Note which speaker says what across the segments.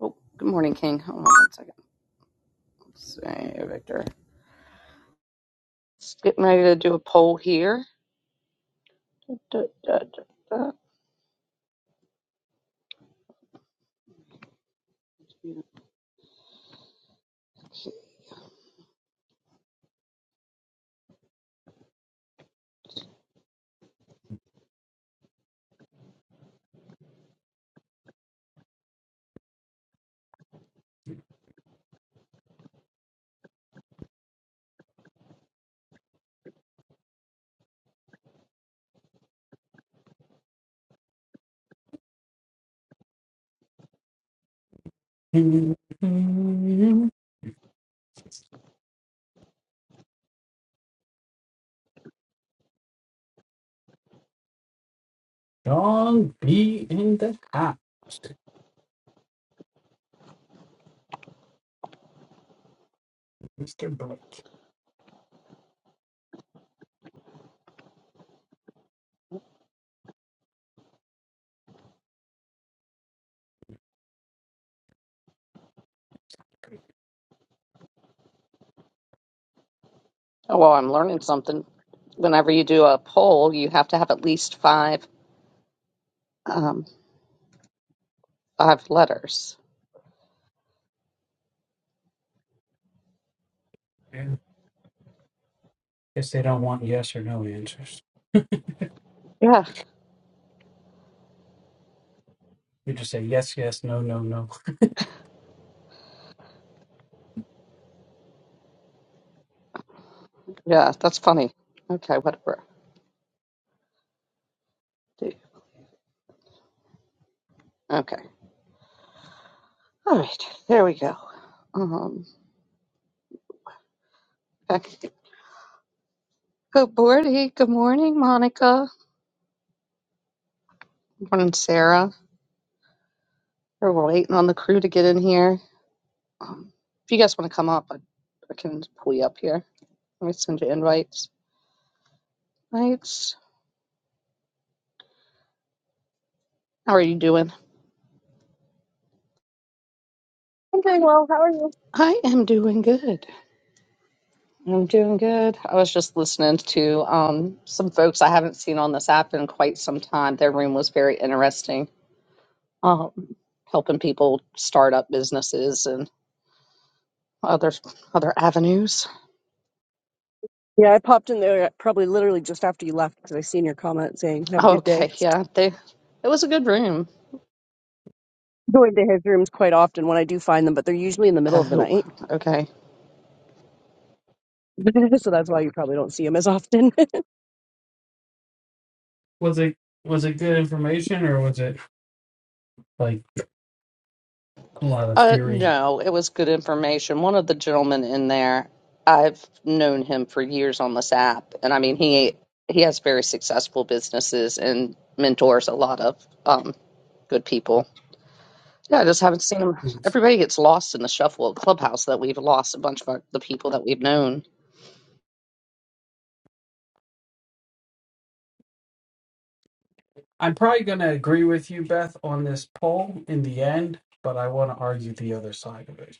Speaker 1: Oh, good morning, King. Hold on one second. Let's see, Victor. Getting ready to do a poll here. Da, da, da, da, da.
Speaker 2: John B. in the house, Mr. Blake.
Speaker 1: Oh, well, I'm learning something. Whenever you do a poll, you have to have at least five, um, five letters.
Speaker 2: Yeah. Guess they don't want yes or no answers.
Speaker 1: Yeah,
Speaker 2: You just say yes, yes, no, no, no.
Speaker 1: yeah, that's funny. Okay, whatever. Do- Okay, all right, there we go. Um, okay. good morning, good morning, Monica. Good morning, Sarah. We're waiting on the crew to get in here. Um, if you guys want to come up, I, I can pull you up here. Let me send you invites. Thanks. How are you doing?
Speaker 3: I'm doing well. How are you?
Speaker 1: I am doing good. I'm doing good. I was just listening to um, some folks I haven't seen on this app in quite some time. Their room was very interesting, um, helping people start up businesses and other other avenues.
Speaker 3: Yeah, I popped in there uh, probably literally just after you left because I seen your comment saying "Have a good day."
Speaker 1: Okay, yeah, they it was a good room.
Speaker 3: Go into his rooms quite often when I do find them, but they're usually in the middle of the
Speaker 1: Oh,
Speaker 3: night,
Speaker 1: okay.
Speaker 3: so that's why you probably don't see him as often.
Speaker 2: Was it was it good information or was it like a lot of
Speaker 1: Uh,
Speaker 2: theory?
Speaker 1: no, it was good information. One of the gentlemen in there, I've known him for years on this app, and I mean he he has very successful businesses and mentors a lot of um good people. Yeah, I just haven't seen him. Everybody gets lost in the shuffle of Clubhouse that we've lost a bunch of our, the people that we've known.
Speaker 2: I'm probably gonna agree with you, Beth, on this poll in the end, but I want to argue the other side of it.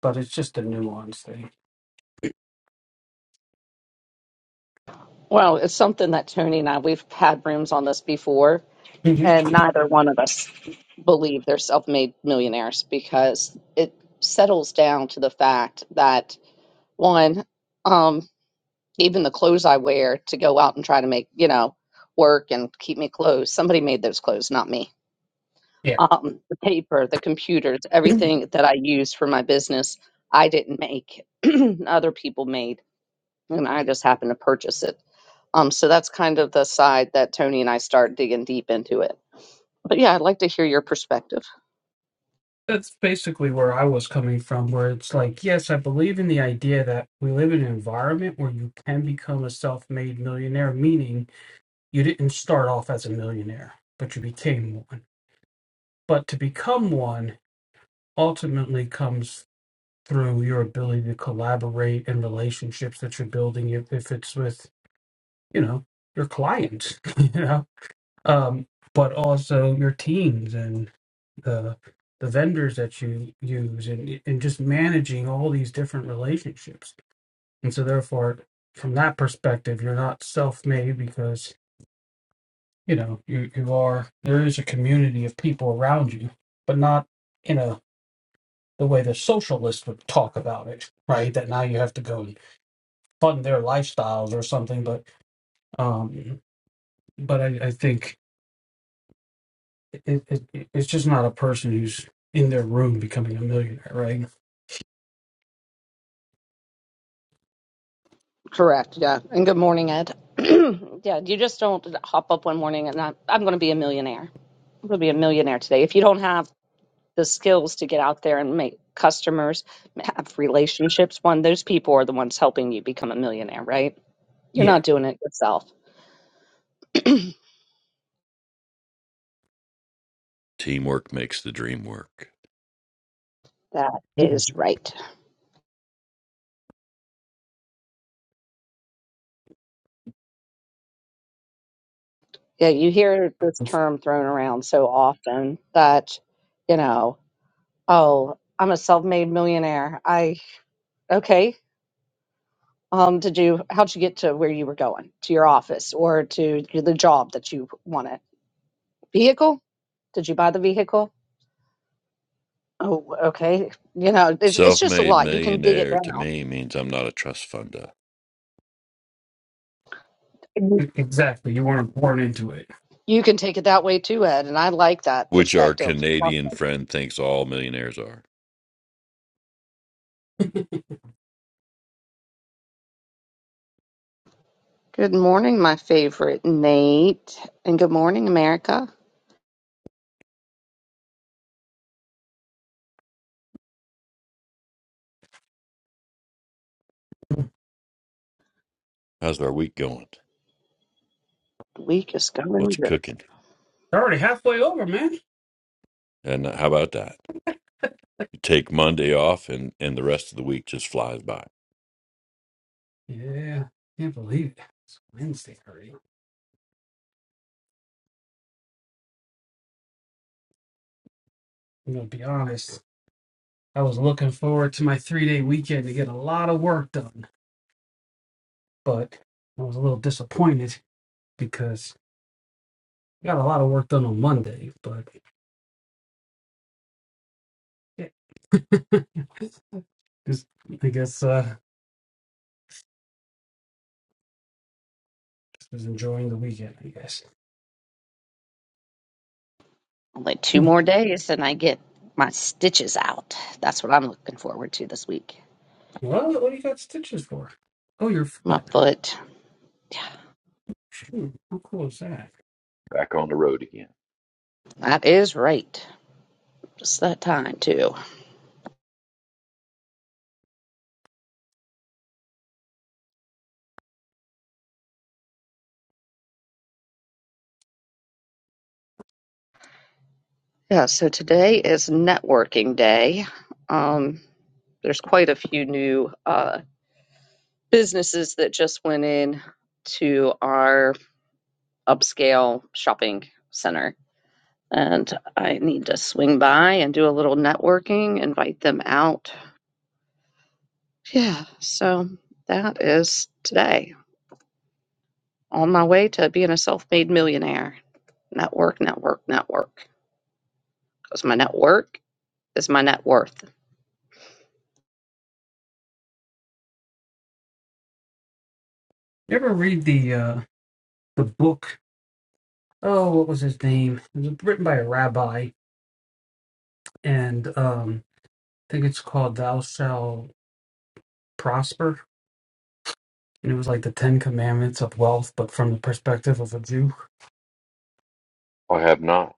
Speaker 2: But it's just a nuance thing.
Speaker 1: Well, it's something that Tony and I we've had rooms on this before,
Speaker 2: Mhm.
Speaker 1: and neither one of us believe they're self-made millionaires because it settles down to the fact that one um even the clothes i wear to go out and try to make you know work and keep me clothes somebody made those clothes not me um the paper the computers everything that i use for my business i didn't make other people made and i just happened to purchase it um, so that's kind of the side that Tony and I start digging deep into it. But yeah, I'd like to hear your perspective.
Speaker 2: that's basically where I was coming from, where it's like, yes, I believe in the idea that we live in an environment where you can become a self made millionaire, meaning you didn't start off as a millionaire, but you became one. But to become one ultimately comes through your ability to collaborate and relationships that you're building, if, if it's with, you know, your clients, you know, um, but also your teams and. the the vendors that you use and and just managing all these different relationships. And so therefore from that perspective you're not self-made because you know you, you are there is a community of people around you but not in a the way the socialists would talk about it right that now you have to go and fund their lifestyles or something but um but i, I think it, it, it's just not a person who's in their room becoming a millionaire right
Speaker 1: Correct. Yeah. And good morning, Ed. yeah, you just don't hop up one morning and i I'm going to be a millionaire. I'm going to be a millionaire today. If you don't have the skills to get out there and make customers have relationships one those people are the ones helping you become a millionaire right you're
Speaker 2: yeah
Speaker 1: not doing it yourself
Speaker 4: Teamwork makes the dream work.
Speaker 1: that is right yeah you hear this term thrown around so often that you know oh i'm a self-made millionaire i okay um did you how'd you get to where you were going to your office or to the job that you wanted vehicle did you buy the vehicle oh okay you know it's, it's
Speaker 4: Self
Speaker 1: just a
Speaker 4: made
Speaker 1: lot you can dig it
Speaker 4: millionaire
Speaker 1: down
Speaker 4: to me means I'm not a trust funder,
Speaker 2: E-
Speaker 1: You
Speaker 2: Exactly. You weren't born into it.
Speaker 1: can take it that way too, Ed, and I like that
Speaker 4: which our
Speaker 1: perspective. Okay.
Speaker 4: Canadian friend thinks all millionaires are.
Speaker 1: Good morning, my favorite Nate, and good morning, America.
Speaker 4: How's our week going?
Speaker 1: The week is going
Speaker 4: What's
Speaker 1: good.
Speaker 4: cooking?
Speaker 2: They're already halfway over, man.
Speaker 4: And how about that? You take Monday off, and, and the rest of the week just flies by.
Speaker 2: Yeah. Can't believe it. It's Wednesday already. I'm gonna be honest. I was looking forward to my three day weekend to get a lot of work done, but I was a little disappointed because I got a lot of work done on Monday, but just I guess uh just was enjoying the weekend, I guess.
Speaker 1: Only two
Speaker 2: Hmm.
Speaker 1: more days, and I get my stitches out. That's what I'm looking forward to this week.
Speaker 2: Well, what do you got stitches for? Oh, your
Speaker 1: My
Speaker 2: foot.
Speaker 1: foot.
Speaker 2: Hmm, how cool is that?
Speaker 4: Back on the road again.
Speaker 1: That is right. Just that time too. Yeah. So today is networking day. Um, there's quite a few new uh, businesses that just went in to our upscale shopping center. And I need to swing by and do a little networking, invite them out. Yeah, so that is today on my way to being a self made millionaire. Network, network, network. Because my network is my net worth.
Speaker 2: You ever read the uh the book oh, what was his name? It was written by a rabbi, and um, I think it's called "Thou Shall Prosper," and it was like the Ten Commandments of wealth, but from the perspective of a Jew.
Speaker 4: I have not.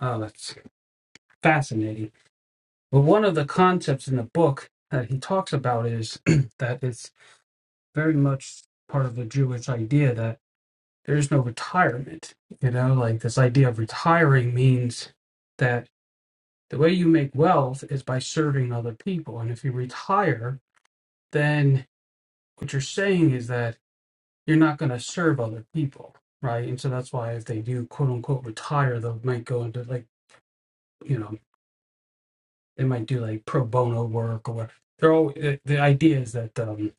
Speaker 2: Oh, that's fascinating. But one of the concepts in the book that he talks about is that it's very much part of the Jewish idea that there is no retirement. You know, like this idea of retiring means that the way you make wealth is by serving other people, and if you retire then what you're saying is that you're not going to serve other people, right? And so that's why if they do quote unquote retire, they might go into like you know they might do like pro bono work or whatever. They're all the, the idea is that um,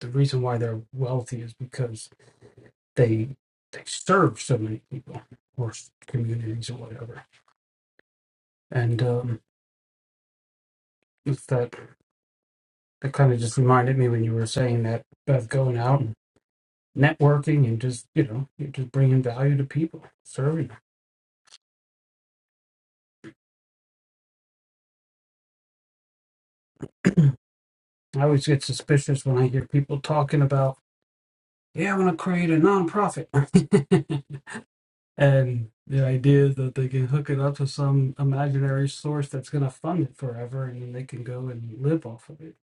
Speaker 2: the reason why they're wealthy is because they they serve so many people or communities or whatever. And um, it's that that kind of just reminded me when you were saying that about going out and networking and just you know you're just bringing value to people, serving. I always get suspicious when I hear people talking about, yeah, I want to create a nonprofit. and the idea that they can hook it up to some imaginary source that's going to fund it forever and then they can go and live off of it.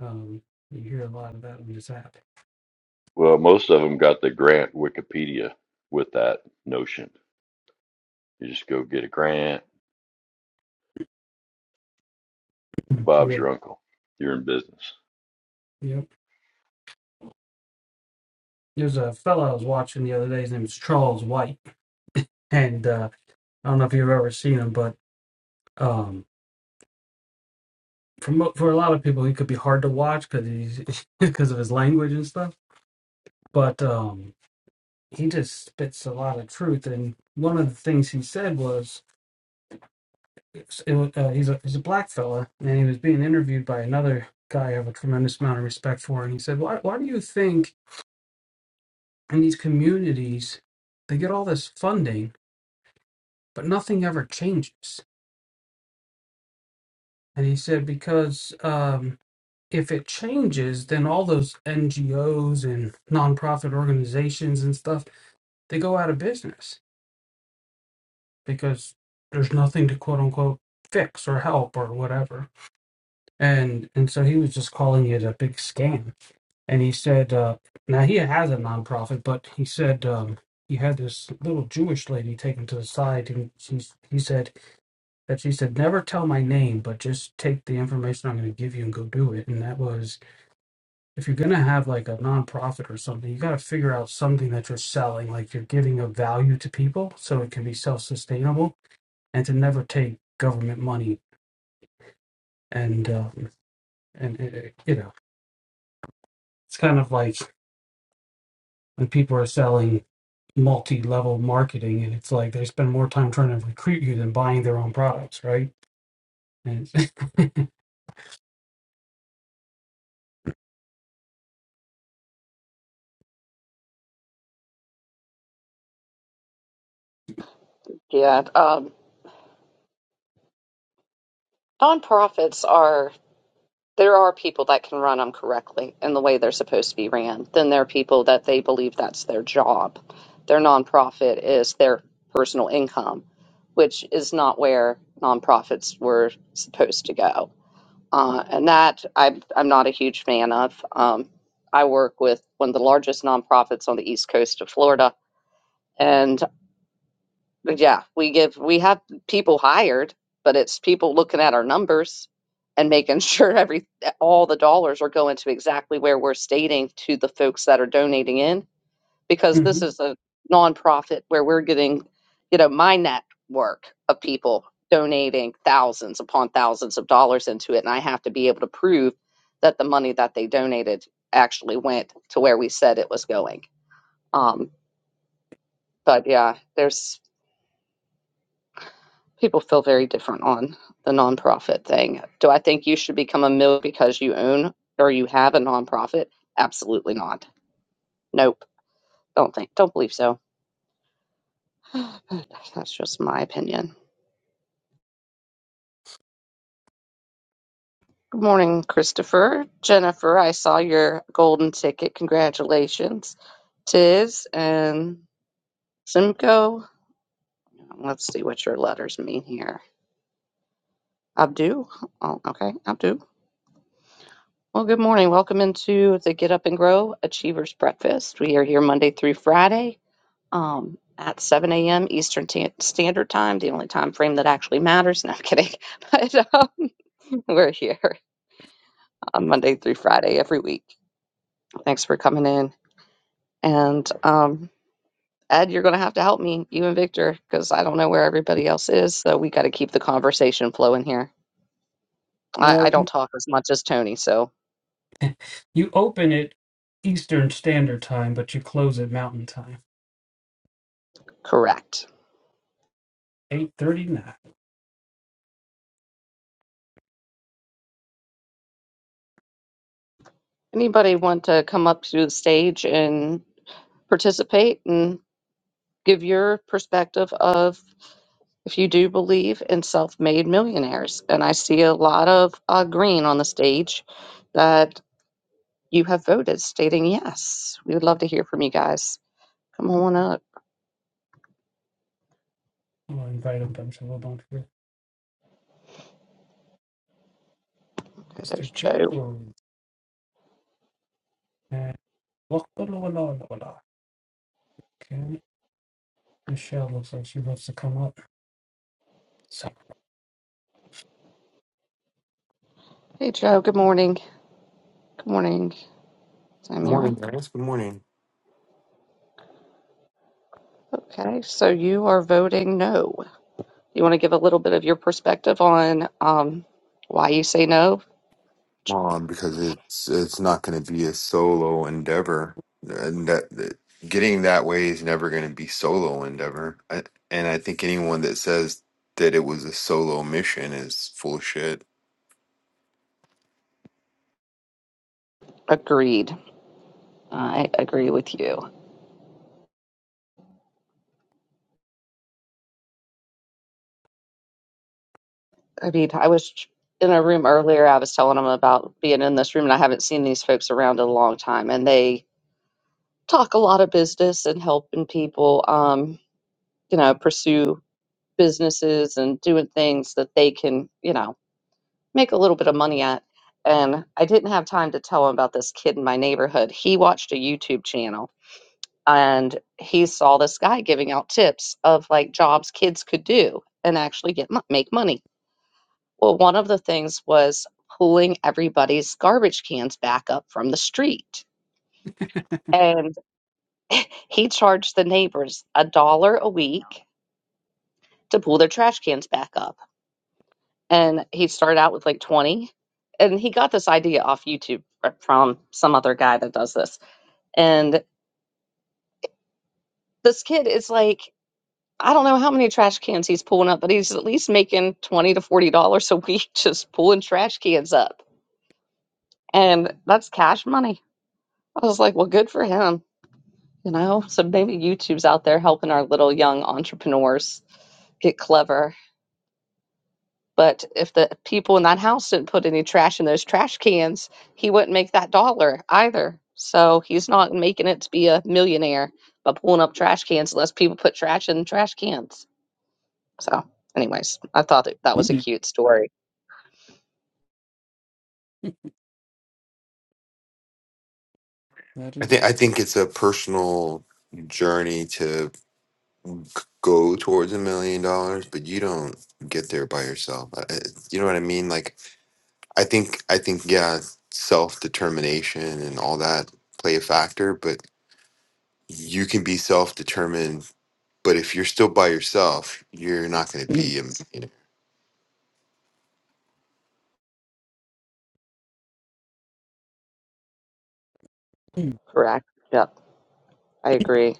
Speaker 2: Um, you hear a lot of that on this app.
Speaker 4: Well, most of them got the grant Wikipedia with that notion. You just go get a grant. Bob's
Speaker 2: Yeah.
Speaker 4: your uncle. You're in business.
Speaker 2: Yep. There's a fellow I was watching the other day. His name is Charles White. And uh, I don't know if you've ever seen him, but um, for, mo- for a lot of people, he could be hard to watch because he's because of his language and stuff. But um, he just spits a lot of truth. And one of the things he said was, it, uh, he's a he's a black fella, and he was being interviewed by another guy I have a tremendous amount of respect for, and he said, "Why why do you think in these communities they get all this funding, but nothing ever changes?" And he said, "Because." Um, if it changes, then all those NGOs and nonprofit organizations and stuff, they go out of business because there's nothing to quote unquote fix or help or whatever and and so he was just calling it a big scam and he said uh now he has a nonprofit but he said um he had this little jewish lady taken to the side and she's he said that she said never tell my name but just take the information i'm going to give you and go do it and that was if you're going to have like a nonprofit or something you got to figure out something that you're selling like you're giving a value to people so it can be self-sustainable and to never take government money and um and uh, you know it's kind of like when people are selling multi-level marketing and it's like they spend more time trying to recruit you than buying their own products right and
Speaker 1: Yeah, um, nonprofits are. there are people that can run them correctly in the way they're supposed to be ran. Then there are people that they believe that's their job. Their nonprofit is their personal income, which is not where nonprofits were supposed to go. Uh, and that I'm, I'm not a huge fan of. Um, I work with one of the largest nonprofits on the east coast of Florida, and. But Yeah, we give we have people hired, but it's people looking at our numbers and making sure every all the dollars are going to exactly where we're stating to the folks that are donating in because this
Speaker 2: Mhm.
Speaker 1: is a nonprofit where we're getting, you know, my network of people donating thousands upon thousands of dollars into it, and I have to be able to prove that the money that they donated actually went to where we said it was going. Um, but yeah, there's people feel very different on the nonprofit thing. Do I think you should become a mill because you own or you have a nonprofit? Absolutely not. Nope. Don't think. Don't believe so. That's just my opinion. Good morning, Christopher. Jennifer, I saw your golden ticket. Congratulations. Tiz and Simcoe. Let's see what your letters mean here. Abdu. Oh, okay. Abdu. Well, good morning. Welcome into the Get Up and Grow Achievers Breakfast. We are here Monday through Friday um, at 7 a.m. Eastern Ta- Standard Time, the only time frame that actually matters. No, I'm kidding. But um, we're here on Monday through Friday every week. Thanks for coming in. And um, Ed, you're going to have to help me, you and Victor, because I don't know where everybody else is. So we got to keep the conversation flowing here. I, I
Speaker 2: well
Speaker 1: don't talk as much as Tony, so
Speaker 2: you open it eastern standard time but you close it mountain time
Speaker 1: correct.
Speaker 2: 8.39
Speaker 1: Anybody want to come up to the stage and participate and give your perspective of if you do believe in self-made millionaires and i see a lot of uh, green on the stage that you have voted stating yes we would love to hear from you guys come on up
Speaker 2: i'll invite a bunch of a bunch of
Speaker 1: Okay, there's
Speaker 2: mr
Speaker 1: joe
Speaker 2: gerald and look, la, la, la, la, la. okay michelle looks like she wants to come up so
Speaker 1: hey joe good morning good morning samira
Speaker 5: Morning, guys. Good morning.
Speaker 1: okay so you are voting no you want to give a little bit of your perspective on um, why you say no J-
Speaker 5: Um, because it's it's not going to be a solo endeavor, and that, that getting that way is never going to be solo endeavor. I, and I think anyone that says that it was a solo mission is full of shit.
Speaker 1: agreed i agree with you I mean, I was in a room earlier. I was telling them about being in this room, and I haven't seen these folks around in a long time. And they talk a lot of business and helping people, um, you know, pursue businesses and doing things that they can, you know, make a little bit of money at. And I didn't have time to tell him about this kid in my neighborhood. He watched a YouTube channel and he saw this guy giving out tips of like jobs kids could do and actually get mon- make money Well, one of the things was pulling everybody's garbage cans back up from the street. And he charged the neighbors a dollar a week to pull their trash cans back up. And he started out with like 20. And he got this idea off YouTube or from some other guy that does this. And this kid is like, I don't know how many trash cans he's pulling up, but he's at least making 20 to $40 a week just pulling trash cans up. And that's cash money. I was like, well, good for him You know, so maybe YouTube's out there helping our little young entrepreneurs get clever. But if the people in that house didn't put any trash in those trash cans, he wouldn't make that dollar either. So he's not making it to be a millionaire by pulling up trash cans unless people put trash in trash cans. So, anyways, I thought that, that was a
Speaker 2: that
Speaker 1: cute story.
Speaker 5: I
Speaker 2: it
Speaker 5: think I
Speaker 2: is
Speaker 5: think it's a personal journey to c- go towards a million dollars, but you don't get there by yourself. I, I- you know what I mean? Like I think I think yeah, self determination and all that play a factor, but you can be self-determined but if you're still by yourself you're not going to
Speaker 2: Mm,
Speaker 5: be a millionaire
Speaker 2: mm,
Speaker 1: Correct. Yep. I agree.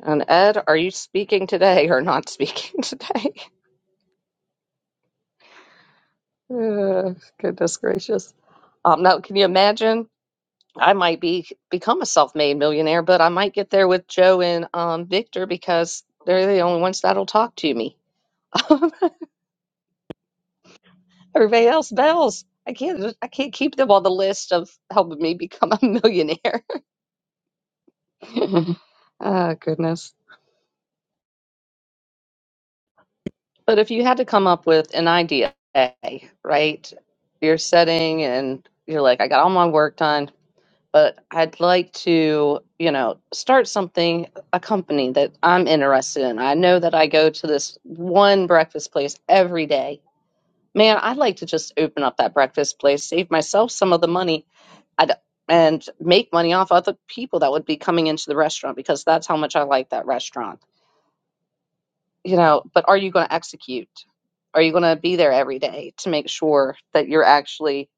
Speaker 1: And Ed, are you speaking today or not speaking today? Uh, goodness gracious. Um, now, can you imagine? I might be become a self-made millionaire, but I might get there with Joe and um, Victor because they're the only ones that'll talk to me. Everybody else bells. I can't. I can't keep them on the list of helping me become a millionaire. oh goodness! But if you had to come up with an idea, right? You're setting and you're like, I got all my work done but I'd like to, you know, start something, a company that I'm interested in. I know that I go to this one breakfast place every day. Man, I'd like to just open up that breakfast place, save myself some of the money, I'd, and make money off other people that would be coming into the restaurant because that's how much I like that restaurant. You know, but are you going to execute? Are you going to be there every day to make sure that you're actually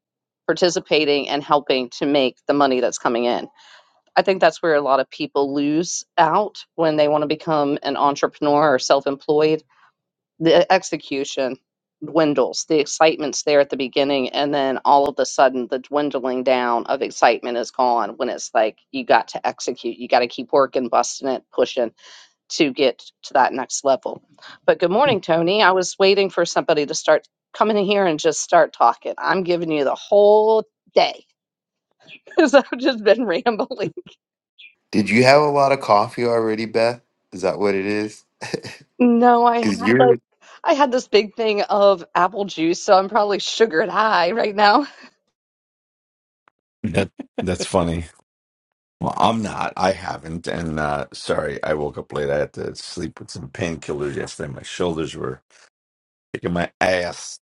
Speaker 1: participating and helping to make the money that's coming in? I think that's where a lot of people lose out when they want to become an entrepreneur or self employed. The execution dwindles, the excitement's there at the beginning, and then all of a sudden, the dwindling down of excitement is gone when it's like you got to execute, you got to keep working, busting it, pushing to get to that next level. But good morning, Tony. I was waiting for somebody to start coming in here and just start talking. I'm giving you the whole day because I've just been rambling.
Speaker 5: did you have a lot of coffee already beth is that what it is
Speaker 1: No, I had
Speaker 5: because
Speaker 1: like
Speaker 5: you're
Speaker 1: I had this big thing of apple juice, so I'm probably sugared high right now.
Speaker 6: That that's funny. Well, I'm not. I haven't. And uh sorry, I woke up late. I had to sleep with some painkillers yesterday. My shoulders were kicking my ass.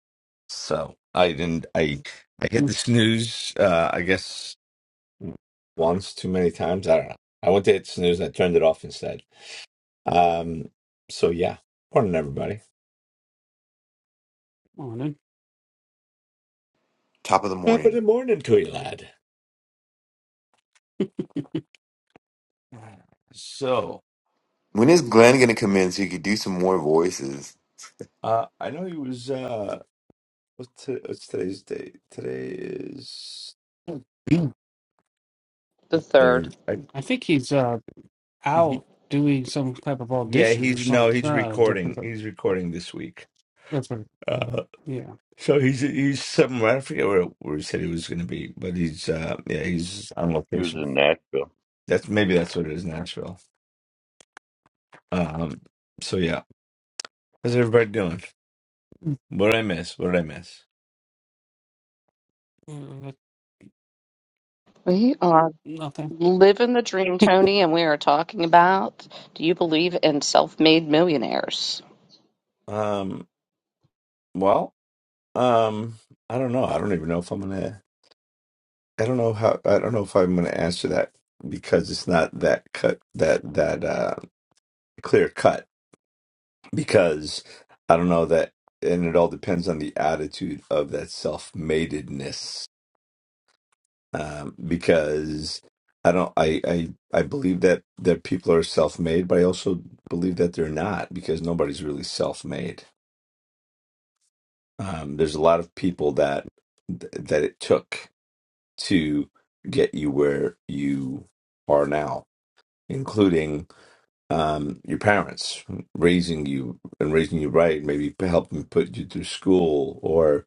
Speaker 6: So I didn't I I hit
Speaker 2: mm.
Speaker 6: the snooze uh I guess once too many times. I don't know. I went to hit snooze and I turned it off instead. Um so yeah. Morning everybody.
Speaker 2: Come on
Speaker 5: top of the
Speaker 6: Top of the
Speaker 5: morning
Speaker 6: morning to you, lad. So
Speaker 5: when is glenn going to come in so you could do some more voices
Speaker 6: uh I know he was uh what's, to, what's today's date? Today is
Speaker 2: in.
Speaker 1: The
Speaker 6: if
Speaker 1: third.
Speaker 6: they're I,
Speaker 2: I think he's uh,
Speaker 6: he,
Speaker 2: out doing some type of
Speaker 6: yeah
Speaker 2: audition or
Speaker 6: he's no
Speaker 2: something.
Speaker 6: he's
Speaker 2: Uh, different,
Speaker 6: recording
Speaker 2: but
Speaker 6: he's recording this week
Speaker 2: different.
Speaker 6: uh
Speaker 2: Yeah.
Speaker 6: so he's he's somewhere i forget where, where he said he was going to be but he's uh yeah he's on
Speaker 4: He was
Speaker 6: location
Speaker 4: in Nashville.
Speaker 6: that's maybe that's what it is nashville um so yeah how's everybody doing
Speaker 2: Mm,
Speaker 6: what did i miss what did i miss
Speaker 2: that-
Speaker 1: We are
Speaker 2: Nothing.
Speaker 1: living the dream, Tony, and we are talking about do you believe in self-made millionaires?
Speaker 6: um well um i don't know i don't even know if i'm gonna i don't know how i don't know if i'm gonna answer that because it's not that cut that that uh clear cut because I don't know that, and it all depends on the attitude of that self-matedness. Um, because I don't, I, I, I believe that that people are self-made, but I also believe that they're not because nobody's really self-made. Um, there's a lot of people that that it took to get you where you are now, including um, your parents raising you and raising you right, maybe helping put you through school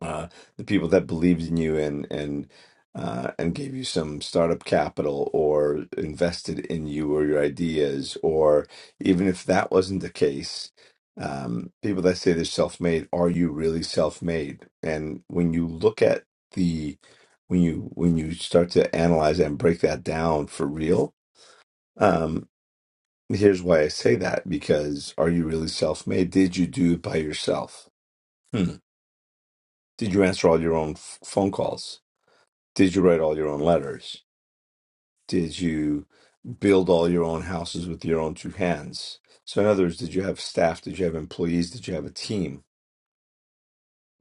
Speaker 6: uh, the people that believed in you and and uh, and gave you some startup capital or invested in you or your ideas, or even if that wasn't the case, um, people that say they're self-made, are you really self-made? And when you look at the when you when you start to analyze and break that down for real, um, here's why I say that because are you really self-made? Did you do it by yourself? Hmm. Did you answer all your own f- phone calls? Did you write all your own letters? Did you build all your own houses with your own two hands? So, in other words, did you have staff? Did you have employees? Did you have a team?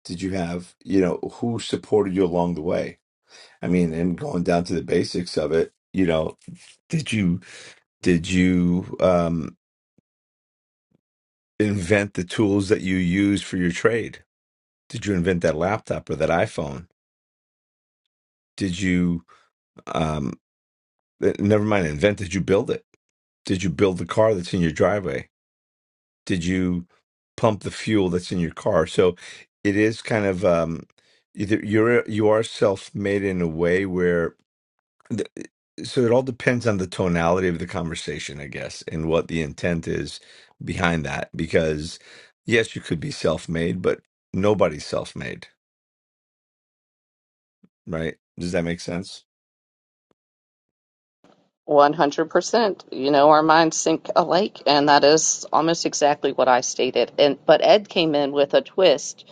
Speaker 6: Did you have, you know, who supported you along the way? I mean, and going down to the basics of it, you know, did you did you um, invent the tools that you use for your trade? Did you invent that laptop or that iPhone? Did you um, eh, never mind invent? Did you build it? Did you build the car that's in your driveway? did you pump the fuel that's in your car so it is kind of um either you're uh, you are self-made in a way where the, uh, so it all depends on the tonality of the conversation i guess and what the intent is behind that because yes you could be self-made but nobody's self-made right does that make sense
Speaker 1: 100%. You know, our minds think alike, and that is almost exactly what I stated. And but Ed came in with a twist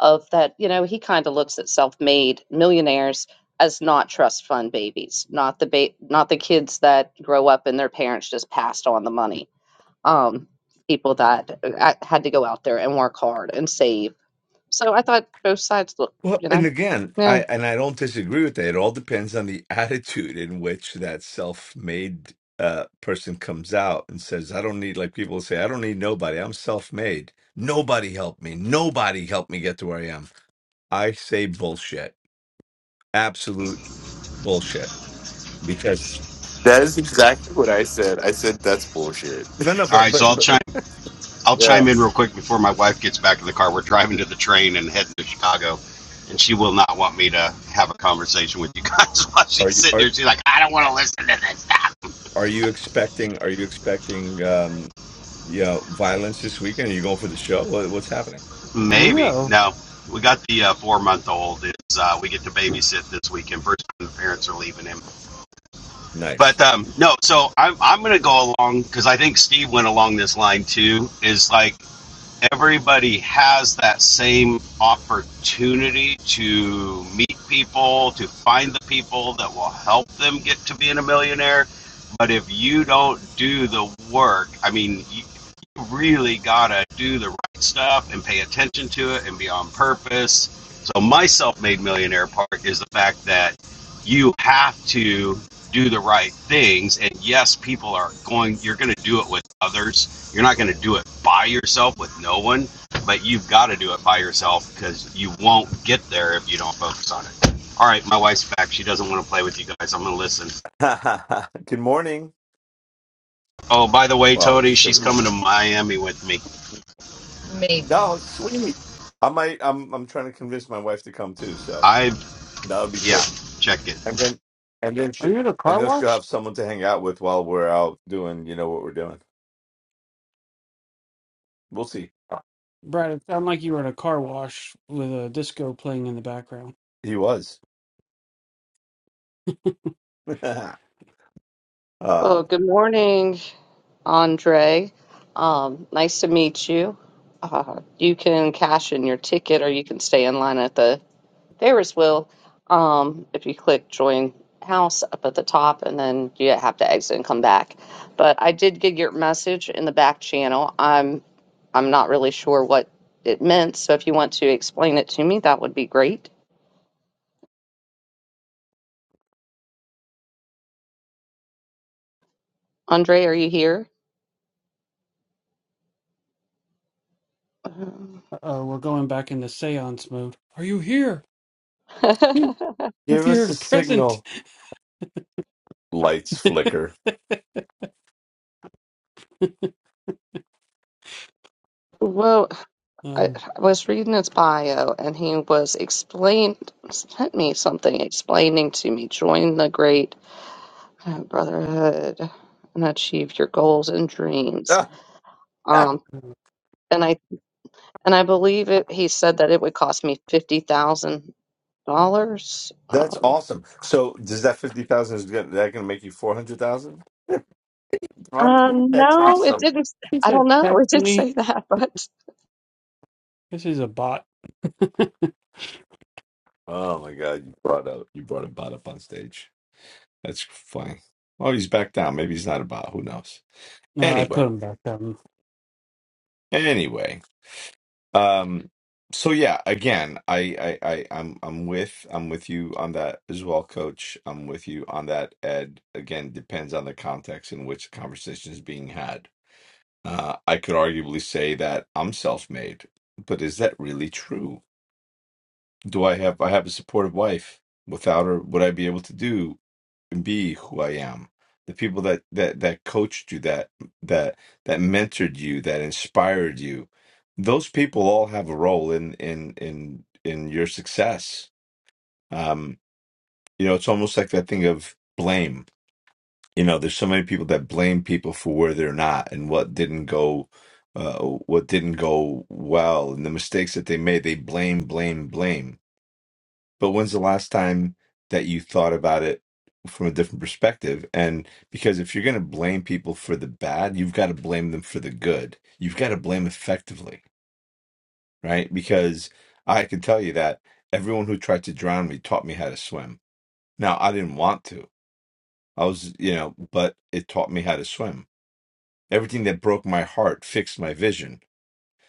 Speaker 1: of that, you know, he kind of looks at self-made millionaires as not trust fund babies, not the ba- not the kids that grow up and their parents just passed on the money. Um, people that uh, had to go out there and work hard and save. So I thought both sides look,
Speaker 6: Well,
Speaker 1: you
Speaker 6: and
Speaker 1: know,
Speaker 6: again,
Speaker 1: yeah.
Speaker 6: I and I don't disagree with that. It all depends on the attitude in which that self-made uh, person comes out and says, "I don't need," like people say, "I don't need nobody. I'm self-made. Nobody helped me. Nobody helped me get to where I am." I say bullshit, absolute bullshit. Because
Speaker 5: that is exactly what i said i said that's bullshit
Speaker 6: no, no,
Speaker 7: All
Speaker 6: but
Speaker 7: right, so
Speaker 6: but
Speaker 7: I'll
Speaker 6: but
Speaker 7: chime I'll
Speaker 5: yeah
Speaker 7: chime in real quick before my wife gets back in the car. We're driving to the train and heading to Chicago, and she will not want me to have a conversation with you guys while
Speaker 6: are
Speaker 7: she's
Speaker 6: you
Speaker 7: sitting
Speaker 6: are
Speaker 7: there. She's like, I don't want to listen to this stuff.
Speaker 6: are you expecting are you expecting um you know violence this weekend? Are you going for the show? What, what's happening?
Speaker 2: I
Speaker 7: Maybe
Speaker 2: know.
Speaker 7: no. We got the uh, four month old. Is uh, we get to babysit this weekend. First time the parents are leaving him. But
Speaker 6: Nice.
Speaker 7: um, no, so I'm I'm gonna go along because I think Steve went along this line too. Is like everybody has that same opportunity to meet people, to find the people that will help them get to being a millionaire. But if you don't do the work, I mean, you really gotta do the right stuff and pay attention to it and be on purpose. So my self-made millionaire part is the fact that you have to do the right things and yes people are going you're going to do it with others you're not going to do it by yourself with no one but you've got to do it by yourself because you won't get there if you don't focus on it all right my wife's back she doesn't want to play with you guys i'm going to listen
Speaker 6: Good morning.
Speaker 7: oh by the way
Speaker 6: Well,
Speaker 7: tony
Speaker 6: just say
Speaker 7: she's coming to miami with me
Speaker 6: no, sweet. I might. I'm. I'm trying to convince my wife to come too. So
Speaker 7: i
Speaker 6: that would be
Speaker 7: yeah
Speaker 6: great.
Speaker 7: check it
Speaker 6: And then, and then
Speaker 2: Are
Speaker 6: she,
Speaker 2: you at a
Speaker 6: and
Speaker 2: car
Speaker 6: then she'll
Speaker 2: wash?
Speaker 6: have someone to hang out with while we're out doing, you know, what we're doing. We'll see.
Speaker 2: Brad, it sounded like you were at a car wash with a disco playing in the background.
Speaker 6: He was. uh,
Speaker 1: Well, good morning, Andre. Um, nice to meet you. Uh, you can cash in your ticket or you can stay in line at the Ferris wheel. Um, if you click join house up at the top, and then you have to exit and come back. But I did get your message in the back channel. I'm I'm not really sure what it meant, so if you want to explain it to me, that would be great. Andre, are you here? Um,
Speaker 2: Uh-oh, we're going back into seance mode. Are you here? If
Speaker 6: give us
Speaker 2: you're
Speaker 6: a
Speaker 2: present.
Speaker 6: signal. Lights flicker.
Speaker 1: Whoa, I,
Speaker 2: um,
Speaker 1: I was reading his bio, and he was explain sent me something explaining to me join the great uh, brotherhood and achieve your goals and dreams.
Speaker 6: Ah, ah,
Speaker 1: Um, and I and I believe it. He said that it would cost me fifty thousand dollars.
Speaker 6: That's
Speaker 1: Um,
Speaker 6: awesome. So does that fifty thousand is good? That gonna make you four hundred thousand?
Speaker 1: uh,
Speaker 6: That's
Speaker 2: he,
Speaker 1: no, it
Speaker 6: awesome.
Speaker 1: didn't. s-
Speaker 2: he
Speaker 1: I
Speaker 2: said,
Speaker 1: don't know. It
Speaker 2: text
Speaker 1: didn't
Speaker 2: me.
Speaker 1: say that, but
Speaker 2: This is a bot.
Speaker 6: Oh my god! You brought up. You brought a bot up on stage. That's funny. Oh, he's back down. Maybe he's not about. Who knows?
Speaker 2: No, I
Speaker 6: Anyway,
Speaker 2: put him back down.
Speaker 6: anyway. Um. So yeah, again, I, I, I, I'm, I'm with, I'm with you on that as well, Coach. I'm with you on that, Ed. Again, depends on the context in which the conversation is being had. Uh, I could arguably say that I'm self-made, but is that really true? Do I have, I have a supportive wife? Without her, would I be able to do? be who I am. The people that that that coached you, that that that mentored you, that inspired you, those people all have a role in in in in your success. Um, you know, it's almost like that thing of blame. You know, there's so many people that blame people for where they're not and what didn't go, uh, what didn't go well, and the mistakes that they made. They blame, blame, blame but when's the last time that you thought about it from a different perspective and because if you're going to blame people for the bad you've got to blame them for the good you've got to blame effectively right because i can tell you that everyone who tried to drown me taught me how to swim now i didn't want to i was you know but it taught me how to swim everything that broke my heart fixed my vision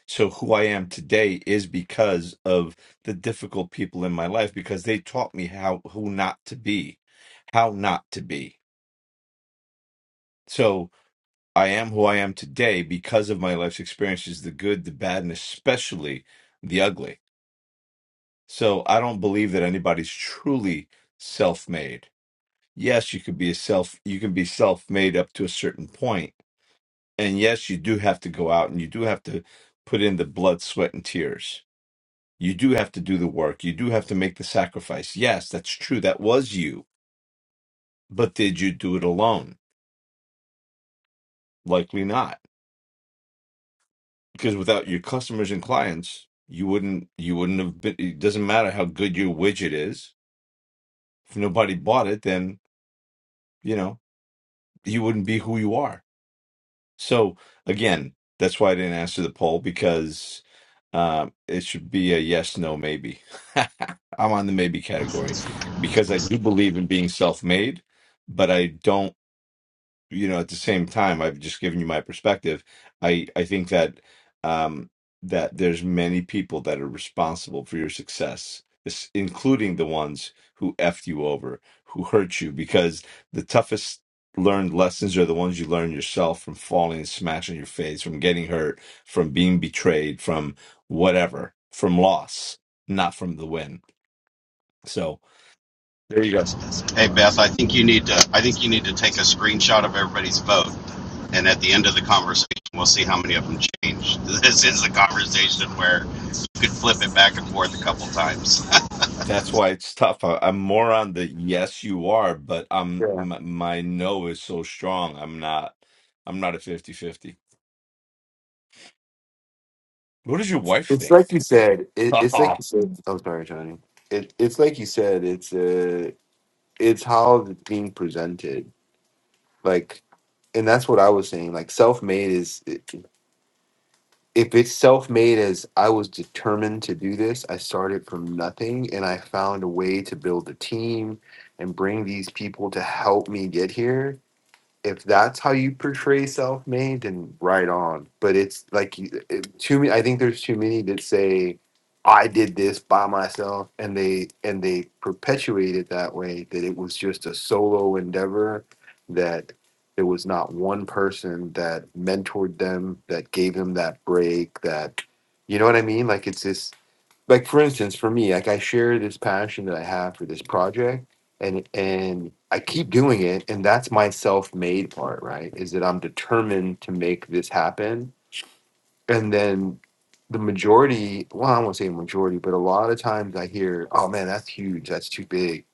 Speaker 6: So who I am today is because of the difficult people in my life because they taught me how who not to be, how not to be. So I am who I am today because of my life's experiences, the good, the bad, and especially the ugly. So I don't believe that anybody's truly self-made. Yes, you could be a self you can be self-made up to a certain point, And yes, you do have to go out and you do have to put in the blood, sweat, and tears You do have to do the work. You do have to make the sacrifice. Yes, that's true. That was you. But did you do it alone? Likely not. Because without your customers and clients, you wouldn't you wouldn't have been it doesn't matter how good your widget is. If nobody bought it, then, you know, you wouldn't be who you are. So again, that's why I didn't answer the poll because um, it should be a yes, no, maybe. I'm on the maybe category because I do believe in being self-made, but I don't you know at the same time i've just given you my perspective i i think that um that there's many people that are responsible for your success this, including the ones who effed you over who hurt you because the toughest learned lessons are the ones you learn yourself from falling and smashing your face from getting hurt from being betrayed from whatever from loss not from the win so there you go.
Speaker 7: Hey Beth, I think you need to I think you need to take a screenshot of everybody's vote and at the end of the conversation we'll see how many of them changed. This is a conversation where you could flip it back and forth a couple times.
Speaker 6: That's why it's tough. I, I'm more on the yes, you are, but I'm
Speaker 5: yeah
Speaker 6: my, my no is so strong. I'm not. I'm not a fifty-fifty. What does your wife
Speaker 5: it's
Speaker 6: think?
Speaker 5: like you said it, it's like
Speaker 6: yeah,
Speaker 5: you said i'm sorry tony it, it's like you said it's uh it's how it's being presented like and that's what I was saying. Like self made is if it's self made as I was determined to do this, I started from nothing and I found a way to build a team and bring these people to help me get here if that's how you portray self-made then right on but it's like you- it, too many i think there's too many that say i did this by myself and they and they perpetuate it that way that it was just a solo endeavor that there was not one person that mentored them that gave them that break that you know what i mean like it's this like for instance for me like i share this passion that i have for this project and and i keep doing it and that's my self-made part right is that i'm determined to make this happen and then the majority well i won't say majority but a lot of times i hear oh man that's huge that's too big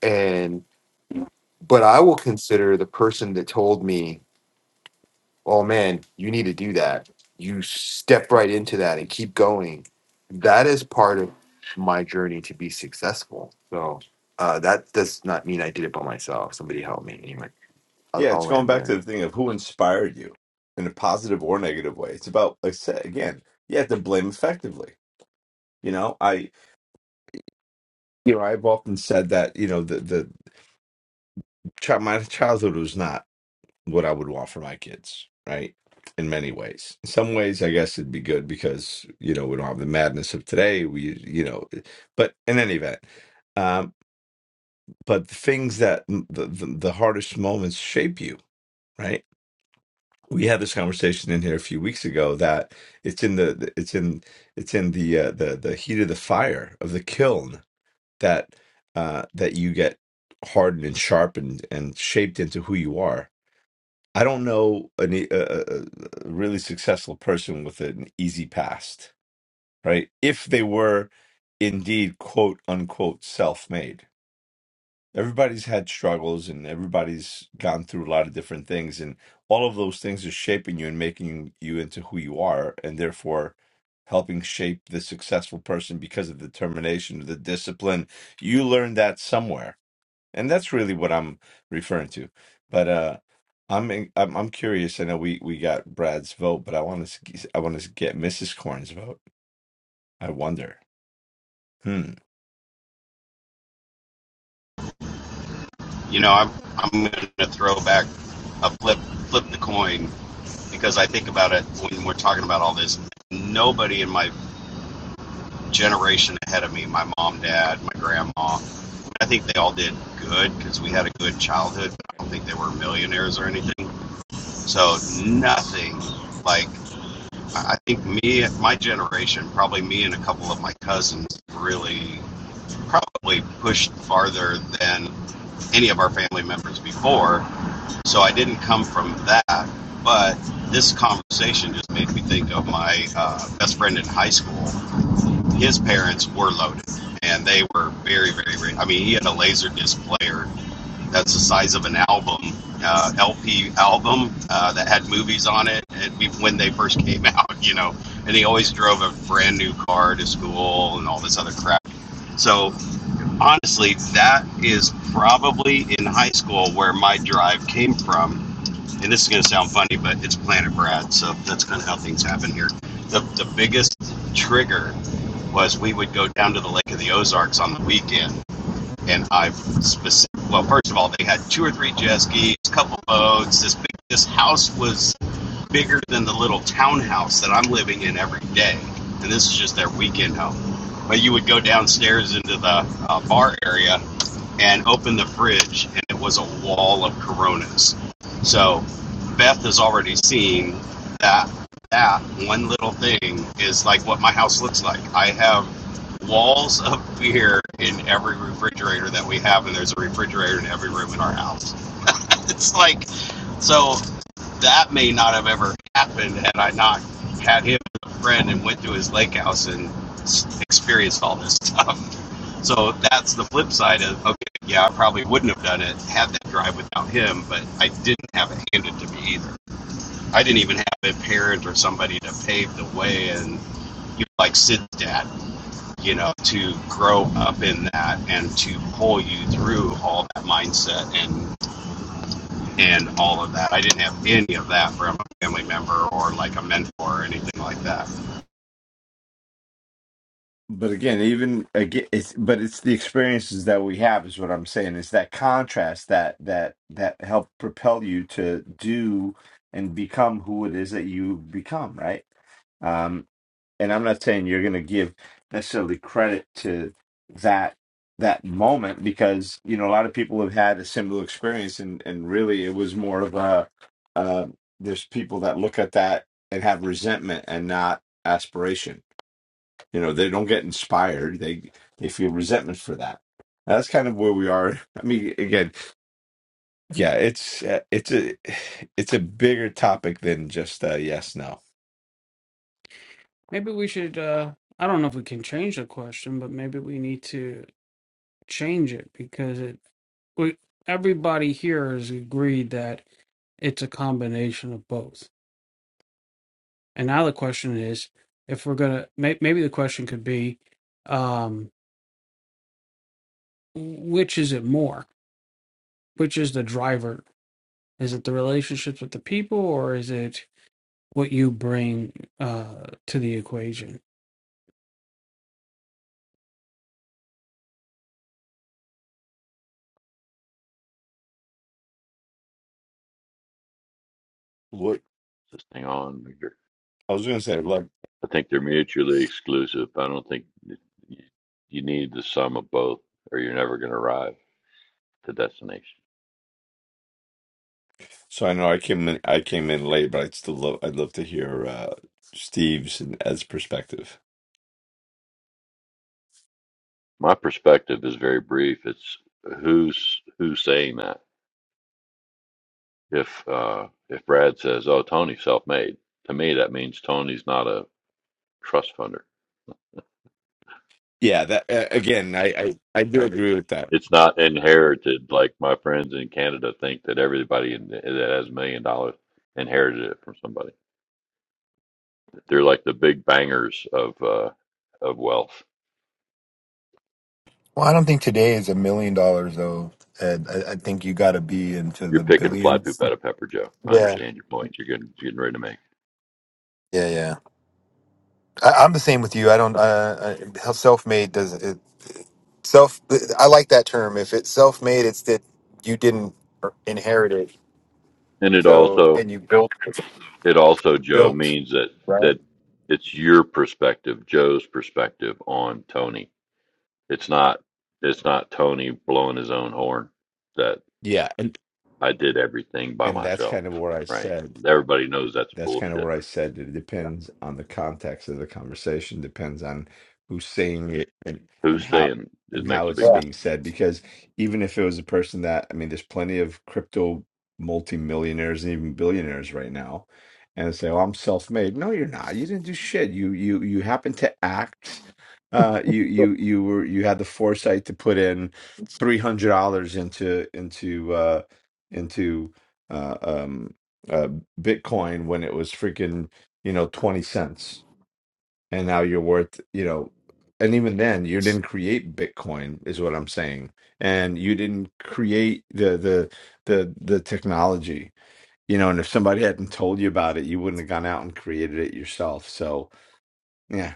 Speaker 5: and but i will consider the person that told me oh man, you need to do that. You step right into that and keep going. That is part of my journey to be successful. So uh, that does not mean I did it by myself. Somebody helped me. Anyway, I'll, I'll
Speaker 6: it's going
Speaker 5: land
Speaker 6: back
Speaker 5: there.
Speaker 6: to the thing of who inspired you in a positive or negative way. It's about like I said again. You have to blame effectively. You know, I you know I've often said that you know the the child, my childhood was not. what I would want for my kids, right? In many ways. In some ways, I guess it'd be good because, you know, we don't have the madness of today. We, you know, eh, but in any event, um, but the things that the, the, the hardest moments shape you, right? We had this conversation in here a few weeks ago that it's in the it's in it's in the uh, the the heat of the fire of the kiln that uh, that you get hardened and sharpened and shaped into who you are I don't know a e- a, a a really successful person with an easy past, right? If they were indeed quote unquote self made. Everybody's had struggles and everybody's gone through a lot of different things, and all of those things are shaping you and making you into who you are, and therefore helping shape the successful person because of the determination, the discipline. You learned that somewhere and that's really what I'm referring to. But uh, I'm in, I'm I'm curious. I know we we got Brad's vote, but I want to I want to get Mrs. Corn's vote. I wonder. Hmm.
Speaker 7: you know, I'm I'm gonna throw back a flip flip the coin because I think about it when we're talking about all this. Nobody in my generation ahead of me, my mom, dad, my grandma, I think they all did good because we had a good childhood. I don't think they were millionaires or anything. So nothing like I think me, my generation, probably me and a couple of my cousins, really probably pushed farther than any of our family members before. So I didn't come from that, but this conversation just made me think of my uh, best friend in high school. His parents were loaded, and they were very, very, very. I mean, he had a laser disc player that's the size of an album, uh, LP album uh, that had movies on it and when they first came out, you know. And he always drove a brand new car to school and all this other crap. So honestly, that is probably in high school where my drive came from. And this is going to sound funny, but it's Planet Brad, so that's kind of how things happen here. The the biggest trigger was we would go down to the Lake of the Ozarks on the weekend and I've specific. Well, first of all, they had two or three jet skis, a couple boats. This big, this house was bigger than the little townhouse that I'm living in every day, and this is just their weekend home. But you would go downstairs into the uh, bar area and open the fridge, and it was a wall of Coronas. So Beth has already seen that that one little thing is like what my house looks like. I have walls of beer in every refrigerator that we have, and there's a refrigerator in every room in our house. it's like, so that may not have ever happened had I not had him as a friend and went to his lake house and experienced all this stuff. So that's the flip side of okay, yeah, I probably wouldn't have done it had that drive without him, but I didn't have it handed to me either. I didn't even have a parent or somebody to pave the way and you know, like Sid's dad you know, to grow up in that and to pull you through all that mindset and and all of that. I didn't have any of that from a family member or like a mentor or anything like that.
Speaker 6: But again, even again, it's but it's the experiences that we have is what I'm saying. It's that contrast that that that help propel you to do and become who it is that you become, right? Um, and I'm not saying you're going to give necessarily credit to that that moment because you know a lot of people have had a similar experience and and really it was more of a uh, there's people that look at that and have resentment and not aspiration you know they don't get inspired they they feel resentment for that And that's kind of where we are i mean again yeah it's uh, it's a it's a bigger topic than just uh yes no
Speaker 2: Maybe we should, uh, I don't know if we can change the question, but maybe we need to change it because it, we, everybody here has agreed that it's a combination of both. And now the question is, if we're gonna, may, maybe the question could be, um, which is it more? Which is the driver? Is it the relationships with the people, or is it what you bring uh, to the equation?
Speaker 6: what
Speaker 4: This thing on.
Speaker 6: i was gonna say love
Speaker 4: I think they're mutually exclusive. I don't think you you need the sum of both, or you're never going to arrive to destination.
Speaker 6: So I know I came in, I came in late, but I'd still love, I'd love to hear uh, Steve's and Ed's perspective.
Speaker 4: My perspective is very brief. It's who's who's saying that. If uh, if Brad says, "Oh, Tony's self-made," to me that means Tony's not a trust funder,
Speaker 6: Yeah, that uh, again, I, I I do
Speaker 4: right?
Speaker 6: agree with that.
Speaker 4: It's not inherited like my friends in Canada think that everybody in, that has a million dollars inherited it from somebody. They're like the big bangers of uh, of wealth
Speaker 5: Well, I don't think today is a million dollars though. Ed. I, I think you got to be into
Speaker 4: You're
Speaker 5: the
Speaker 4: picking fly
Speaker 5: billions.
Speaker 4: poop out of pepper, Joe. I
Speaker 5: Yeah. Yeah.
Speaker 4: understand your point. You're getting you're getting ready to make.
Speaker 5: Yeah, yeah. I, I'm the same with you. I don't. Uh, I, self-made does it. Self. I like that term. If it's self-made, it's that you didn't inherit it.
Speaker 4: And it
Speaker 5: So
Speaker 4: also
Speaker 5: and you built
Speaker 4: it also, Joe,
Speaker 5: built
Speaker 4: means that
Speaker 5: right.
Speaker 4: that it's your perspective, Joe's perspective on Tony. It's not it's not Tony blowing his own horn that
Speaker 6: Yeah, and
Speaker 4: I did everything by
Speaker 6: and that's
Speaker 4: myself.
Speaker 6: kind of what I
Speaker 4: Right.
Speaker 6: said.
Speaker 4: Everybody knows that's
Speaker 6: that's kind of
Speaker 4: bullshit.
Speaker 6: where I said that it depends on the context of the conversation, depends on who's saying it and, and
Speaker 4: Who's
Speaker 6: how
Speaker 4: saying it
Speaker 6: and how
Speaker 4: makes a big
Speaker 6: it's
Speaker 5: Yeah.
Speaker 4: difference?
Speaker 6: being said. Because even if it was a person that I mean, there's plenty of crypto multimillionaires and even billionaires right now, and they say, "Oh, I'm self-made." No, you're not. You didn't do shit. You you you happened to act. Uh, you you you were you had the foresight to put in three hundred dollars into into uh into uh, um uh, Bitcoin when it was freaking, you know, 20 cents. And now you're worth, you know, and even then you didn't create Bitcoin is what I'm saying. And you didn't create the the the the technology. You know, and if somebody hadn't told you about it, you wouldn't have gone out and created it yourself. So, yeah,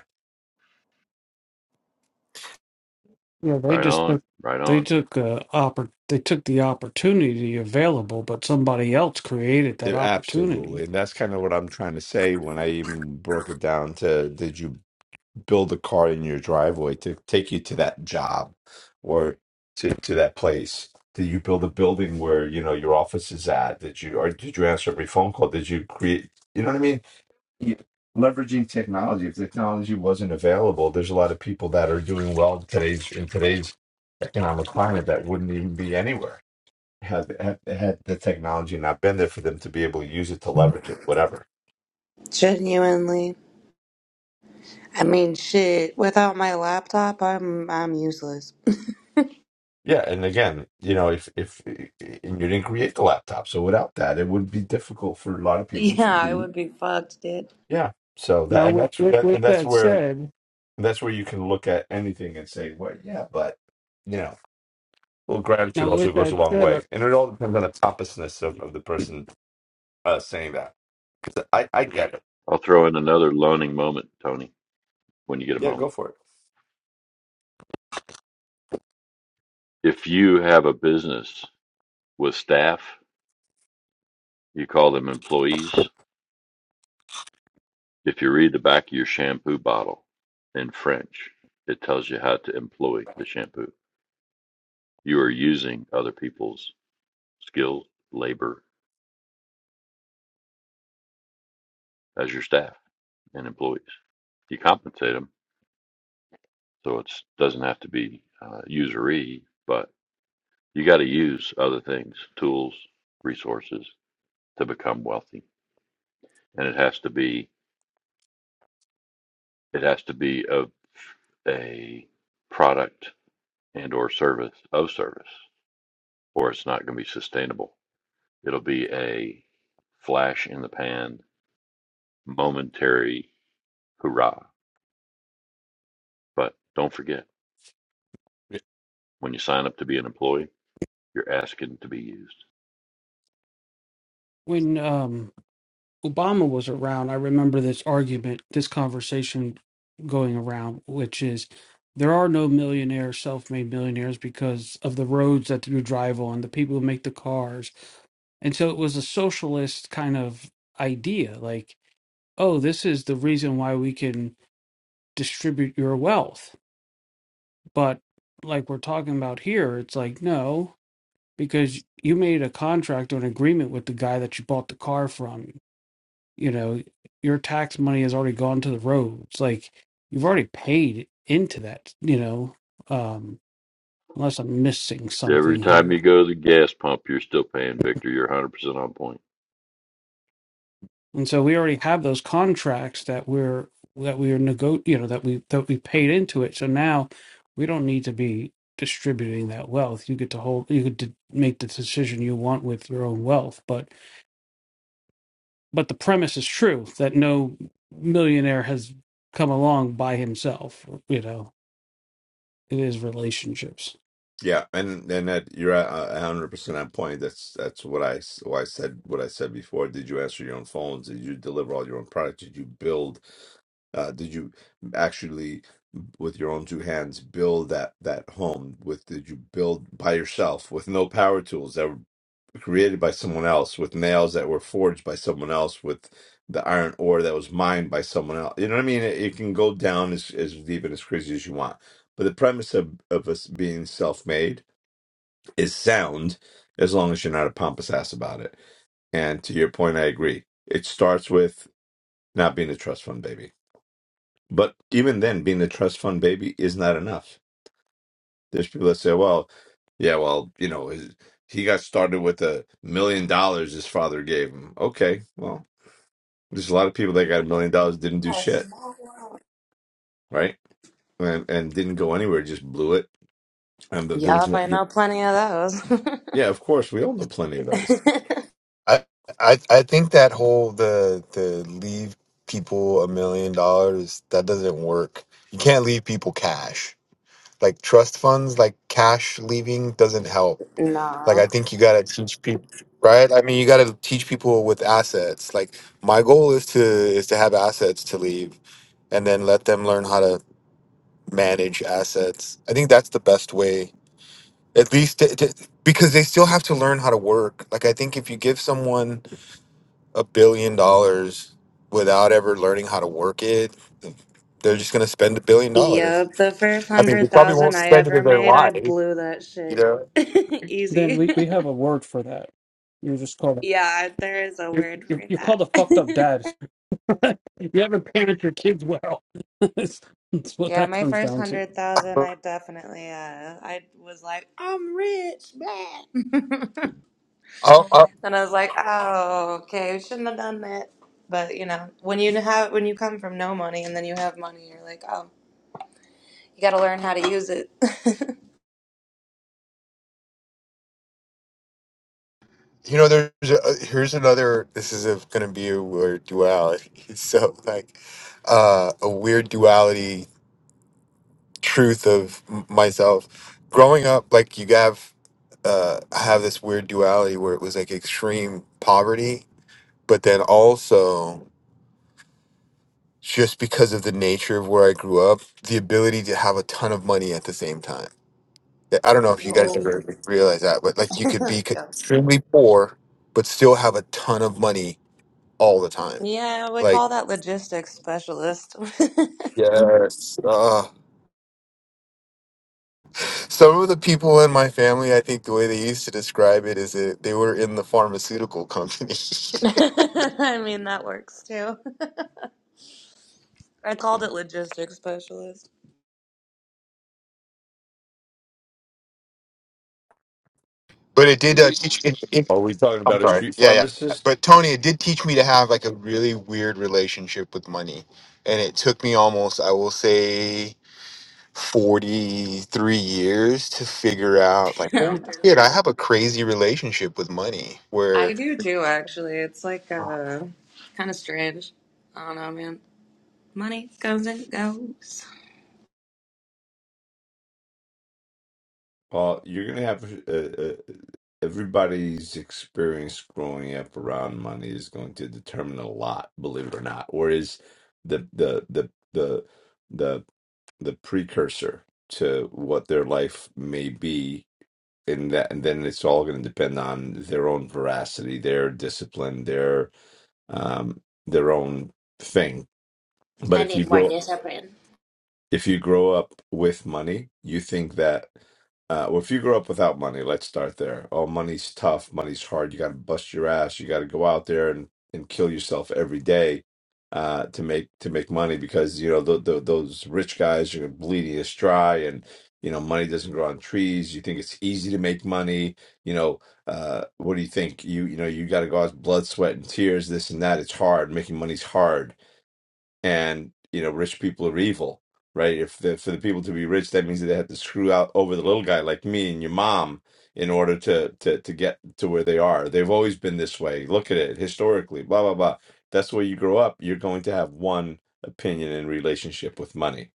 Speaker 2: Yeah, they
Speaker 4: Right
Speaker 2: just
Speaker 4: on,
Speaker 2: took
Speaker 4: right
Speaker 2: they
Speaker 4: on.
Speaker 2: took uh oppor- they took the opportunity available, but somebody else created that
Speaker 6: it-
Speaker 2: opportunity.
Speaker 6: absolutely. And that's kind of what I'm trying to say when I even broke it down to did you build a car in your driveway to take you to that job or to, to that place? Did you build a building where you know your office is at? Did you or did you answer every phone call? Did you create? You know what I mean? You- Leveraging technology. If technology wasn't available, there's a lot of people that are doing well in today's in today's economic climate that wouldn't even be anywhere had had, had the technology not been there for them to be able to use it to leverage it, whatever.
Speaker 8: Genuinely. I mean, shit. Without my laptop, I'm I'm useless.
Speaker 6: Yeah, and again, you know, if if eh, eh, and you didn't create the laptop, so without that, it would be difficult for a lot of people to
Speaker 8: Yeah, I
Speaker 6: do.
Speaker 8: would be fucked, dude.
Speaker 6: Yeah, so
Speaker 2: Now,
Speaker 6: that and
Speaker 2: with
Speaker 6: that's
Speaker 2: with,
Speaker 6: that, and
Speaker 2: with
Speaker 6: that's
Speaker 2: that
Speaker 6: where
Speaker 2: said,
Speaker 6: that's where you can look at anything and say, well, yeah, but you know, well, gratitude
Speaker 2: now
Speaker 6: also
Speaker 2: with
Speaker 6: goes
Speaker 2: that
Speaker 6: a long
Speaker 2: said, uh,
Speaker 6: way, and it all depends on the topicness of, of the person uh, saying that. 'Cause I I get it.
Speaker 4: I'll throw in another learning moment, Tony, when you get a
Speaker 6: Yeah, go
Speaker 4: moment.
Speaker 6: for it.
Speaker 4: If you have a business with staff You call them employees. If you read the back of your shampoo bottle in French, it tells you how to employ the shampoo. You are using other people's skill, labor as your staff and employees. You compensate them, so it doesn't have to be uh, usury, but you got to use other things, tools, resources to become wealthy, and it has to be it has to be of a product and or service of service, or it's not going to be sustainable It'll be a flash in the pan, momentary hurrah. But don't forget, when you sign up to be an employee, you're asking to be used.
Speaker 2: when um, Obama was around, I remember this argument, this conversation going around, which is there are no millionaires, self-made millionaires, because of the roads that you drive on, the people who make the cars, and so it was a socialist kind of idea, like oh, this is the reason why we can distribute your wealth. But like we're talking about here, it's like, no, because you made a contract or an agreement with the guy that you bought the car from. You know, your tax money has already gone to the roads. Like you've already paid into that, you know, um, unless I'm missing
Speaker 4: Every
Speaker 2: something
Speaker 4: time
Speaker 2: here.
Speaker 4: you go to the gas pump, you're still paying, Victor. You're 100% on point.
Speaker 2: And so we already have those contracts that we're that we are nego- you know that we that we paid into it. So now we don't need to be distributing that wealth. You get to hold you get to make the decision you want with your own wealth. But but the premise is true that no millionaire has come along by himself. You know, it is relationships.
Speaker 6: Yeah, and and that you're a hundred percent on point. That's that's what I s- why I said what I said before. Did you answer your own phones? Did you deliver all your own products? Did you build? Uh, did you actually with your own two hands build that that home? With did you build by yourself with no power tools that were created by someone else, with nails that were forged by someone else, with the iron ore that was mined by someone else? You know what I mean? It, it can go down as as deep and as crazy as you want. But the premise of of us being self made is sound as long as you're not a pompous ass about it. And to your point, I agree. It starts with not being a trust fund baby. But even then, being a trust fund baby is not enough. There's people that say, well, yeah, well, you know, his, he got started with a million dollars his father gave him. Okay, well, there's a lot of people that got a million dollars didn't do
Speaker 8: A
Speaker 6: shit,
Speaker 8: small world.
Speaker 6: right? And, and didn't go anywhere, just blew it. And there was
Speaker 8: Yup,
Speaker 6: no,
Speaker 8: I know plenty of those.
Speaker 6: yeah, of course, we all know plenty of those.
Speaker 5: I I I think that whole the the leave people a million dollars that doesn't work. You can't leave people cash. Like trust funds, like cash leaving doesn't help. Like
Speaker 8: nah.
Speaker 5: I think you gotta teach people, right? I mean, you gotta teach people with assets. Like my goal is to is to have assets to leave, and then let them learn how to manage assets. I think that's the best way at least t- t- because they still have to learn how to work like i think if you give someone a billion dollars without ever learning how to work it they're just going to spend a billion dollars
Speaker 8: Yup, the first
Speaker 5: i mean they
Speaker 8: hundred
Speaker 5: probably won't
Speaker 8: thousand I
Speaker 5: end up
Speaker 8: ever
Speaker 5: in their
Speaker 8: made, I
Speaker 5: life you
Speaker 8: blew that shit.
Speaker 5: know
Speaker 2: Then
Speaker 8: Easy.
Speaker 2: we, we have a word for that. You're just called
Speaker 8: yeah, there is a
Speaker 2: you're,
Speaker 8: word for
Speaker 2: you're you're
Speaker 8: that.
Speaker 2: called a fucked up dad you haven't parent your kids well. that's, that's what
Speaker 8: yeah,
Speaker 2: that
Speaker 8: my
Speaker 2: comes
Speaker 8: first
Speaker 2: down to.
Speaker 8: hundred thousand, I definitely, uh, I was like, I'm rich, man.
Speaker 5: I'll, I'll,
Speaker 8: And I was like, oh, okay, we shouldn't have done that. But you know, when you have when you come from no money and then you have money, you're like, oh, you got to learn how to use it.
Speaker 5: you know here's another this is going to be a weird duality so like uh, a weird duality truth of m- myself growing up like you have uh, I have this weird duality where it was like extreme poverty but then also just because of the nature of where I grew up, the ability to have a ton of money at the same time. Yeah, I don't know if you guys
Speaker 8: Yo.
Speaker 5: ever realize that, but like you could be
Speaker 8: Yep.
Speaker 5: extremely poor, but still have a ton of money all the time.
Speaker 8: yeah, we
Speaker 5: Like,
Speaker 8: call that logistics specialist.
Speaker 5: yes. Uh, some of the people in my family, I think the way they used to describe it is that they were in the pharmaceutical company.
Speaker 8: I mean, that works too. I called it logistics specialist.
Speaker 5: but it
Speaker 2: See?
Speaker 5: did uh, teach, it,
Speaker 6: Are we talking
Speaker 5: I'm
Speaker 6: about a
Speaker 5: sorry.
Speaker 6: street
Speaker 5: Yeah, yeah.
Speaker 6: pharmacist?
Speaker 5: But Tony, it did teach me to have like a really weird relationship with money. And it took me almost, I will say, 43 years to figure out like,
Speaker 8: Yeah,
Speaker 5: oh
Speaker 8: dude.
Speaker 5: shit, I have a crazy relationship with money
Speaker 8: I
Speaker 5: where
Speaker 8: do too, actually. It's like
Speaker 5: uh,
Speaker 8: uh, kind of strange. I don't know, man. Money comes and goes.
Speaker 6: Well, you're gonna have uh, uh, everybody's experience growing up around money is going to determine a lot, believe it or not, or is the the the the the the precursor to what their life may be, and that and then it's all going to depend on their own veracity, their discipline, their um their own thing. But
Speaker 8: I
Speaker 6: if
Speaker 8: need
Speaker 6: you
Speaker 8: more
Speaker 6: grow
Speaker 8: discipline.
Speaker 6: if you grow up with money, you think that, uh, well, if you grow up without money, let's start there. Oh, money's tough, money's hard. You got to bust your ass. You got to go out there and, and kill yourself every day uh, to make to make money because you know th- th- those rich guys are bleeding us dry, and you know money doesn't grow on trees. You think it's easy to make money. You know, uh, what do you think? You you know you got to go out with blood, sweat, and tears. This and that. It's hard. Making money's hard and you know rich people are evil right if the, for the people to be rich that means that they have to screw out over the little guy like me and your mom in order to to to get to where they are they've always been this way look at it historically blah blah blah that's where you grow up you're going to have one opinion in relationship with money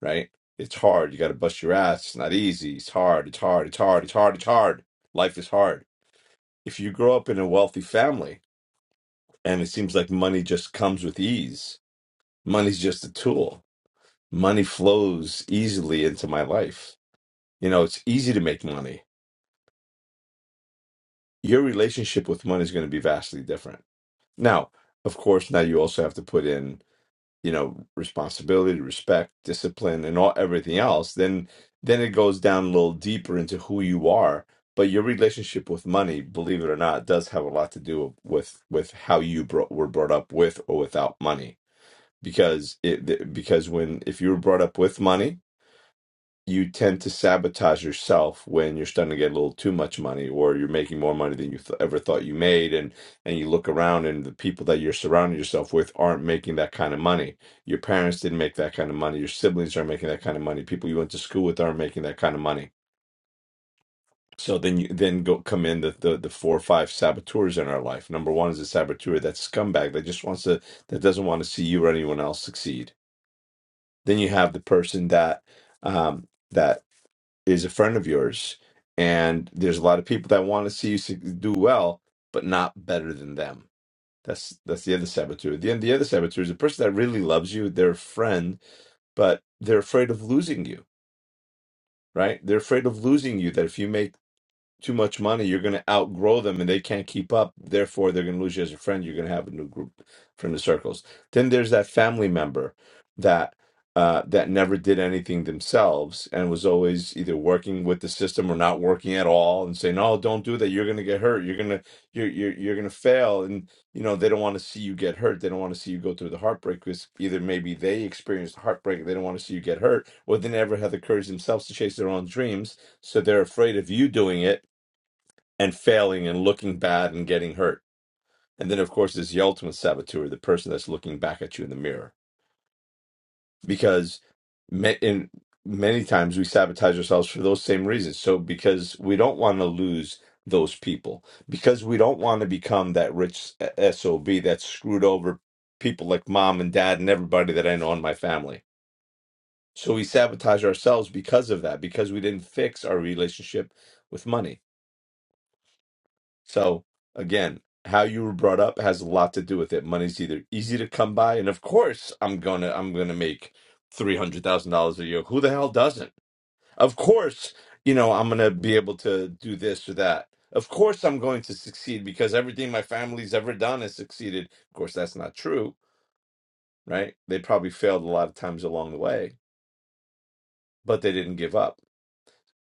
Speaker 6: right it's hard you got to bust your ass it's not easy it's hard it's hard it's hard it's hard it's hard life is hard if you grow up in a wealthy family and it seems like money just comes with ease money's just a tool money flows easily into my life. You know, it's easy to make money. Your relationship with money is going to be vastly different. Now, of course, now you also have to put in, you know, responsibility, respect, discipline, and all everything else. Then, then it goes down a little deeper into who you are. But your relationship with money, believe it or not, does have a lot to do with with how you bro- were brought up with or without money. Because it because when if you were brought up with money, you tend to sabotage yourself when you're starting to get a little too much money or you're making more money than you th- ever thought you made and and you look around and the people that you're surrounding yourself with aren't making that kind of money your parents didn't make that kind of money your siblings aren't making that kind of money people you went to school with aren't making that kind of money so then you then go come in the, the the four or five saboteurs in our life number one is a saboteur that scumbag that just wants to that doesn't want to see you or anyone else succeed then you have the person that um that is a friend of yours, and there's a lot of people that want to see you su- do well, but not better than them. That's that's the other saboteur. The the other saboteur is a person that really loves you, they're a friend, but they're afraid of losing you. Right? They're afraid of losing you. That if you make too much money, you're going to outgrow them and they can't keep up. Therefore, they're going to lose you as a friend. You're going to have a new group from the circles. Then there's that family member that uh, that never did anything themselves and was always either working with the system or not working at all, and say, "No, don't do that. You're going to get hurt. You're going to you're you're you're going to fail." And you know they don't want to see you get hurt. They don't want to see you go through the heartbreak because either maybe they experienced heartbreak. They don't want to see you get hurt, or they never had the courage themselves to chase their own dreams, so they're afraid of you doing it and failing and looking bad and getting hurt. And then, of course, there's the ultimate saboteur, the person that's looking back at you in the mirror. Because ma- in many times we sabotage ourselves for those same reasons. So, because we don't want to lose those people, because we don't want to become that rich SOB that screwed over people like mom and dad and everybody that I know in my family. So, we sabotage ourselves because of that, because we didn't fix our relationship with money So again, how you were brought up has a lot to do with it. Money's either easy to come by, and of course, I'm gonna I'm gonna make three hundred thousand dollars a year. Who the hell doesn't? Of course, you know I'm gonna be able to do this or that. Of course, I'm going to succeed because everything my family's ever done has succeeded. Of course, that's not true, right? They probably failed a lot of times along the way, but they didn't give up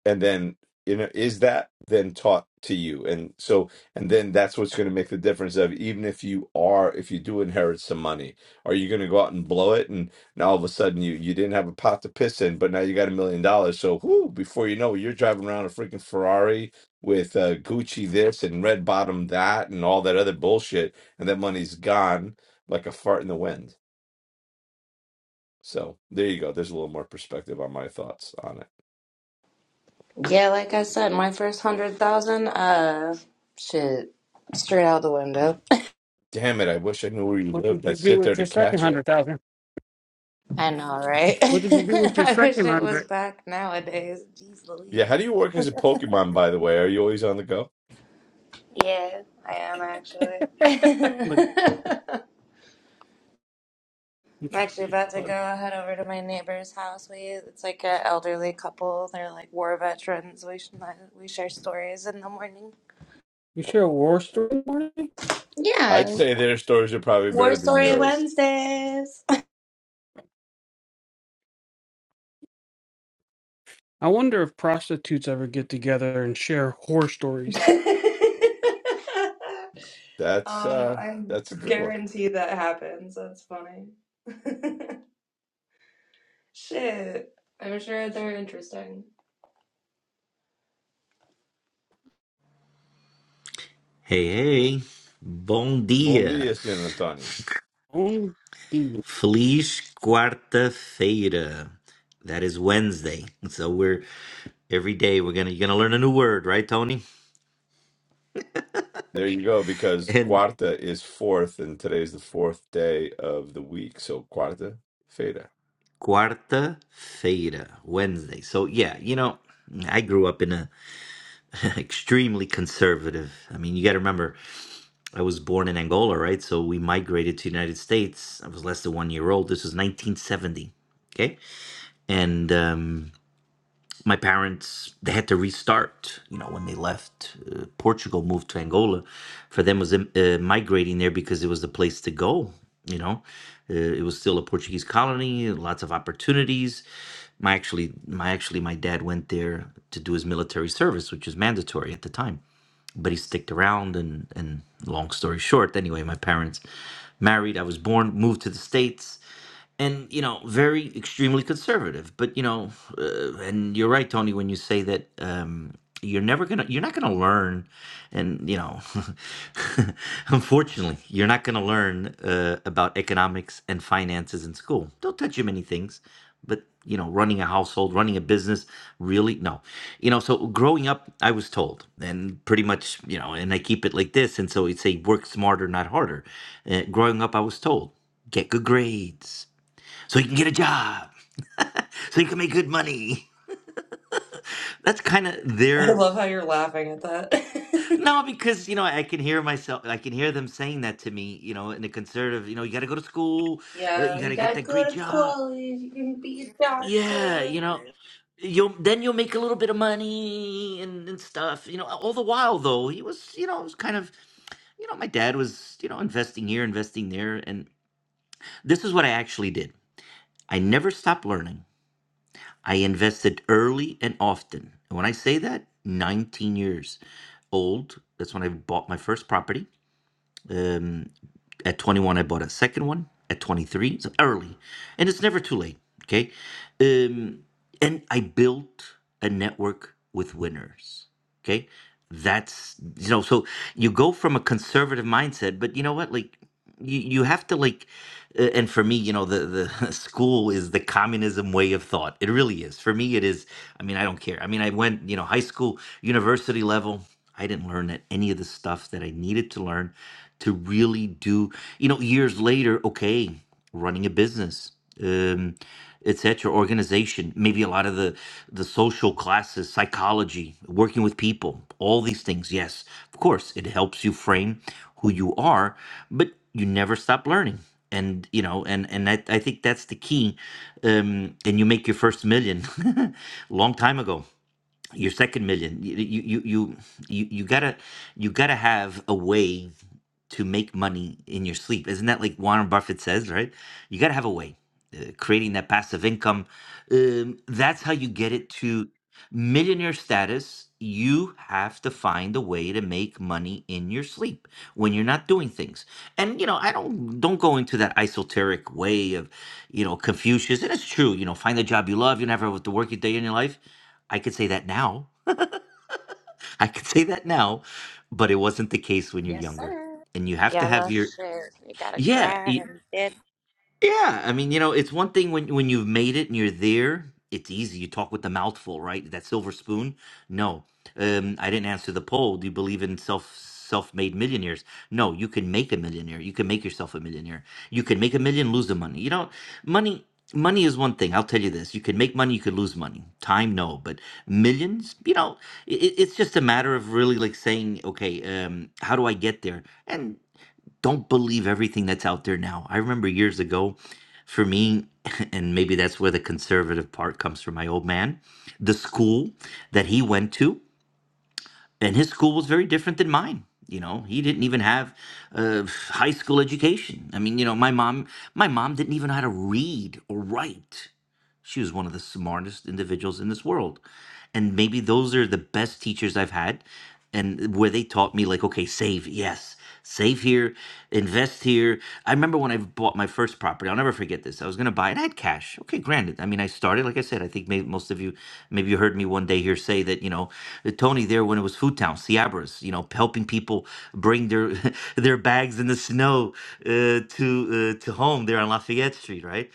Speaker 6: and then you know is that then taught to you and so and then that's what's going to make the difference of even if you are if you do inherit some money are you going to go out and blow it and now all of a sudden you you didn't have a pot to piss in but now you got a million dollars so whoo, before you know it you're driving around a freaking ferrari with uh, gucci this and red bottom that and all that other bullshit and that money's gone like a fart in the wind so there you go there's a little more perspective on my thoughts on it
Speaker 8: Yeah, like I said, my first hundred thousand, uh, shit, straight out the window.
Speaker 6: Damn it, I wish I knew where you
Speaker 2: What did
Speaker 6: lived.
Speaker 2: you
Speaker 6: I'd
Speaker 2: do
Speaker 6: sit there
Speaker 2: with your
Speaker 6: to
Speaker 2: second
Speaker 6: catch it.
Speaker 2: hundred thousand?
Speaker 8: I know, right?
Speaker 2: What did you do with your
Speaker 8: I wish
Speaker 2: second
Speaker 8: it was
Speaker 2: hundred?
Speaker 8: back nowadays. Jeez
Speaker 6: Yeah,
Speaker 8: Louise.
Speaker 6: how do you work as a Pokemon, by the way? Are you always on the go?
Speaker 8: Yeah, I am actually.
Speaker 2: Like,
Speaker 8: I'm
Speaker 2: it's
Speaker 8: actually
Speaker 2: pretty
Speaker 8: about to go
Speaker 2: funny.
Speaker 8: head over to my neighbor's house. We it's like an elderly couple. They're like war veterans. We sh- we share stories in the morning.
Speaker 2: you share a war story, Marty?
Speaker 6: I'd
Speaker 8: Yeah,
Speaker 6: say their stories are probably
Speaker 8: War
Speaker 6: better than
Speaker 8: Story
Speaker 6: yours.
Speaker 8: Wednesdays.
Speaker 2: I wonder if prostitutes ever get together and share horror stories.
Speaker 6: That's
Speaker 8: Um,
Speaker 6: uh
Speaker 8: I
Speaker 6: that's a good one.
Speaker 8: guarantee that happens. That's funny. Shit. I'm sure they're interesting.
Speaker 9: Hey, hey, bom
Speaker 6: Bom dia,
Speaker 9: dia.
Speaker 6: Senor Antonio.
Speaker 2: Only the-
Speaker 9: Feliz quarta-feira. That is Wednesday. So we're every day we're gonna you're gonna learn a new word, right, Tony?
Speaker 6: There you go, because
Speaker 9: And
Speaker 6: Cuarta is fourth, and today's the fourth day of the week. So Cuarta, Feta.
Speaker 9: quarta-feira, Wednesday. So yeah, you know, I grew up in a extremely conservative. I mean, you got to remember, I was born in Angola, right? So we migrated to the United States. I was less than one year old. This was 1970. Okay, and um, my parents they had to restart you know when they left uh, portugal moved to angola for them was um, uh, migrating there because it was the place to go you know uh, it was still a portuguese colony lots of opportunities my actually my actually my dad went there to do his military service which is mandatory at the time but he sticked around and and long story short anyway my parents married i was born moved to the states and you know very extremely conservative but you know uh, and you're right tony when you say that um you're never gonna you're not gonna learn and you know unfortunately you're not gonna learn uh, about economics and finances in school don't touch you many things but you know running a household running a business really no you know so growing up i was told and pretty much you know and i keep it like this and so it's a work smarter not harder uh, growing up i was told get good grades so he can get a job, so he can make good money. That's kind of
Speaker 8: I
Speaker 9: their
Speaker 8: love how you're laughing at that.
Speaker 9: no, because you know I can hear myself, I can hear them saying that to me, you know, in the conservative, you know, you got to go to school, uh, you
Speaker 8: yeah,
Speaker 9: got
Speaker 8: you
Speaker 9: to get
Speaker 8: gotta
Speaker 9: that
Speaker 8: go
Speaker 9: great
Speaker 8: to
Speaker 9: job,
Speaker 8: college. You can be a
Speaker 9: yeah,
Speaker 8: doctor.
Speaker 9: you know, you'll then you'll make a little bit of money and, and stuff, you know. All the while though, he was, you know, it was kind of, you know, my dad was, you know, investing here, investing there, and this is what I actually did. I never stopped learning. I invested early and often. And when I say that, 19 years old, that's when I bought my first property. Um, at 21, I bought a second one. At 23, so early. And it's never too late, okay? Um, and I built a network with winners, okay? That's, you know, so you go from a conservative mindset, but you know what? Like, you, you have to like uh, and for me you know the the school is the communism way of thought it really is for me it is i mean i don't care i mean i went you know high school university level i didn't learn that any of the stuff that i needed to learn to really do you know years later okay running a business um etc organization maybe a lot of the the social classes psychology working with people all these things yes of course it helps you frame who you are but you never stop learning and you know and and i, I think that's the key um and you make your first million long time ago your second million you you you you you you gotta you gotta have a way to make money in your sleep. Isn't that like Warren Buffett says, right? You got to have a way, uh, creating that passive income. Um, that's how you get it to millionaire status. You have to find a way to make money in your sleep when you're not doing things. And you know, I don't don't go into that esoteric way of, you know, Confucius. And it's true, you know, find a job you love. You never have to work a day in your life. I could say that now. I could say that now, but it wasn't the case when you're
Speaker 8: Yes,
Speaker 9: younger
Speaker 8: sir.
Speaker 9: and you have to
Speaker 8: Yeah,
Speaker 9: have
Speaker 8: no
Speaker 9: your
Speaker 8: shit. You gotta
Speaker 9: yeah, y-
Speaker 8: grind. Dead
Speaker 9: yeah. I mean, you know, it's one thing when when you've made it and you're there. It's easy. You talk with the mouthful, right? That silver spoon. No, um, I didn't answer the poll. Do you believe in self self-made millionaires? No, you can make a millionaire. You can make yourself a millionaire. You can make a million, lose the money. You know, money money is one thing. I'll tell you this: you can make money, you can lose money. Time, no, but millions. You know, it, it's just a matter of really like saying, okay, um, how do I get there? And don't believe everything that's out there now. I remember years ago, for me, and maybe that's where the conservative part comes from my old man, the school that he went to, and his school was very different than mine. You know, he didn't even have a high school education. I mean, you know, my mom, my mom didn't even know how to read or write. She was one of the smartest individuals in this world. And maybe those are the best teachers I've had and where they taught me like okay, save, yes. Save here, invest here. I remember when I bought my first property. I'll never forget this. I was going to buy it. I had cash. Okay, granted. I mean, I started like I said. I think maybe most of you, maybe you heard me one day here say that you know Tony there when it was Food Town, Ciabras, you know, helping people bring their their bags in the snow uh, to uh, to home there on Lafayette Street, right?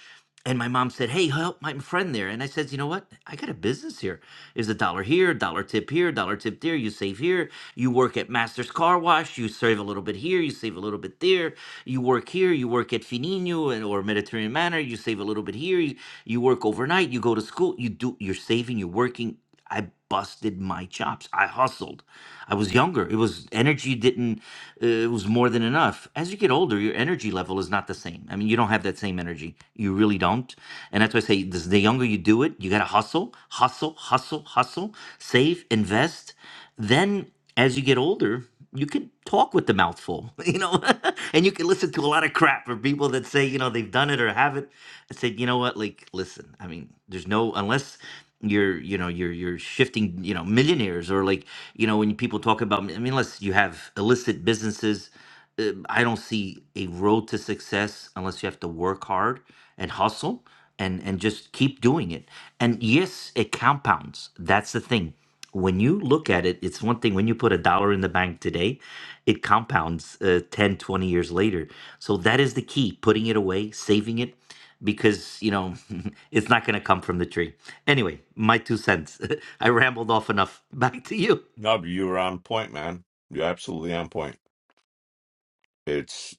Speaker 9: and my mom said, "Hey, help my friend there." And I said, "You know what? I got a business here. There's a dollar here, dollar tip here, dollar tip there. You save here. You work at Master's Car Wash. You save a little bit here. You save a little bit there. You work here. You work at Finino and or Mediterranean Manor. You save a little bit here. You, you work overnight. You go to school. You do. You're saving. You're working. I busted my chops. I hustled. I was younger. It was energy didn't. Uh, it was more than enough. As you get older, your energy level is not the same. I mean, you don't have that same energy. You really don't. And that's why I say this, the younger you do it, you gotta hustle, hustle, hustle, hustle, save, invest. Then as you get older you can talk with the mouthful, you know, and you can listen to a lot of crap from people that say, you know, they've done it or haven't. I said, you know what, like, listen, I mean, there's no, unless you're, you know, you're, you're shifting, you know, millionaires or like, you know, when people talk about, I mean, unless you have illicit businesses, uh, I don't see a road to success unless you have to work hard and hustle and and just keep doing it. And yes, it compounds. That's the thing. When you look at it, it's one thing when you put a dollar in the bank today, it compounds uh, 10, twenty years later. So that is the key, putting it away, saving it because, you know, it's not going to come from the tree. Anyway, my two cents. I rambled off enough. Back to you.
Speaker 6: No, but you were on point, man. You're absolutely on point. It's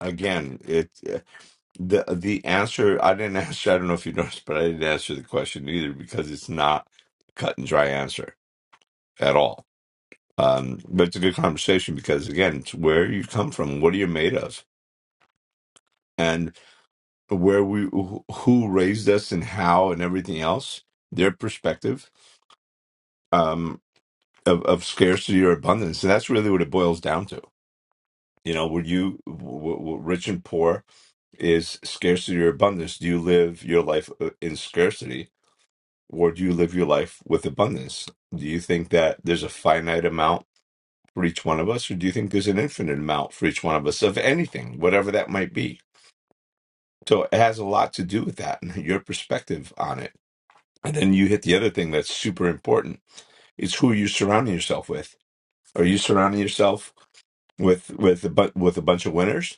Speaker 6: again, it. The the answer I didn't ask I don't know if you noticed, but I didn't answer the question either because it's not a cut and dry answer at all. Um, but it's a good conversation because again, it's where you come from, what are you made of, and where we who who raised us and how and everything else, their perspective um, of of scarcity or abundance, and that's really what it boils down to. You know, were you w- w- rich and poor? Is scarcity or abundance? Do you live your life uh, in scarcity? or do you live your life with abundance? Do you think that there's a finite amount for each one of us, or do you think there's an infinite amount for each one of us of anything, whatever that might be? So it has a lot to do with that and your perspective on it. And then you hit the other thing that's super important it's who you're surrounding yourself with. Are you surrounding yourself with with a bu- with a bunch of winners,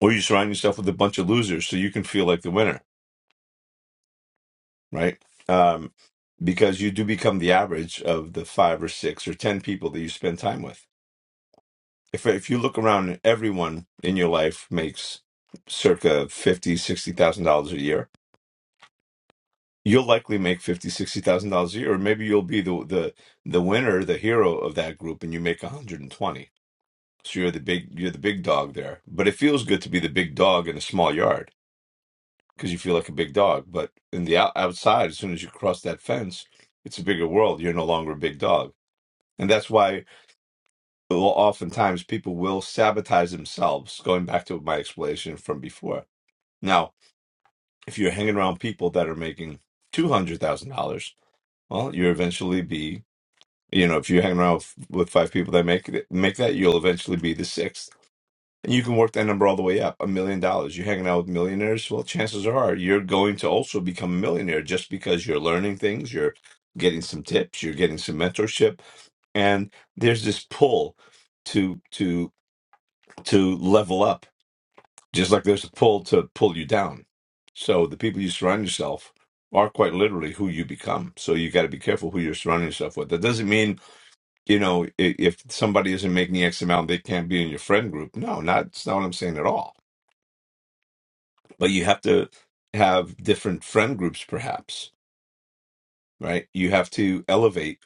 Speaker 6: or you surround yourself with a bunch of losers so you can feel like the winner? right? Um, because you do become the average of the five or six or ten people that you spend time with. If if you look around, everyone in your life makes circa fifty, sixty thousand dollars a year. You'll likely make fifty, sixty thousand dollars a year, or maybe you'll be the the the winner, the hero of that group, and you make one hundred and twenty. So you're the big you're the big dog there. But it feels good to be the big dog in a small yard because you feel like a big dog. But in the out- outside, as soon as you cross that fence, it's a bigger world. You're no longer a big dog, and that's why well, oftentimes people will sabotage themselves. Going back to my explanation from before. Now, if you're hanging around people that are making two hundred thousand dollars, well, you'll eventually be. You know, if you're hanging around with with five people that make it, make that, you'll eventually be the sixth And you can work that number all the way up, a million dollars. You're hanging out with millionaires, well, chances are you're going to also become a millionaire just because you're learning things, you're getting some tips, you're getting some mentorship, and there's this pull to to to level up, just like there's a pull to pull you down. So the people you surround yourself are quite literally who you become. So you got to be careful who you're surrounding yourself with. That doesn't mean you know i- if somebody isn't making X amount, they can't be in your friend group. No, not that's not what I'm saying at all but you have to have different friend groups perhaps right you have to elevate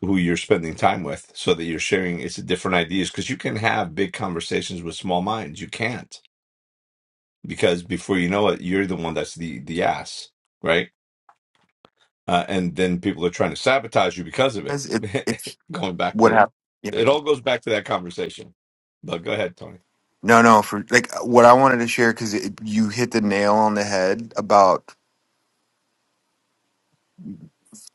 Speaker 6: who you're spending time with so that you're sharing it's different ideas because you can have big conversations with small minds you can't because before you know it you're the one that's the the ass right uh, and then people are trying to sabotage you because of it
Speaker 5: Because it, it's
Speaker 6: going back
Speaker 5: what
Speaker 6: to
Speaker 5: happened. Yeah.
Speaker 6: it all goes back to that conversation but go ahead tony
Speaker 5: No, no. For like what I wanted to share, because you hit the nail on the head about.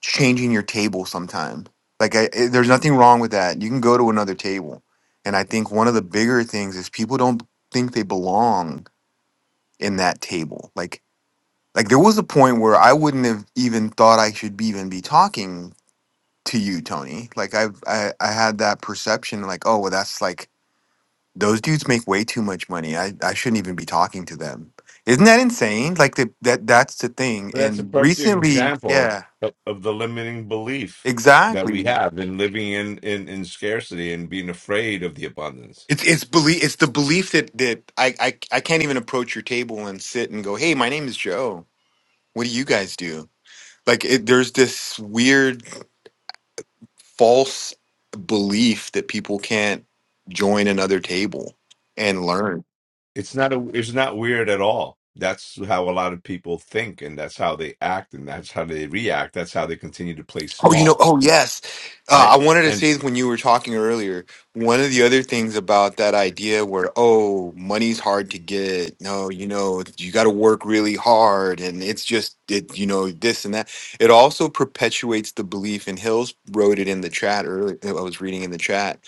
Speaker 5: changing your table sometimes, Like I, I- there's nothing wrong with that. You can go to another table. And I think one of the bigger things is people don't think they belong in that table. Like like there was a point where I wouldn't have even thought I should be even be talking to you, Tony. Like I I, I had that perception like, oh well that's like those dudes make way too much money. I, I shouldn't even be talking to them. Isn't that insane? Like the, that that's the thing.
Speaker 6: Well, That's a
Speaker 5: And
Speaker 6: perfect
Speaker 5: recently,
Speaker 6: example
Speaker 5: yeah,
Speaker 6: of, of the limiting belief that we
Speaker 5: exactly.
Speaker 6: have in living in, in, in scarcity and being afraid of the abundance.
Speaker 5: It's it's belief. It's the belief that that I, I I can't even approach your table and sit and go, hey, my name is Joe. What do you guys do? Like it, there's this weird false belief that people can't join another table and learn.
Speaker 6: It's not a, it's not weird at all. That's how a lot of people think, and that's how they act, and that's how they react. That's how they continue to play
Speaker 5: Oh, you know,
Speaker 6: small,
Speaker 5: oh yes.
Speaker 6: right?
Speaker 5: Uh, I wanted to say when you were talking earlier, one of the other things about that idea where, oh, money's hard to get. No, you know, you got to work really hard and it's just it, you know, this and that. It also perpetuates the belief, and Hills wrote it in the chat earlier. I was reading in the chat.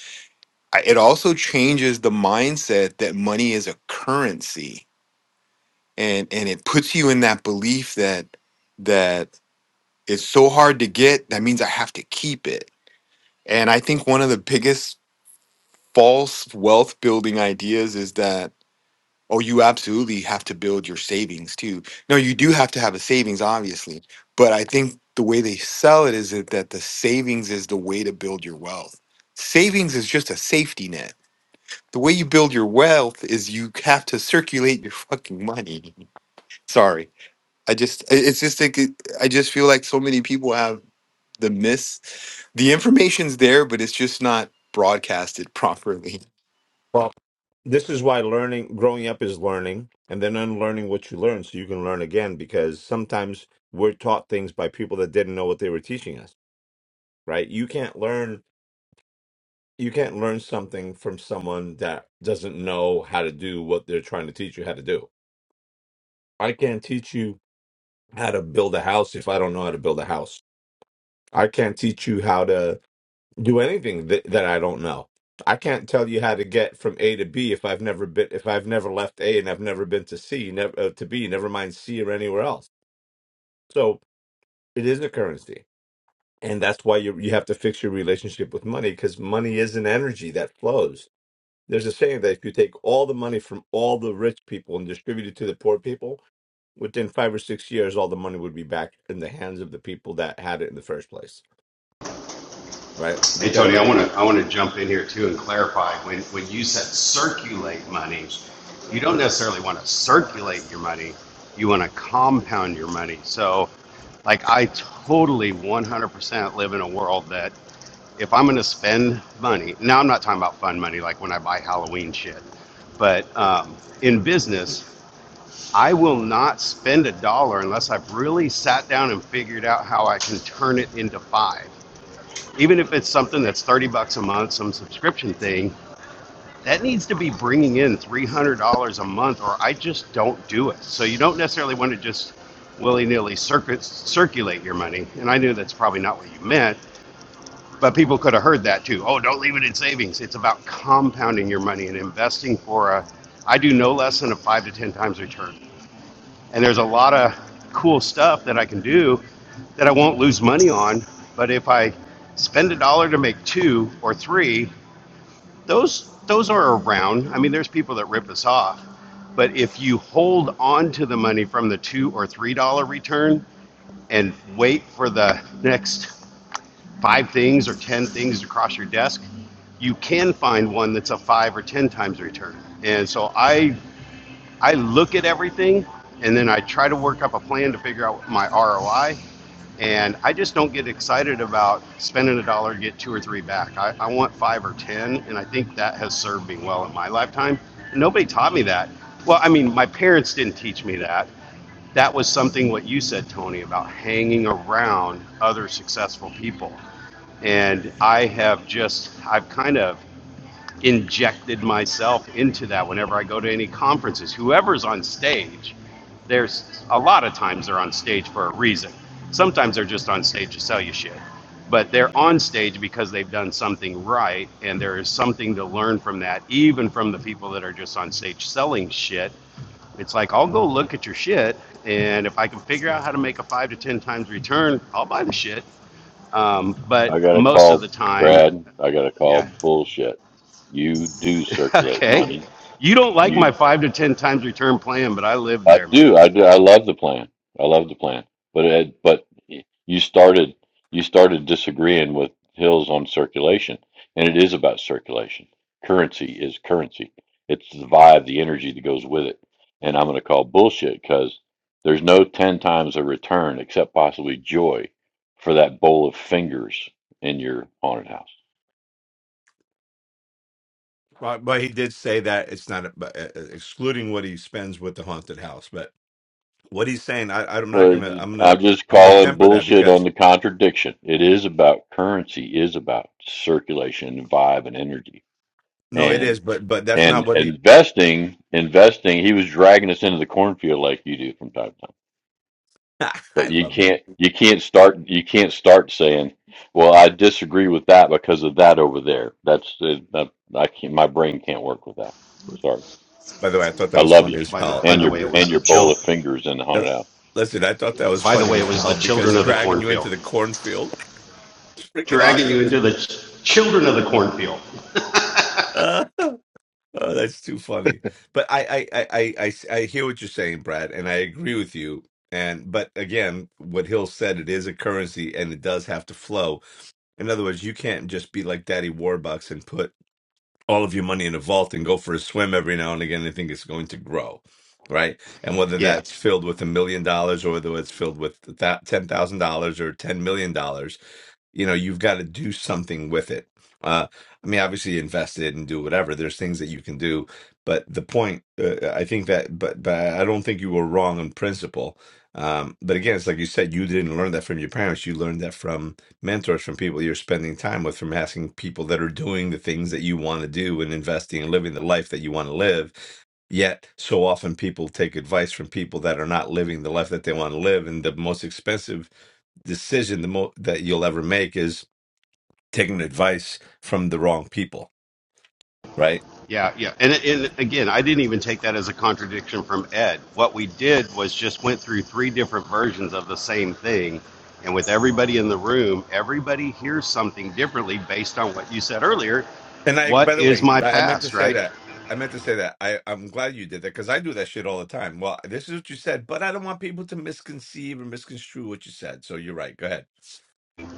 Speaker 5: I- It also changes the mindset that money is a currency. And and it puts you in that belief that that it's so hard to get, that means I have to keep it and I think one of the biggest false wealth building ideas is that, oh, you absolutely have to build your savings too. No, you do have to have a savings, obviously. But I think the way they sell it is that that the savings is the way to build your wealth. Savings is just a safety net. The way you build your wealth is you have to circulate your fucking money. Sorry. I just, i- it's just like, it- I just feel like so many people have the miss, the information's there, but it's just not broadcasted properly.
Speaker 6: Well, this is why learning, growing up is learning, and then unlearning what you learn so you can learn again because sometimes we're taught things by people that didn't know what they were teaching us, right? You can't learn you can't learn something from someone that doesn't know how to do what they're trying to teach you how to do. I can't teach you how to build a house if I don't know how to build a house. I can't teach you how to do anything that, that I don't know. I can't tell you how to get from A to B if I've never been if I've never left A and I've never been to C, never uh, to B, never mind C or anywhere else. So it is a currency, and that's why you you have to fix your relationship with money because money is an energy that flows. There's a saying that if you take all the money from all the rich people and distribute it to the poor people, within five or six years, all the money would be back in the hands of the people that had it in the first place, right?
Speaker 7: Hey
Speaker 6: Because
Speaker 7: Tony, I wanna I wanna jump in here too and clarify when when you said circulate money, you don't necessarily want to circulate your money. You want to compound your money. So like I totally 100% live in a world that if I'm going to spend money, now I'm not talking about fun money like when I buy Halloween shit, but um, in business, I will not spend a dollar unless I've really sat down and figured out how I can turn it into five. Even if it's something that's 30 bucks a month, some subscription thing, that needs to be bringing in $300 a month or I just don't do it. So you don't necessarily want to just willy nilly circulate your money. And I knew that's probably not what you meant, but people could have heard that too. Oh, don't leave it in savings. It's about compounding your money and investing for a, I do no less than a five to 10 times return. And there's a lot of cool stuff that I can do that I won't lose money on. But if I spend a dollar to make two or three, those, those are around. I mean, there's people that rip us off. But if you hold on to the money from the two or three dollar return and wait for the next five things or 10 things across your desk, you can find one that's a five or 10 times return. And so I I look at everything and then I try to work up a plan to figure out my ROI. And I just don't get excited about spending a dollar to get two or three back. I, I want five or 10. And I think that has served me well in my lifetime. And Nobody taught me that. Well, I mean, my parents didn't teach me that. That was something what you said, Tony, about hanging around other successful people and I have just I've kind of injected myself into that whenever I go to any conferences. Whoever's on stage, there's a lot of times they're on stage for a reason. Sometimes they're just on stage to sell you shit. But they're on stage because they've done something right, and there is something to learn from that, even from the people that are just on stage selling shit. It's like, I'll go look at your shit, and if I can figure out how to make a five to 10 times return, I'll buy the shit. Um,
Speaker 4: I
Speaker 7: but
Speaker 4: got to
Speaker 7: most of the
Speaker 4: call
Speaker 7: time,
Speaker 4: Brad. I got to call
Speaker 7: yeah.
Speaker 4: bullshit. You do circulate
Speaker 7: Okay.
Speaker 4: money.
Speaker 7: You don't like my
Speaker 4: You
Speaker 7: five to ten times return plan, but I lived
Speaker 4: I
Speaker 7: there,
Speaker 4: do.
Speaker 7: man.
Speaker 4: I do. I love the plan. I love the plan. But it, but you started you started disagreeing with Hills on circulation, and it is about circulation. Currency is currency. It's the vibe, the energy that goes with it. And I'm going to call bullshit because there's no ten times a return except possibly joy for that bowl of fingers in your haunted house.
Speaker 6: Well, but he did say that it's not but, uh, uh, excluding what he spends with the haunted house. But what he's saying, I, I'm not
Speaker 4: Well,
Speaker 6: gonna, I'm
Speaker 4: I'm
Speaker 6: gonna,
Speaker 4: just
Speaker 6: I'm gonna
Speaker 4: calling
Speaker 6: temper that
Speaker 4: bullshit on
Speaker 6: because
Speaker 4: the contradiction. It is about currency, is about circulation, and vibe, and energy,
Speaker 6: no, it
Speaker 4: and
Speaker 6: is, but but that's not
Speaker 4: and
Speaker 6: what he.
Speaker 4: investing. Investing. He was dragging us into the cornfield like you do from time to time.
Speaker 6: I
Speaker 4: But you
Speaker 6: love it.
Speaker 4: can't you can't start you can't start saying, "Well, I disagree with that because of that over there." That's uh, that, I can't. My brain can't work with that. Sorry.
Speaker 6: By the way, I thought that
Speaker 4: I
Speaker 6: was
Speaker 4: love you,
Speaker 6: funny as
Speaker 7: By the
Speaker 6: hell.
Speaker 7: by
Speaker 4: and
Speaker 7: the
Speaker 4: your
Speaker 7: way, it
Speaker 4: and
Speaker 7: was the
Speaker 4: your
Speaker 7: chil.
Speaker 4: bowl of fingers in the
Speaker 6: Uh,
Speaker 4: haunted house.
Speaker 6: Listen, I thought that was
Speaker 7: By the
Speaker 6: funny
Speaker 7: way, it
Speaker 6: as
Speaker 7: was the
Speaker 6: hell because
Speaker 7: children of the
Speaker 6: dragging you
Speaker 7: cornfield
Speaker 6: into the cornfield is freaking
Speaker 7: dragging you
Speaker 6: awesome.
Speaker 7: into the ch- children of the cornfield.
Speaker 6: Oh, that's too funny. But I, I, I, I, I I hear what you're saying, Brad, and I agree with you. And but again, what Hill said, it is a currency, and it does have to flow. In other words, you can't just be like Daddy Warbucks and put all of your money in a vault and go for a swim every now and again and think it's going to grow, right? And whether
Speaker 7: Yeah,
Speaker 6: that's filled with a million dollars or whether it's filled with that ten thousand dollars or ten million dollars, you know you've got to do something with it uh i mean obviously invest it and do whatever there's things that you can do but the point uh, i think that but but i don't think you were wrong in principle um but again it's like you said you didn't learn that from your parents you learned that from mentors from people you're spending time with from asking people that are doing the things that you want to do and investing and living the life that you want to live Yet, so often people take advice from people that are not living the life that they want to live. And the most expensive decision the mo- that you'll ever make is taking advice from the wrong people, right?
Speaker 7: yeah, yeah. And and again, I didn't even take that as a contradiction from Ed. What we did was just went through three different versions of the same thing, and with everybody in the room, everybody hears something differently based on what you said earlier.
Speaker 6: And I, by
Speaker 7: What
Speaker 6: the
Speaker 7: is
Speaker 6: way,
Speaker 7: my
Speaker 6: I I meant to
Speaker 7: past,
Speaker 6: say
Speaker 7: right?
Speaker 6: that. I meant to say that. I, I'm glad you did that because I do that shit all the time. Well, this is what you said, but I don't want people to misconceive or misconstrue what you said. So you're right. Go ahead.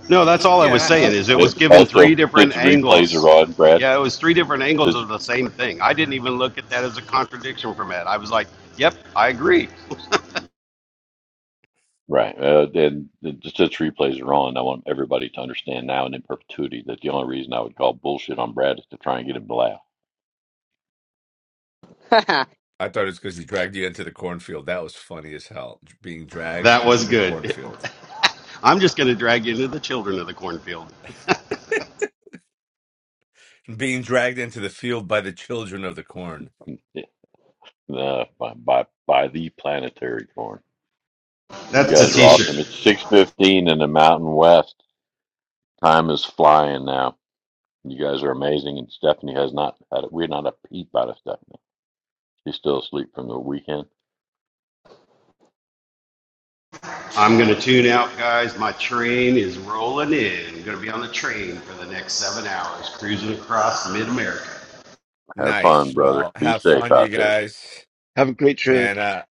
Speaker 7: No, that's all I was
Speaker 2: I,
Speaker 7: saying is it
Speaker 2: I
Speaker 4: It
Speaker 7: was given
Speaker 4: also,
Speaker 7: three different
Speaker 4: since the replays are
Speaker 7: angles.
Speaker 4: on, Brad.
Speaker 7: Yeah, it was three different angles
Speaker 4: Since
Speaker 7: of the same thing. I didn't even look at that as a contradiction from Ed. I was like, yep, I agree.
Speaker 4: right, uh, and and just since replays are on, I want everybody to understand now and in perpetuity that the only reason I would call bullshit on Brad is to try and get him to laugh.
Speaker 6: I thought it was because he dragged you into the cornfield. That was funny as hell. Being dragged
Speaker 7: That
Speaker 6: into
Speaker 7: was
Speaker 6: the
Speaker 7: good.
Speaker 6: cornfield,
Speaker 7: I'm just going to drag you into the children of the cornfield.
Speaker 6: being dragged into the field by the children of the corn.
Speaker 4: Nah, by, by by the planetary corn. You
Speaker 7: That's
Speaker 4: guys
Speaker 7: a
Speaker 4: are
Speaker 7: t
Speaker 4: awesome. It's
Speaker 7: shirt.
Speaker 4: six fifteen in the Mountain West. Time is flying now. You guys are amazing, and Stephanie has not had it. we're not a peep out of Stephanie. She's still asleep from the weekend.
Speaker 7: I'm going to tune out, guys. My train is rolling in. I'm going to be on the train for the next seven hours, cruising across mid America.
Speaker 4: Have fun,
Speaker 6: Nice.
Speaker 4: brother.
Speaker 6: Well,
Speaker 4: Be
Speaker 6: have
Speaker 4: safe
Speaker 6: fun, you
Speaker 4: out there.
Speaker 6: guys.
Speaker 10: Have a great trip.
Speaker 6: And uh,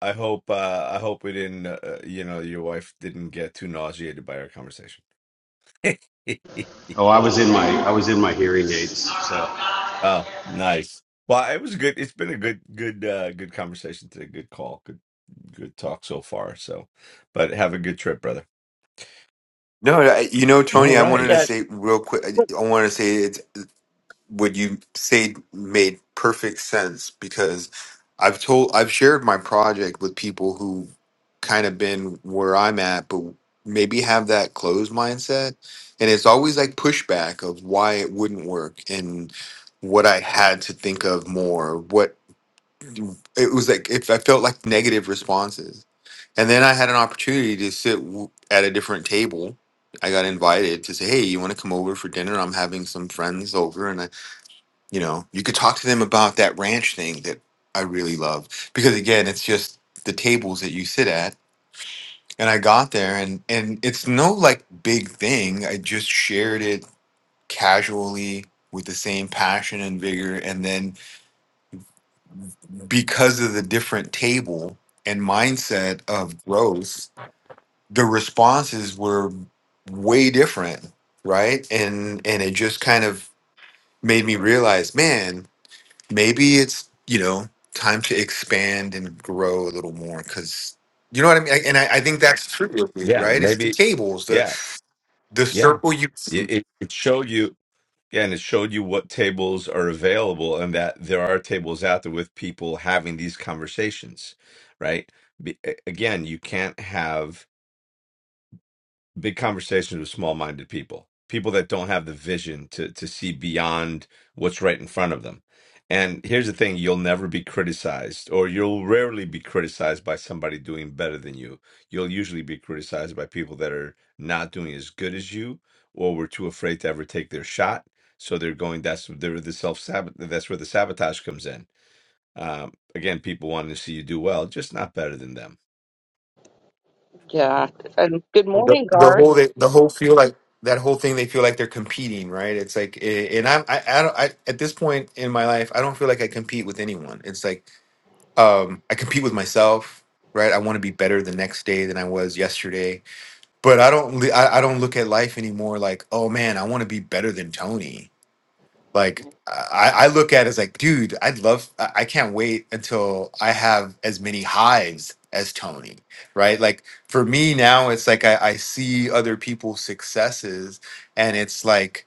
Speaker 6: I hope uh, I hope we didn't uh, uh, you know your wife didn't get too nauseated by our conversation.
Speaker 7: Oh, I was in my I was in my hearing aids, so
Speaker 6: Oh, nice. Well, it was a good. It's been a good good uh, good conversation today. Good call. Good good talk so far. So, but have a good trip, brother.
Speaker 5: No, I- you know,
Speaker 6: All
Speaker 5: Tony, I wanted
Speaker 6: right.
Speaker 1: yeah,
Speaker 5: to say real quick. I I wanted to say it's what you said made perfect sense because I've told, I've shared my project with people who kind of been where I'm at, but maybe have that closed mindset. And it's always like pushback of why it wouldn't work and what I had to think of more. What it was like, if I felt like negative responses and then I had an opportunity to sit w- at a different table. I got invited to say, "Hey, you want to come over for dinner? I'm having some friends over, and I, you know, you could talk to them about that ranch thing that I really love because again, it's just the tables that you sit at." And I got there, and and it's no like big thing. I just shared it casually with the same passion and vigor, and then because of the different table and mindset of growth the responses were way different right and and it just kind of made me realize man maybe it's you know time to expand and grow a little more because you know what i mean I- and I, I think that's true with it,
Speaker 6: Yeah,
Speaker 5: right it's the
Speaker 6: maybe.
Speaker 5: tables the
Speaker 6: Yeah,
Speaker 5: the
Speaker 6: yeah.
Speaker 5: circle you
Speaker 6: It, it it showed you. Yeah, and it showed you what tables are available, and that there are tables out there with people having these conversations, right? Be, a- again, you can't have big conversations with small-minded people, people that don't have the vision to to see beyond what's right in front of them. And here's the thing, you'll never be criticized, or you'll rarely be criticized by somebody doing better than you. You'll usually be criticized by people that are not doing as good as you, or were too afraid to ever take their shot. So they're going. That's they're the self sabot. That's where the sabotage comes in. Um, again, people wanting to see you do well, just not better than them.
Speaker 1: yeah. And good
Speaker 5: the,
Speaker 1: morning,
Speaker 5: the whole they, the whole feel like that whole thing they feel like they're competing right it's like eh, and i'm i, I don't I, at this point in my life i don't feel like i compete with anyone it's like um, I compete with myself, right? I want to be better the next day than I was yesterday. But I don't, li- I, I don't look at life anymore like, oh man, I want to be better than Tony. Like I, I look at it as like, dude, I'd love, I I can't wait until I have as many hives as Tony, right? Like for me now, it's like I, I see other people's successes, and it's like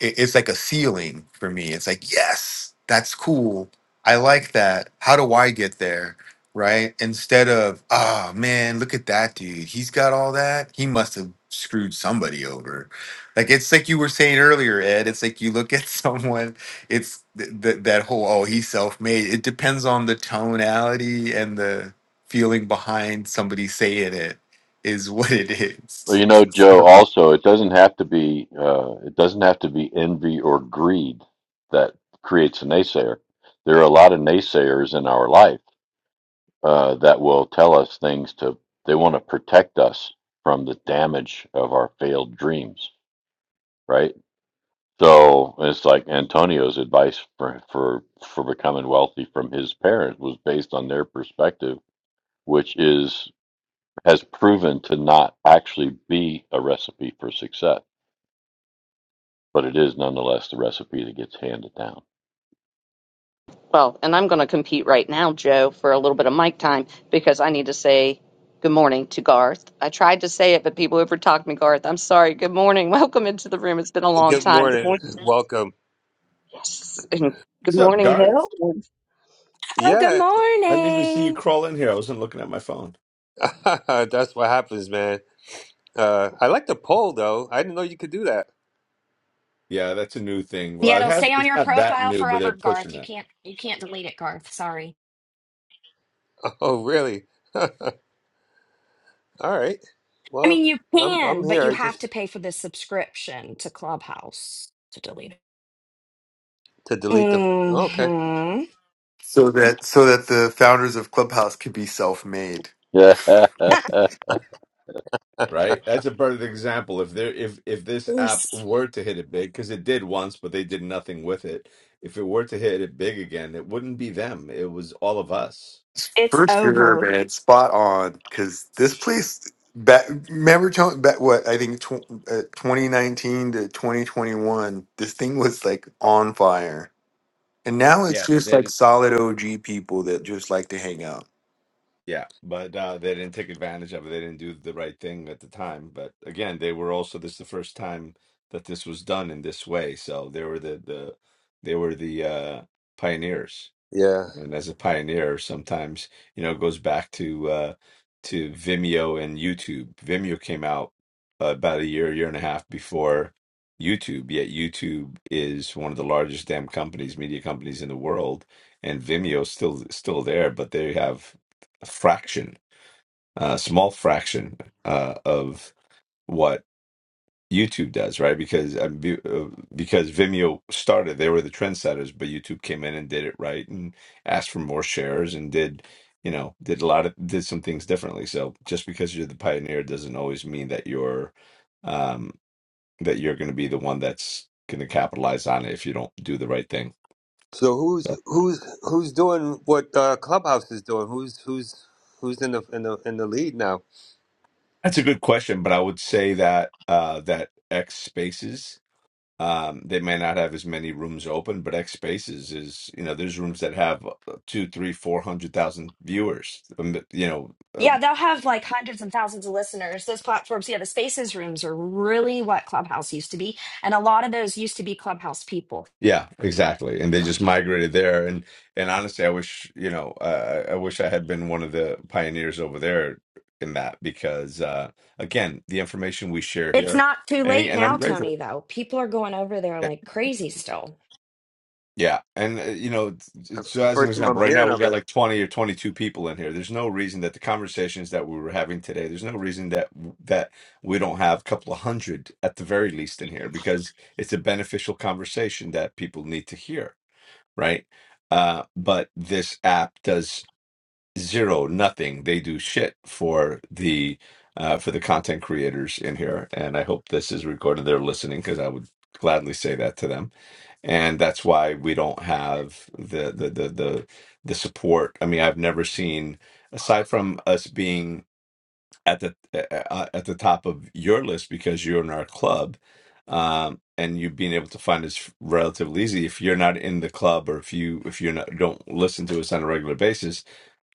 Speaker 5: it, it's like a ceiling for me. It's like, yes, that's cool. I like that. How do I get there? Right? Instead of, ah man, look at that dude. He's got all that. He must have screwed somebody over. Like it's like you were saying earlier, Ed. It's like you look at someone, it's th- th- that whole, oh, he's self made. It depends on the tonality and the feeling behind somebody saying it, is what it
Speaker 4: Well,
Speaker 5: is.
Speaker 4: you know, Joe, also, it doesn't have to be uh, it doesn't have to be envy or greed that creates a naysayer. There are a lot of naysayers in our life uh, that will tell us things to they want to protect us from the damage of our failed dreams, right? So it's like Antonio's advice for for for becoming wealthy from his parents was based on their perspective, which is has proven to not actually be a recipe for success but it is nonetheless the recipe that gets handed down.
Speaker 1: Well, and I'm going to compete right now, Joe, for a little bit of mic time because I need to say good morning to Garth. I tried to say it, but people overtalked me, Garth. I'm sorry. Good morning. Welcome into the room. It's been a long
Speaker 11: Good
Speaker 1: time. Good
Speaker 11: morning.
Speaker 1: morning.
Speaker 11: Welcome.
Speaker 1: Yes. And good
Speaker 6: What's up,
Speaker 1: morning,
Speaker 6: Garth?
Speaker 1: Hill.
Speaker 12: Oh, good
Speaker 11: Yeah,
Speaker 6: I didn't even see you
Speaker 12: morning.
Speaker 6: crawl in here. I wasn't looking at my phone.
Speaker 11: that's what happens, man. Uh, I like the poll though. I didn't know you could do that.
Speaker 6: Yeah, that's a new thing.
Speaker 12: Yeah,
Speaker 6: Well, it
Speaker 12: it'll
Speaker 6: has,
Speaker 12: stay on
Speaker 6: it's
Speaker 12: your
Speaker 6: not that
Speaker 12: profile
Speaker 6: new, but they're
Speaker 12: forever,
Speaker 6: pushing
Speaker 12: Garth. You
Speaker 6: that,
Speaker 12: can't you can't delete it, Garth. Sorry.
Speaker 11: Oh, really? All right.
Speaker 12: I
Speaker 11: Well,
Speaker 12: mean, you
Speaker 11: I'm I'm
Speaker 12: can, but
Speaker 11: here.
Speaker 12: you
Speaker 11: I
Speaker 12: have to
Speaker 11: just
Speaker 12: pay for the subscription to Clubhouse to delete it.
Speaker 11: to delete the. oh, Okay.
Speaker 12: Mhm.
Speaker 5: so that so that the founders of Clubhouse could be self-made.
Speaker 6: right? That's a perfect example. If there, if if this app
Speaker 12: Yes.
Speaker 6: were to hit it big, because it did once, but they did nothing with it. If it were to hit it big again, it wouldn't be them. It was all of us.
Speaker 12: It's
Speaker 5: For sure,
Speaker 12: over.
Speaker 5: man, spot on. Because this place, back, remember, Tony, back what I think tw- uh, 2019 to 2021, this thing was like on fire, and now it's
Speaker 6: Yeah, but
Speaker 5: just
Speaker 6: they
Speaker 5: like
Speaker 6: didn't.
Speaker 5: solid OG people that just like to hang out.
Speaker 6: Yeah, but uh, they didn't take advantage of it. They didn't do the right thing at the time. But again, they were also this is the first time that this was done in this way. So they were the the they were the uh, pioneers.
Speaker 11: Yeah.
Speaker 6: and as a pioneer sometimes you know it goes back to uh to Vimeo and YouTube. Vimeo came out uh, about a year year and a half before YouTube yet YouTube is one of the largest damn companies media companies in the world and Vimeo's still still there but they have a fraction a small fraction uh of what YouTube does, right? Because um, be- uh, because Vimeo started, they were the trendsetters, but YouTube came in and did it right and asked for more shares and did, you know, did a lot of did some things differently. So just because you're the pioneer doesn't always mean that you're um that you're going to be the one that's going to capitalize on it if you don't do the right thing.
Speaker 11: So who's
Speaker 6: So
Speaker 11: who's who's doing what uh, Clubhouse is doing? Who's who's who's in the in the in the lead now?
Speaker 6: that's a good question, but I would say that uh that X Spaces Um, they may not have as many rooms open, but X Spaces is, you know, there's rooms that have uh, two, three, four hundred thousand viewers. Um, but, you know, uh,
Speaker 12: Yeah, they'll have like hundreds and thousands of listeners. Those platforms, yeah, the spaces rooms are really what Clubhouse used to be, and a lot of those used to be Clubhouse people.
Speaker 6: yeah, exactly. And they just migrated there. And and honestly, I wish, you know, uh, I I wish I had been one of the pioneers over there in that because, uh, again, the information we share
Speaker 12: It's
Speaker 6: here,
Speaker 12: not too
Speaker 6: and
Speaker 12: late
Speaker 6: and
Speaker 12: now,
Speaker 6: I'm grateful.
Speaker 12: Tony, though. People are going over there
Speaker 6: yeah,
Speaker 12: like crazy still.
Speaker 6: Yeah, and uh, you know, t-
Speaker 11: That's
Speaker 6: so
Speaker 11: the
Speaker 6: as an
Speaker 11: first time
Speaker 6: example,
Speaker 11: I'm
Speaker 6: right now
Speaker 11: hearing
Speaker 6: we
Speaker 11: of
Speaker 6: got
Speaker 11: it.
Speaker 6: like 20 or 22 people in here. There's no reason that the conversations that we were having today, there's no reason that that we don't have a couple of hundred at the very least in here because it's a beneficial conversation that people need to hear, right? Uh, but this app does zero, nothing. They do shit for the uh, for the content creators in here, and I hope this is recorded. They're listening because I would gladly say that to them and that's why we don't have the the the the, the support. I mean, I've never seen aside from us being at the uh, at the top of your list because you're in our club, um, and you being able to find us relatively easy. If you're not in the club or if you if you're not don't listen to us on a regular basis,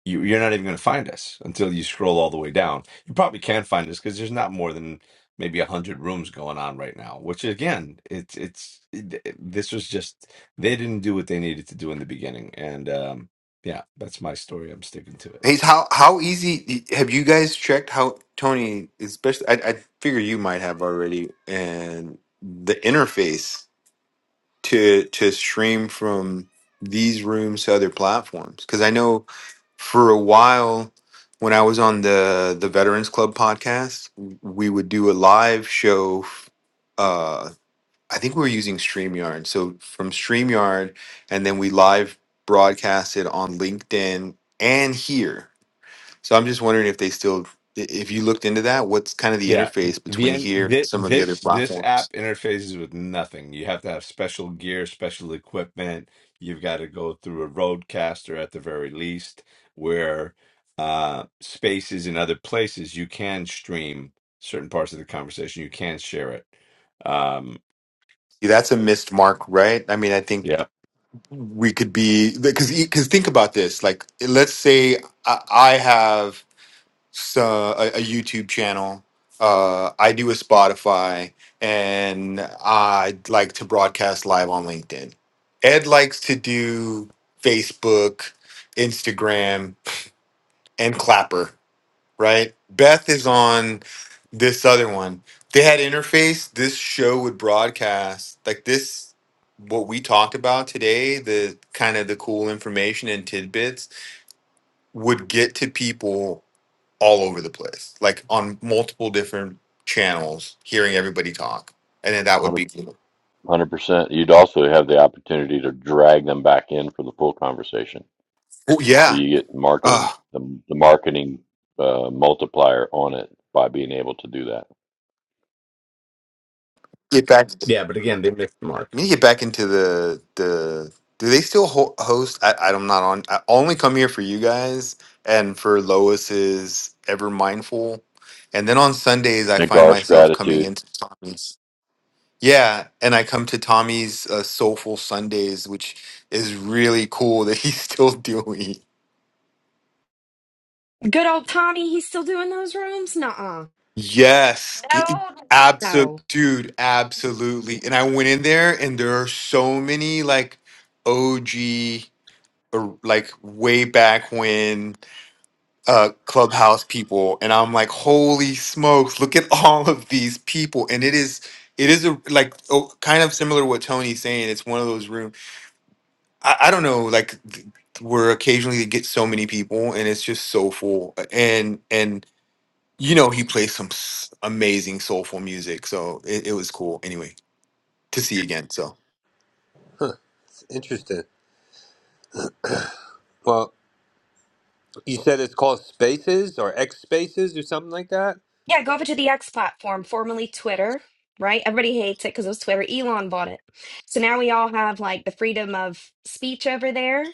Speaker 6: you, you're not even going to find us until you scroll all the way down. You probably can find us because there's not more than maybe a hundred rooms going on right now. Which again, it's it's it, it- this was just they didn't do what they needed to do in the beginning, and um, yeah, that's my story. I'm sticking to it.
Speaker 5: Hey, how how easy have you guys checked how Tony, especially? I, I figure you might have already, and the interface. to to stream from these rooms to other platforms because I know for a while when I was on the the Veterans Club podcast, we would do a live show. Uh, I think we were using Streamyard, so from Streamyard, and then we live broadcast it on LinkedIn and here. So I'm just wondering if they still, if you looked into that, what's kind of the
Speaker 6: Yeah,
Speaker 5: interface
Speaker 6: the
Speaker 5: between here,
Speaker 6: end.
Speaker 5: and
Speaker 6: Th-
Speaker 5: some of the other
Speaker 6: this this
Speaker 5: platforms?
Speaker 6: app interfaces with nothing. You have to have special gear, special equipment. You've got to go through a roadcaster at the very least, where uh, spaces in other places you can stream certain parts of the conversation. You can share it. Um,
Speaker 5: Yeah, that's a missed mark, right? I mean, I think
Speaker 6: yeah,
Speaker 5: we could be because because think about this like let's say i, I have so, a, a youtube channel uh, i do a spotify and i'd like to broadcast live on linkedin ed likes to do facebook instagram and clapper right? Beth is on this other one. They had interface. This show would broadcast like this. What we talked about today, the kind of the cool information and tidbits would get to people all over the place, like on multiple different channels, hearing everybody talk, and then that would
Speaker 4: Hundred
Speaker 5: be cool.
Speaker 4: hundred percent. You'd also have the opportunity to drag them back in for the full conversation.
Speaker 5: Oh
Speaker 4: So
Speaker 5: yeah,
Speaker 4: you get
Speaker 5: uh,
Speaker 4: marketing, the, the marketing uh, multiplier on it by being able to do that.
Speaker 5: get back.
Speaker 6: yeah, but again, they missed the mark.
Speaker 5: We need to get back into the the. Do they still ho- host? I, I'm not on. I only come here for you guys and for Lois's Ever Mindful, and then on Sundays I find
Speaker 4: Nagar's
Speaker 5: myself coming
Speaker 4: gratitude,
Speaker 5: into Tommy's. Yeah, and I come to Tommy's uh, Soulful Sundays, which is really cool that he's still doing.
Speaker 12: Good old Tommy, he's still doing those rooms? Nuh-uh.
Speaker 5: Yes,
Speaker 12: No, no,
Speaker 5: absolute
Speaker 12: no.
Speaker 5: dude, absolutely. And I went in there, and there are so many like OG. or, like way back when uh clubhouse people and i'm like holy smokes look at all of these people and it is it is a like oh, kind of similar to what tony's saying it's one of those rooms i, I don't know like th- where occasionally you get so many people and it's just so full uh, and and you know he plays some s- amazing soulful music so it, it was cool anyway to see again so
Speaker 11: It's interesting. Well, you said it's called Spaces or X Spaces or something like that.
Speaker 12: Yeah, go over to the X platform, formerly Twitter, right? Everybody hates it because it was Twitter. Elon bought it. So now we all have like the freedom of speech over there.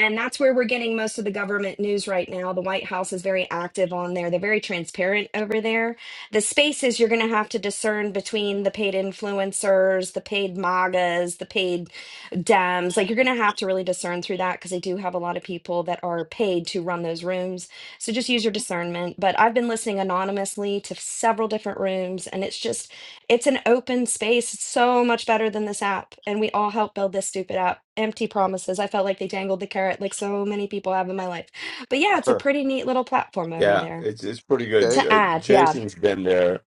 Speaker 12: And that's where we're getting most of the government news right now. The White House is very active on there. They're very transparent over there. The spaces you're going to have to discern between the paid influencers, the paid MAGAs, the paid Dems. Like you're going to have to really discern through that because they do have a lot of people that are paid to run those rooms. So just use your discernment. But I've been listening anonymously to several different rooms, and it's just it's an open space. It's so much better than this app. And we all helped build this stupid app. Empty promises. I felt like they dangled the carrot like so many people have in my life. But yeah, it's a
Speaker 11: Huh.
Speaker 12: pretty neat little platform over
Speaker 6: Yeah,
Speaker 12: there
Speaker 6: it's it's pretty good.
Speaker 11: Okay.
Speaker 12: to
Speaker 6: Uh,
Speaker 12: add. Yeah.
Speaker 6: Jason's been there.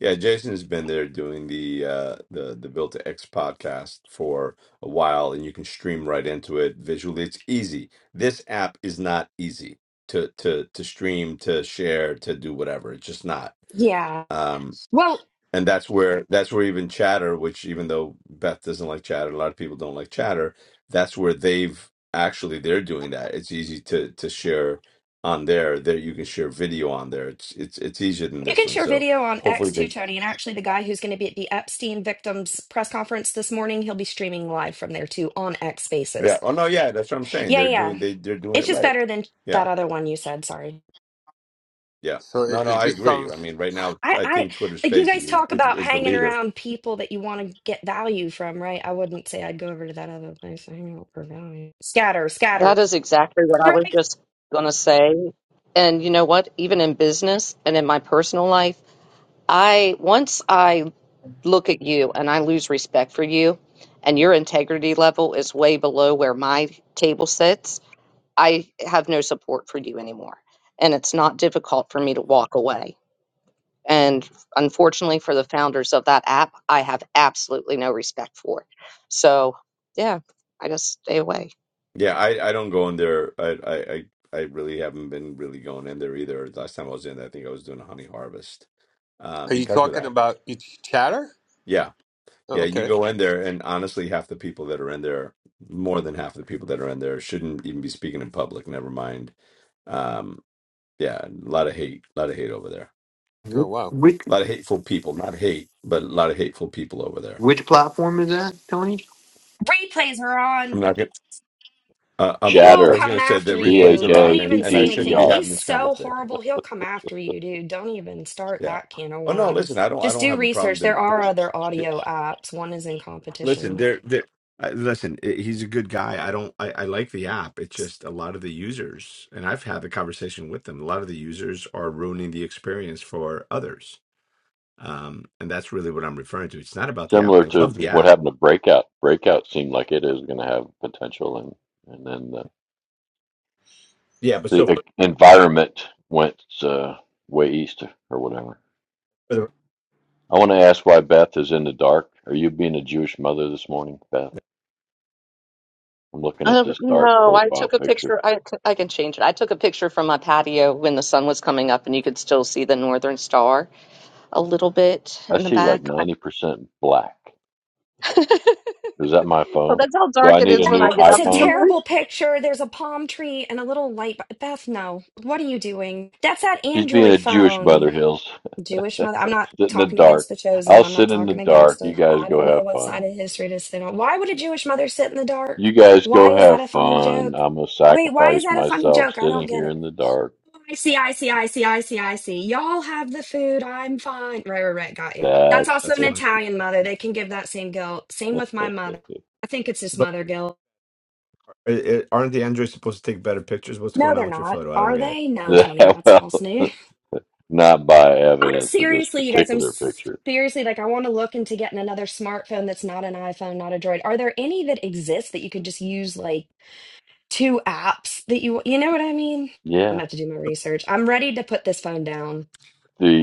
Speaker 6: Yeah, Jason's been there doing the uh the the Built to X podcast for a while and you can stream right into it visually. It's easy. This app is not easy to to to stream, to share, to do whatever. It's just not.
Speaker 12: Yeah.
Speaker 6: Um,
Speaker 12: Well,
Speaker 6: and that's where that's where even chatter which even though beth doesn't like chatter a lot of people don't like chatter that's where they've actually they're doing that it's easy to to share on there there you can share video on there it's it's it's easier than
Speaker 12: you
Speaker 6: this
Speaker 12: can
Speaker 6: one
Speaker 12: share
Speaker 6: so
Speaker 12: video on
Speaker 6: hopefully
Speaker 12: X too,
Speaker 6: they
Speaker 12: Tony. And actually, the guy who's going to be at the Epstein victims press conference this morning, he'll be streaming live from there too on X
Speaker 6: yeah
Speaker 12: Spaces.
Speaker 6: oh no yeah that's what i'm saying
Speaker 12: Yeah.
Speaker 6: they're
Speaker 12: Yeah.
Speaker 6: doing they they're doing
Speaker 12: It's
Speaker 6: it
Speaker 12: just
Speaker 6: right
Speaker 12: better than
Speaker 6: yeah
Speaker 12: that other one you said. Sorry.
Speaker 6: yeah
Speaker 11: So it,
Speaker 6: no no
Speaker 11: it
Speaker 6: i
Speaker 11: just
Speaker 6: agree i
Speaker 11: sounds
Speaker 6: mean right now
Speaker 12: I,
Speaker 6: i
Speaker 12: I
Speaker 6: think twitter
Speaker 12: like you
Speaker 6: Spaces
Speaker 12: guys
Speaker 6: is
Speaker 12: talk
Speaker 6: is,
Speaker 12: about
Speaker 6: is the
Speaker 12: hanging
Speaker 6: leader
Speaker 12: around people that you want to get value from, right? I wouldn't say I'd go over to that other place to hang out for value. Scatter,
Speaker 1: That
Speaker 12: scatter.
Speaker 1: is exactly what I was
Speaker 12: Right.
Speaker 1: just going to say. And you know what? Even in business and in my personal life, I once I look at you and I lose respect for you and your integrity level is way below where my table sits I have no support for you anymore. And it's not difficult for me to walk away. And unfortunately for the founders of that app, I have absolutely no respect for. So, yeah, I just stay away.
Speaker 6: Yeah, I, I don't go in there. I, I I I really haven't been really going in there either. Last time I was in, I think I was doing a honey harvest, uh,
Speaker 11: Are you
Speaker 6: because of
Speaker 11: talking
Speaker 6: that.
Speaker 11: about each chatter?
Speaker 6: Yeah,
Speaker 11: Oh,
Speaker 6: yeah. You
Speaker 11: okay.
Speaker 6: go in there, and honestly, half the people that are in there, more than half of the people that are in there, shouldn't even be speaking in public. Never mind. Um, yeah, a lot of hate, a lot of hate over there.
Speaker 11: Oh, wow.
Speaker 5: Wh- which
Speaker 6: A lot of hateful people, not hate, but a lot of hateful people over there.
Speaker 5: which platform is that
Speaker 12: Replays are
Speaker 6: I'm
Speaker 12: on.
Speaker 6: not gonna. Uh, I'm,
Speaker 12: He
Speaker 6: I
Speaker 12: will
Speaker 6: I was
Speaker 4: chatter,
Speaker 12: come
Speaker 6: going to say the
Speaker 12: after
Speaker 4: C
Speaker 6: replays
Speaker 4: H
Speaker 12: you.
Speaker 6: are
Speaker 12: Don't
Speaker 6: on,
Speaker 4: A
Speaker 6: and,
Speaker 4: T
Speaker 12: even
Speaker 6: and
Speaker 12: say
Speaker 6: I
Speaker 4: T E
Speaker 6: shouldn't
Speaker 12: anything.
Speaker 6: be
Speaker 4: R.
Speaker 12: He's
Speaker 6: having this
Speaker 12: so
Speaker 6: conversation.
Speaker 12: horrible. He'll come after you, dude. Don't even start
Speaker 6: Yeah.
Speaker 12: that can of
Speaker 6: Oh no, listen,
Speaker 12: worms.
Speaker 6: I don't I
Speaker 12: Just
Speaker 6: don't
Speaker 12: do
Speaker 6: have a problem
Speaker 12: research.
Speaker 6: there.
Speaker 12: There are
Speaker 6: There-
Speaker 12: other
Speaker 6: there-
Speaker 12: audio apps. One is in
Speaker 6: Listen,
Speaker 12: competition.
Speaker 6: there there I, listen, i- he's a good guy. I don't I, I like the app. It's just a lot of the users, and I've had the conversation with them. A lot of the users are ruining the experience for others. Um, and that's really what I'm referring to. It's not about the app.
Speaker 4: Similar
Speaker 6: I love
Speaker 4: to
Speaker 6: the
Speaker 4: what
Speaker 6: app.
Speaker 4: happened to Breakout. Breakout seemed like it is going to have potential, and and then the
Speaker 6: Yeah, but
Speaker 4: The
Speaker 6: so
Speaker 4: uh,
Speaker 6: for
Speaker 4: environment went uh, way east or whatever.
Speaker 6: for the,
Speaker 4: I want to ask why Beth is in the dark. Are you being a Jewish mother this morning, Beth? I'm looking at
Speaker 1: Um,
Speaker 4: this dark
Speaker 1: no, I
Speaker 4: profile
Speaker 1: took a
Speaker 4: picture.
Speaker 1: picture. I, c- I can change it. I took a picture from my patio when the sun was coming up, and you could still see the northern star a little bit
Speaker 4: I
Speaker 1: in the
Speaker 4: see like
Speaker 1: back.
Speaker 4: 90% black.
Speaker 1: well,
Speaker 4: Is that my phone?
Speaker 1: that's how
Speaker 4: Do
Speaker 1: dark
Speaker 4: I
Speaker 1: it
Speaker 4: need a
Speaker 1: is when
Speaker 4: new
Speaker 1: I
Speaker 12: Oh,
Speaker 1: get
Speaker 12: it's a
Speaker 1: up in the
Speaker 4: iPhone?
Speaker 1: morning.
Speaker 12: terrible picture. There's a palm tree and a little light. bu- Beth, no. What are you doing? That's that
Speaker 4: She's being
Speaker 12: Android
Speaker 4: a Jewish
Speaker 12: phone.
Speaker 4: mother, Hills.
Speaker 12: Jewish mother. I'm not
Speaker 4: sit in the
Speaker 12: talking against
Speaker 4: dark.
Speaker 12: the chosen.
Speaker 4: I'll
Speaker 12: I'm not
Speaker 4: sit in the
Speaker 12: talking against
Speaker 4: dark. You
Speaker 12: it.
Speaker 4: guys
Speaker 12: I
Speaker 4: go
Speaker 12: don't know
Speaker 4: have
Speaker 12: what
Speaker 4: fun.
Speaker 12: side of history to sit on. Why would a Jewish mother sit in the dark?
Speaker 4: You guys
Speaker 12: Why
Speaker 4: go
Speaker 12: is that
Speaker 4: have
Speaker 12: a funny
Speaker 4: fun.
Speaker 12: joke?
Speaker 4: I'm going to
Speaker 12: Wait, why is
Speaker 4: sacrifice
Speaker 12: that a funny
Speaker 4: myself
Speaker 12: joke? I don't
Speaker 4: sitting
Speaker 12: get
Speaker 4: here
Speaker 12: it.
Speaker 4: in the dark.
Speaker 12: I see, I see, I see, I see, I see. Y'all have the food. I'm fine. Right, right, right. Got you. That's
Speaker 4: That's
Speaker 12: also
Speaker 6: that's
Speaker 12: an
Speaker 6: funny.
Speaker 12: Italian mother. They can give that same guilt. Same with my mother. I think it's just mother guilt.
Speaker 6: It, it, aren't the Androids supposed to take better pictures? What's
Speaker 12: No,
Speaker 6: going
Speaker 12: they're
Speaker 6: on with your
Speaker 12: not.
Speaker 6: photo? I don't
Speaker 12: Are
Speaker 6: get it.
Speaker 12: they? No, Tony.
Speaker 4: that.
Speaker 12: That's false
Speaker 4: Well.
Speaker 12: news.
Speaker 4: not by
Speaker 12: I'm
Speaker 4: evidence of this
Speaker 12: seriously, you guys, I'm
Speaker 4: particular
Speaker 12: s-
Speaker 4: picture.
Speaker 12: seriously like, I want to look into getting another smartphone that's not an iPhone, not a Droid. Are there any that exist that you could just use like two apps that you, you know what I mean? I'm
Speaker 4: Yeah,
Speaker 12: about to do my research. I'm ready to put this phone down.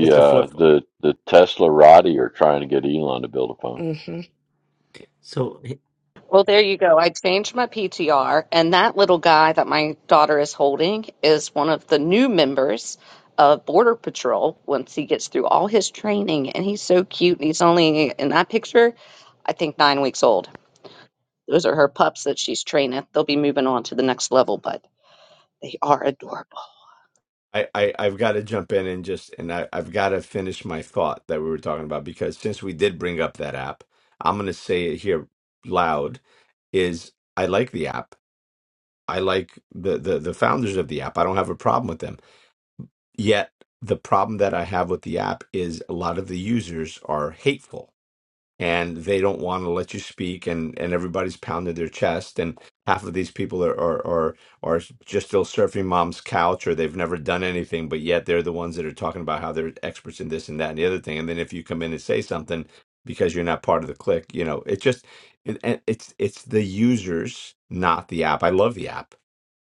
Speaker 6: It's a
Speaker 4: uh,
Speaker 6: flip phone.
Speaker 4: the the Tesla Roddy are trying to get Elon to build a phone.
Speaker 12: Mm-hmm.
Speaker 9: So
Speaker 1: Well, there you go. I changed my PTR, and that little guy that my daughter is holding is one of the new members of Border Patrol once he gets through all his training. And he's so cute. And he's only, in that picture, I think nine weeks old. Those are her pups that she's training. They'll be moving on to the next level, but they are adorable.
Speaker 6: I, I I've got to jump in and just and I I've got to finish my thought that we were talking about because since we did bring up that app, I'm going to say it here loud is I like the app. I like the the the founders of the app. I don't have a problem with them. Yet the problem that I have with the app is a lot of the users are hateful and they don't want to let you speak and and everybody's pounded their chest and half of these people are are are, are just still surfing mom's couch or they've never done anything but yet they're the ones that are talking about how they're experts in this and that and the other thing and then if you come in and say something because you're not part of the clique you know it just it, and it's it's the users not the app i love the app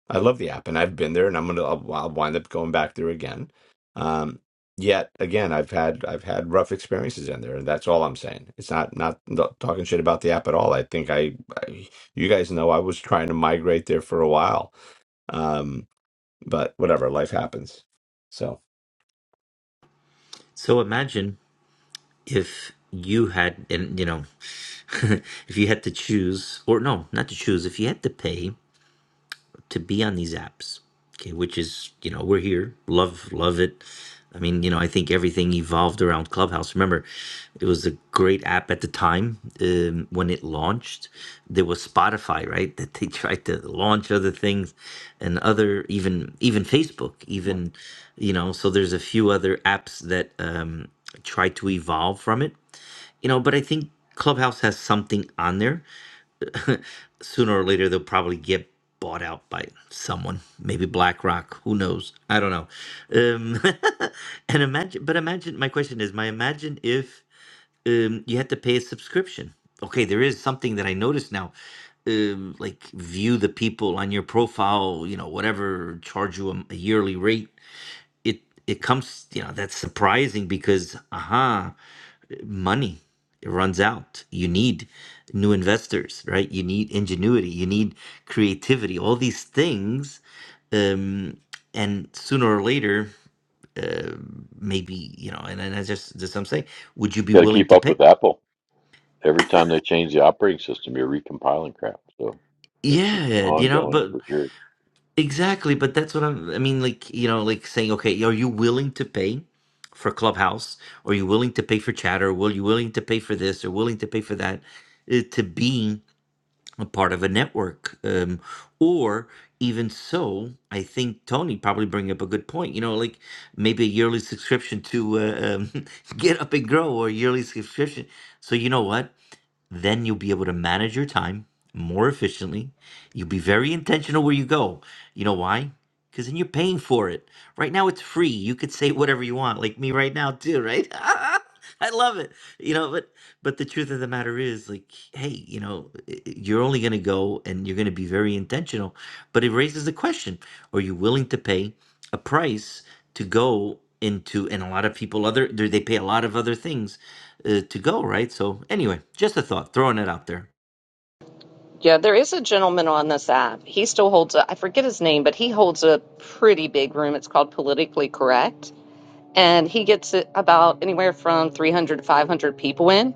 Speaker 6: I love the app, and I've been there, and I'm gonna I'll, I'll wind up going back there again. Um, yet again, I've had I've had rough experiences in there, and that's all I'm saying. It's not not not talking shit about the app at all. I think I, I you guys know I was trying to migrate there for a while, um, but whatever, life happens. So
Speaker 9: so imagine if you had and you know if you had to choose or no not to choose if you had to pay to be on these apps okay which is you know we're here love love it i mean you know i think everything evolved around clubhouse remember it was a great app at the time um, when it launched there was spotify right that they tried to launch other things and other even even facebook even you know so there's a few other apps that um try to evolve from it you know, but I think Clubhouse has something on there. Sooner or later, they'll probably get bought out by someone, maybe BlackRock. Who knows? I don't know. Um, and imagine, but imagine. My question is, my imagine if um, you had to pay a subscription. Okay, there is something that I noticed now. Um, like view the people on your profile, you know, whatever, charge you a, a yearly rate. It it comes, you know, that's surprising because aha, money it runs out you need new investors right you need ingenuity you need creativity all these things um and sooner or later uh, maybe you know and, and i just just i'm saying would you
Speaker 4: You
Speaker 9: be
Speaker 4: got to
Speaker 9: willing
Speaker 4: keep
Speaker 9: to
Speaker 4: up
Speaker 9: pay
Speaker 4: with Apple. Every time they change the operating system, you're recompiling crap. So it's just
Speaker 9: yeah you know
Speaker 4: ongoing
Speaker 9: but
Speaker 4: for sure.
Speaker 9: exactly but that's what i'm i mean like you know like saying okay are you willing to pay for clubhouse are you willing to pay for chatter will you willing to pay for this or willing to pay for that uh, to be a part of a network. Um, or even so, I think Tony probably bring up a good point. You know, like maybe a yearly subscription to uh, um, Get Up and Grow or a yearly subscription. So you know what? then you'll be able to manage your time more efficiently. You'll be very intentional where you go. You know why? Because then you're paying for it. Right now, it's free. You could say whatever you want, like me right now, too, right? I love it. You know, but but the truth of the matter is, like, hey, you know, i- i- you're only going to go and you're going to be very intentional. But it raises the question: Are you willing to pay a price to go into? And a lot of people other they they pay a lot of other things uh, to go, right? So anyway, just a thought, throwing it out there.
Speaker 1: Yeah, there is a gentleman on this app. He still holds a, I forget his name, but he holds a pretty big room. It's called Politically Correct and he gets about anywhere from 300 to 500 people in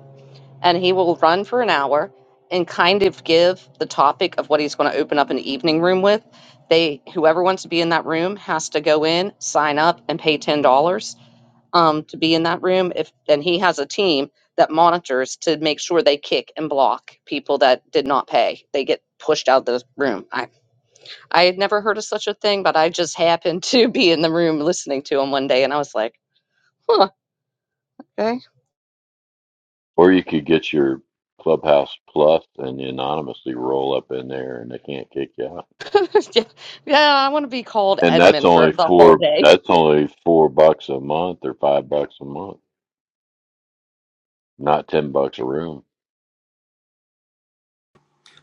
Speaker 1: and he will run for an hour and kind of give the topic of what he's going to open up an evening room with they whoever wants to be in that room has to go in sign up and pay $10 um, to be in that room if and he has a team that monitors to make sure they kick and block people that did not pay they get pushed out of the room i i had never heard of such a thing but i just happened to be in the room listening to him one day and i was like huh okay
Speaker 4: Or you could get your Clubhouse Plus and anonymously roll up in there, and they can't kick you out.
Speaker 1: yeah, yeah, I want to be called
Speaker 4: And that's
Speaker 1: Edmund for
Speaker 4: only
Speaker 1: the whole
Speaker 4: four.
Speaker 1: day.
Speaker 4: That's only four bucks a month or five bucks a month, not ten bucks a room.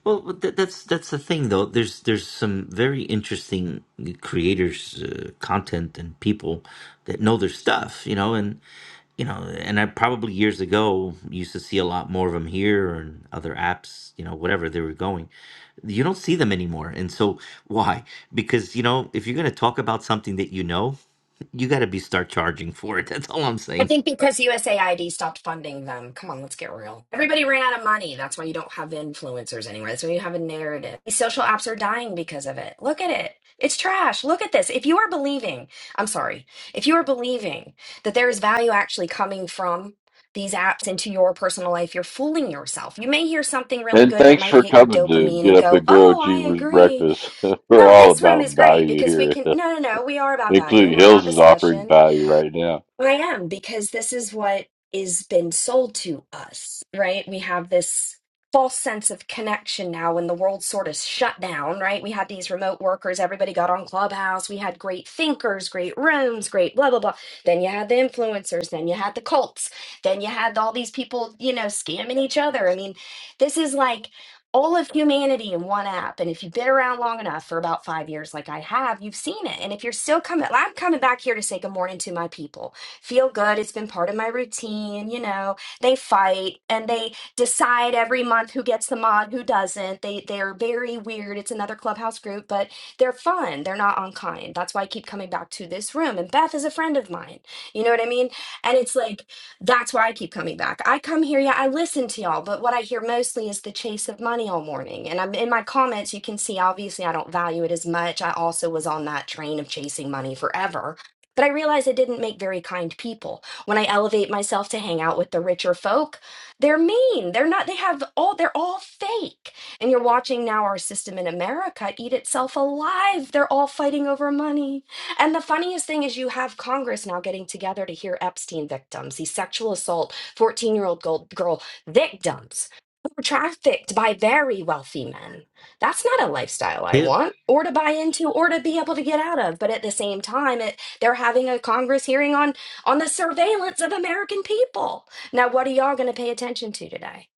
Speaker 9: Well, th- that's that's the thing, though. There's there's some very interesting creators, uh, content, and people that know their stuff, you know, and you know, and I probably years ago used to see a lot more of them here and other apps, you know, whatever they were going. You don't see them anymore, and so why? Because you know, if you're going to talk about something that you know, you got to be start charging for it. That's all I'm
Speaker 12: I
Speaker 9: saying.
Speaker 12: think because USAID stopped funding them. Come on, let's get real. Everybody ran out of money. That's why you don't have influencers anymore. That's why you have a narrative. These social apps are dying because of it. Look at it. It's trash. Look at this. If you are believing, I'm sorry, if you are believing that there is value actually coming from these apps into your personal life, you're fooling yourself. You may hear something really
Speaker 4: And
Speaker 12: good that
Speaker 4: thanks
Speaker 12: might
Speaker 4: for
Speaker 12: hit your
Speaker 4: coming to
Speaker 12: dopamine
Speaker 4: Get
Speaker 12: and
Speaker 4: Up
Speaker 12: go,
Speaker 4: and Grow
Speaker 12: oh, I
Speaker 4: Achievers
Speaker 12: agree.
Speaker 4: Breakfast. We're
Speaker 12: No,
Speaker 4: all
Speaker 12: this room is
Speaker 4: about
Speaker 12: great
Speaker 4: value
Speaker 12: because we
Speaker 4: here,
Speaker 12: can. No, no, no. We are about value.
Speaker 4: including
Speaker 12: We're about
Speaker 4: Hills is offering
Speaker 12: discussion
Speaker 4: value right now.
Speaker 12: I am because this is what is been sold to us, right? We have this false sense of connection now when the world sort of shut down, right? We had these remote workers, everybody got on Clubhouse, we had great thinkers, great rooms, great blah blah blah. Then you had the influencers, then you had the cults, then you had all these people, you know, scamming each other. I mean, this is like all of humanity in one app. And if you've been around long enough for about five years, like I have, you've seen it. And if you're still coming, I'm coming back here to say good morning to my people feel good. It's been part of my routine. You know, they fight and they decide every month who gets the mod, who doesn't. They they're very weird. It's another clubhouse group, but they're fun. They're not unkind. That's why I keep coming back to this room. And Beth is a friend of mine. You know what I mean? And it's like that's why I keep coming back. I come here, yeah, I listen to y'all, but what I hear mostly is the chase of money all morning. And I'm in my comments, you can see obviously I don't value it as much. I also was on that train of chasing money forever but I realized it didn't make very kind people. When I elevate myself to hang out with the richer folk, they're mean. They're not, they have all, they're all fake. And you're watching now our system in America eat itself alive. They're all fighting over money. And the funniest thing is you have Congress now getting together to hear Epstein victims, these sexual assault 14 year old girl victims who were trafficked by very wealthy men that's not a lifestyle I want or to buy into or to be able to get out of. But at the same time, it they're having a Congress hearing on on the surveillance of American people. Now, what are y'all going to pay attention to today?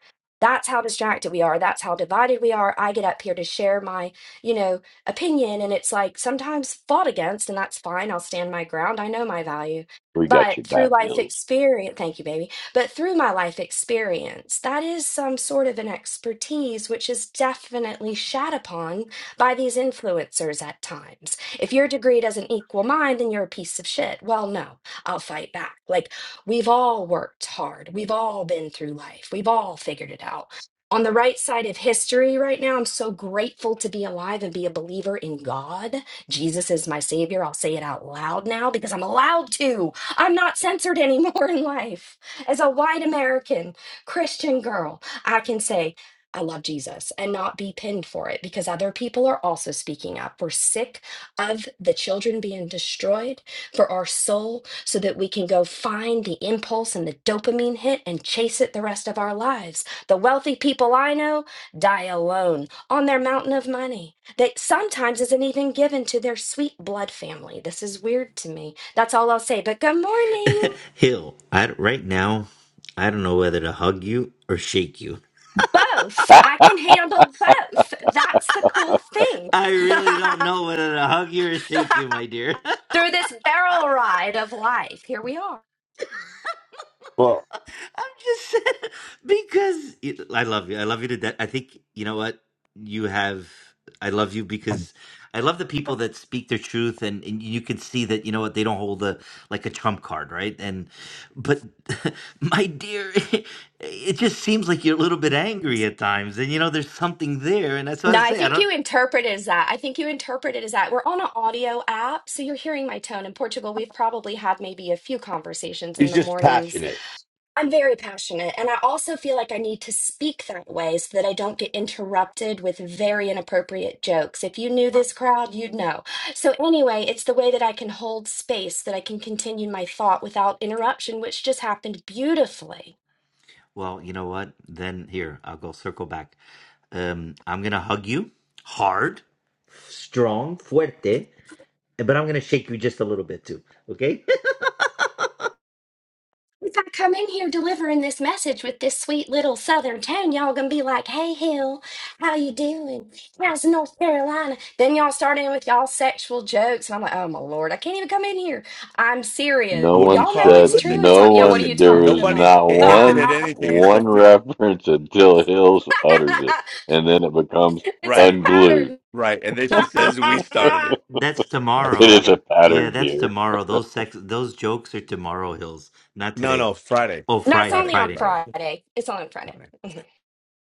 Speaker 12: That's how distracted we are. That's how divided we are. I get up here to share my, you know, opinion, and it's like sometimes fought against, and that's fine. I'll stand my ground. I know my value.
Speaker 4: We got
Speaker 12: But
Speaker 4: your
Speaker 12: through
Speaker 4: back,
Speaker 12: life
Speaker 4: Hills.
Speaker 12: experience, thank you, baby. But through my life experience, that is some sort of an expertise which is definitely shat upon by these influencers at times if your degree doesn't equal mine, then you're a piece of shit. Well, no, I'll fight back. Like, we've all worked hard. We've all been through life. We've all figured it out. On the right side of history right now, I'm so grateful to be alive and be a believer in God. Jesus is my savior. I'll say it out loud now because I'm allowed to. I'm not censored anymore in life. As a white American Christian girl, I can say, I love Jesus and not be pinned for it because other people are also speaking up. We're sick of the children being destroyed for our soul so that we can go find the impulse and the dopamine hit and chase it the rest of our lives. The wealthy people I know die alone on their mountain of money that sometimes isn't even given to their sweet blood family. This is weird to me. That's all I'll say. But good morning.
Speaker 9: Hill, I, right now, I don't know whether to hug you or shake you.
Speaker 12: Both. I can handle both. That's the cool thing.
Speaker 9: I really don't know whether to hug you or shake you, my dear.
Speaker 12: Through this barrel ride of life, here we are.
Speaker 6: Well,
Speaker 9: I'm just saying, because it- I love you. I love you to death. I think you know what you have. I love you because I love the people that speak their truth, and, and you can see that you know what they don't hold a like a trump card, right? And but my dear, it just seems like you're a little bit angry at times, and you know there's something there, and that's what I
Speaker 12: No, I
Speaker 9: say. I
Speaker 12: think
Speaker 9: don't.
Speaker 12: you interpret it as that. I think you interpret it as that. We're on an audio app, so you're hearing my tone. In Portugal, we've probably had maybe a few conversations in
Speaker 6: he's
Speaker 12: the
Speaker 6: just
Speaker 12: mornings.
Speaker 6: passionate.
Speaker 12: I'm very passionate, and I also feel like I need to speak that way so that I don't get interrupted with very inappropriate jokes. If you knew this crowd, you'd know. So, anyway, it's the way that I can hold space, that I can continue my thought without interruption, which just happened beautifully.
Speaker 9: Well, you know what? Then here, I'll go circle back. Um, I'm gonna hug you hard, strong, fuerte, but I'm gonna shake you just a little bit too. Okay?
Speaker 12: If I come in here delivering this message with this sweet little southern tone, y'all gonna be like, "Hey, Hill, how you doing? How's North Carolina?" Then y'all start in with y'all sexual jokes, and I'm like, "Oh my lord, I can't even come in here. I'm serious.
Speaker 4: No
Speaker 6: What
Speaker 4: one
Speaker 12: Y'all know
Speaker 4: said,
Speaker 12: it's
Speaker 6: is
Speaker 12: true.
Speaker 6: it?
Speaker 12: It's
Speaker 4: no
Speaker 12: on. Yeah,
Speaker 6: Was
Speaker 12: what are you
Speaker 4: one, there
Speaker 12: talking
Speaker 4: was
Speaker 6: he
Speaker 12: about?
Speaker 4: not one,
Speaker 6: anything?
Speaker 4: one reference until Hills utters it. And then it becomes
Speaker 12: it's a
Speaker 6: Right,
Speaker 4: unglued.
Speaker 12: pattern."
Speaker 6: right. And then she says we
Speaker 4: it
Speaker 6: started it.
Speaker 9: that's
Speaker 6: That's
Speaker 9: tomorrow.
Speaker 4: is a
Speaker 6: funny.
Speaker 9: Yeah,
Speaker 4: pattern,
Speaker 9: that's
Speaker 4: dear.
Speaker 9: tomorrow. Those sex, those jokes are tomorrow, Hills, not
Speaker 6: no,
Speaker 9: today.
Speaker 6: no, Friday,
Speaker 9: Oh,
Speaker 12: No, it's
Speaker 9: Friday,
Speaker 12: only
Speaker 6: Friday,
Speaker 12: on
Speaker 9: Friday.
Speaker 6: Friday.
Speaker 12: Friday. It's only on Friday.
Speaker 6: Friday.
Speaker 12: Mhm.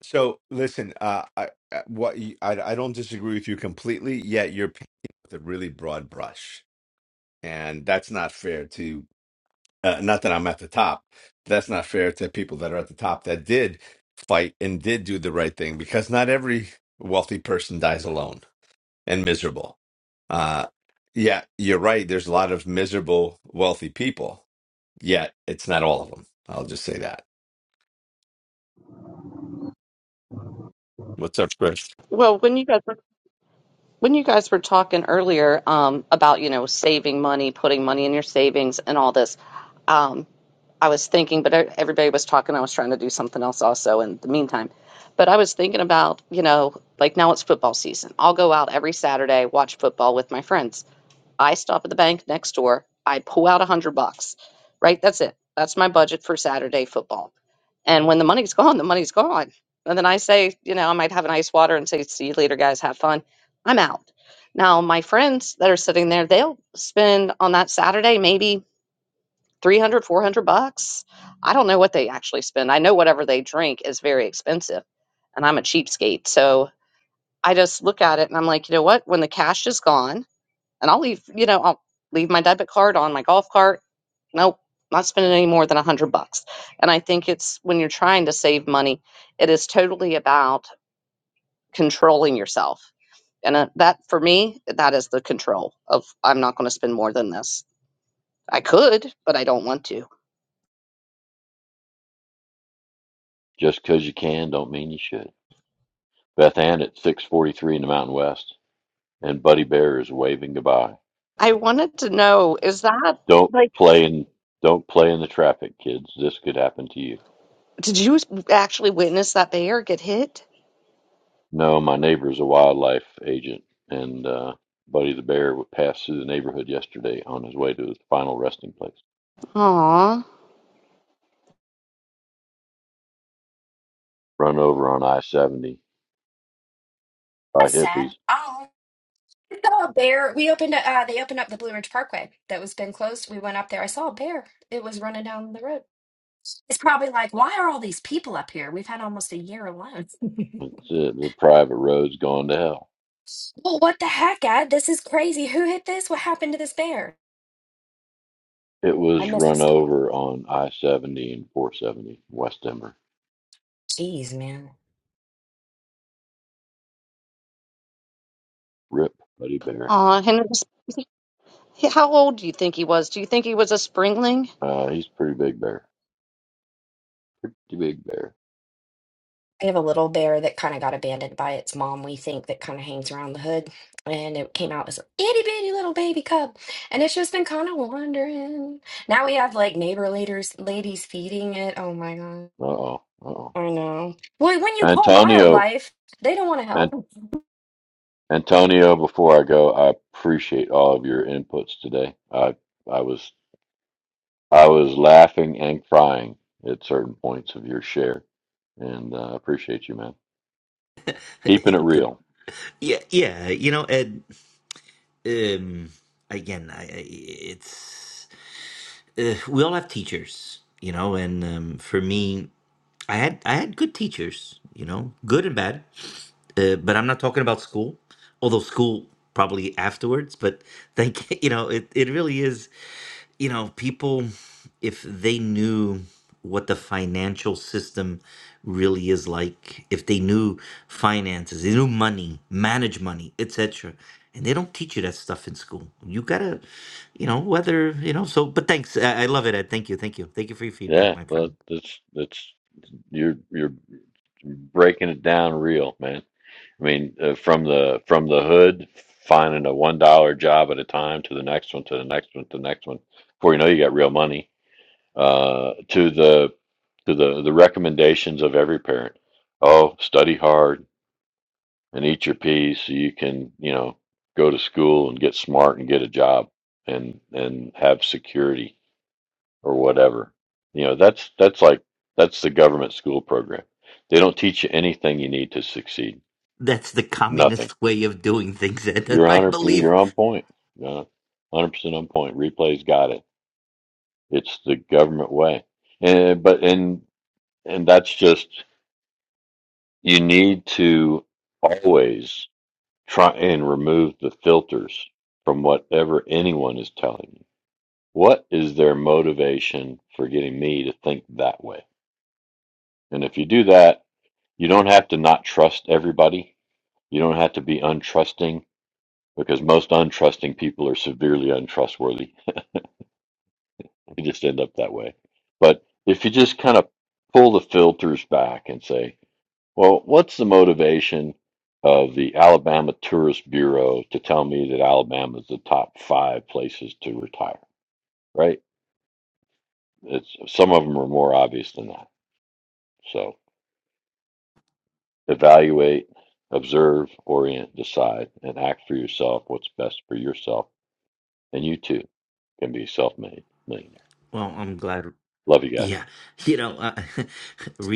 Speaker 6: So listen, uh, I, I what you, I I don't disagree with you completely. Yet you're painting with a really broad brush, and that's not fair to. Uh, not that I'm at the top. That's not fair to people that are at the top that did fight and did do the right thing, because not every wealthy person dies alone and miserable. Uh, yeah, you're right. There's a lot of miserable wealthy people. Yet it's not all of them. I'll just say that. What's up, Chris?
Speaker 1: Well, when you guys were when you guys were talking earlier um, about you know saving money, putting money in your savings, and all this, um, I was thinking, but e- everybody was talking. I was trying to do something else also in the meantime. But I was thinking about you know like now it's football season. I'll go out every Saturday watch football with my friends. I stop at the bank next door. I pull out a hundred bucks, right? That's it. That's my budget for Saturday football. And when the money's gone, the money's gone. And then I say, you know, I might have an ice water and say, see you later, guys, have fun. I'm out. Now, my friends that are sitting there, they'll spend on that Saturday maybe 300, 400 bucks. I don't know what they actually spend. I know whatever they drink is very expensive. And I'm a cheapskate. So I just look at it and I'm like, you know what? When the cash is gone, and I'll leave, you know, I'll leave my debit card on my golf cart. Nope, not spending any more than a hundred bucks. And I think it's when you're trying to save money, it is totally about controlling yourself. And uh, that for me, that is the control of I'm not going to spend more than this. I could, but I don't want to.
Speaker 4: Just 'cause you can don't mean you should. Beth Ann at 643 in the Mountain West. And Buddy Bear is waving goodbye.
Speaker 1: I wanted to know is that
Speaker 4: Don't
Speaker 1: like,
Speaker 4: play in don't play in the traffic, kids. This could happen to you.
Speaker 1: did you actually witness that bear get hit?
Speaker 4: No, my neighbor's a wildlife agent, and uh, Buddy the bear would pass through the neighborhood yesterday on his way to his final resting place.
Speaker 1: Aw,
Speaker 4: Run over on I seventy by
Speaker 12: That's
Speaker 4: hippies.
Speaker 12: sad. Oh, I saw a bear. We opened. Uh, they opened up the Blue Ridge Parkway that was been closed. We went up there. I saw a bear. It was running down the road. It's probably like, why are all these people up here? We've had almost a year alone. well,
Speaker 4: It's, uh, the private road's gone to hell.
Speaker 12: what the heck, Ed? This is crazy. Who hit this? What happened to this bear?
Speaker 4: It
Speaker 12: I
Speaker 4: was
Speaker 12: miss the
Speaker 4: run
Speaker 12: star.
Speaker 4: over on I seventy and four seventy West Denver.
Speaker 12: Jeez, man.
Speaker 4: Rip, Buddy Bear.
Speaker 1: aw, Henry, how old do you think he was? Do you think he was a springling?
Speaker 4: Uh, he's a pretty big bear. Pretty big bear.
Speaker 12: We have a little bear that kind of got abandoned by its mom, we think, that kind of hangs around the hood. And it came out as a itty bitty little baby cub. And it's just been kind of wandering. Now we have like neighbor leaders, ladies feeding it. Oh my God.
Speaker 4: Uh oh. Uh oh.
Speaker 12: I know. Well, when you call
Speaker 4: Antonio.
Speaker 12: wildlife, they don't want to help.
Speaker 4: Antonio, before I go, I appreciate all of your inputs today. I I was I was laughing and crying at certain points of your share, and uh, I appreciate you, man. Keeping it real.
Speaker 9: yeah, yeah. You know, Ed. Um, again, I, I it's uh, we all have teachers, you know, and um, for me, I had I had good teachers, you know, good and bad uh, but I'm not talking about school, although school probably afterwards. But thank you know, it, it really is, you know, people, if they knew what the financial system really is like, if they knew finances, they knew money, manage money, etc. And they don't teach you that stuff in school. You gotta, you know, whether, you know, so, but thanks. I, I love it, Ed. Thank you. Thank you. Thank you for your feedback,
Speaker 4: Yeah,
Speaker 9: my
Speaker 4: but
Speaker 9: friend.
Speaker 4: that's that's you're you're breaking it down real, man. I mean, uh, from the from the hood, finding a one dollar job at a time to the next one, to the next one, to the next one. Before you know, it, you got real money uh, to the to the the recommendations of every parent. Oh, study hard and eat your peas so you can you know go to school and get smart and get a job and and have security or whatever. You know that's that's like that's the government school program. They don't teach you anything you need to succeed.
Speaker 9: That's the
Speaker 4: Nothing.
Speaker 9: communist way of doing things, Ed,
Speaker 4: You're
Speaker 9: I
Speaker 4: hundred.
Speaker 9: believe.
Speaker 4: You're on point. Yeah, Hundred percent on point. Replay's got it. It's the government way. And but and and that's just you need to always try and remove the filters from whatever anyone is telling you. What is their motivation for getting me to think that way? And if you do that, you don't have to not trust everybody. You don't have to be untrusting because most untrusting people are severely untrustworthy. They just end up that way. But if you just kind of pull the filters back and say, Well, what's the motivation of the Alabama Tourist Bureau to tell me that Alabama is the top five places to retire? Right? It's some of them are more obvious than that. So evaluate, observe, orient, decide, and act for yourself what's best for yourself, and you too can be a self-made millionaire.
Speaker 9: Well, I'm glad.
Speaker 4: Love you guys.
Speaker 9: Yeah, you know, uh,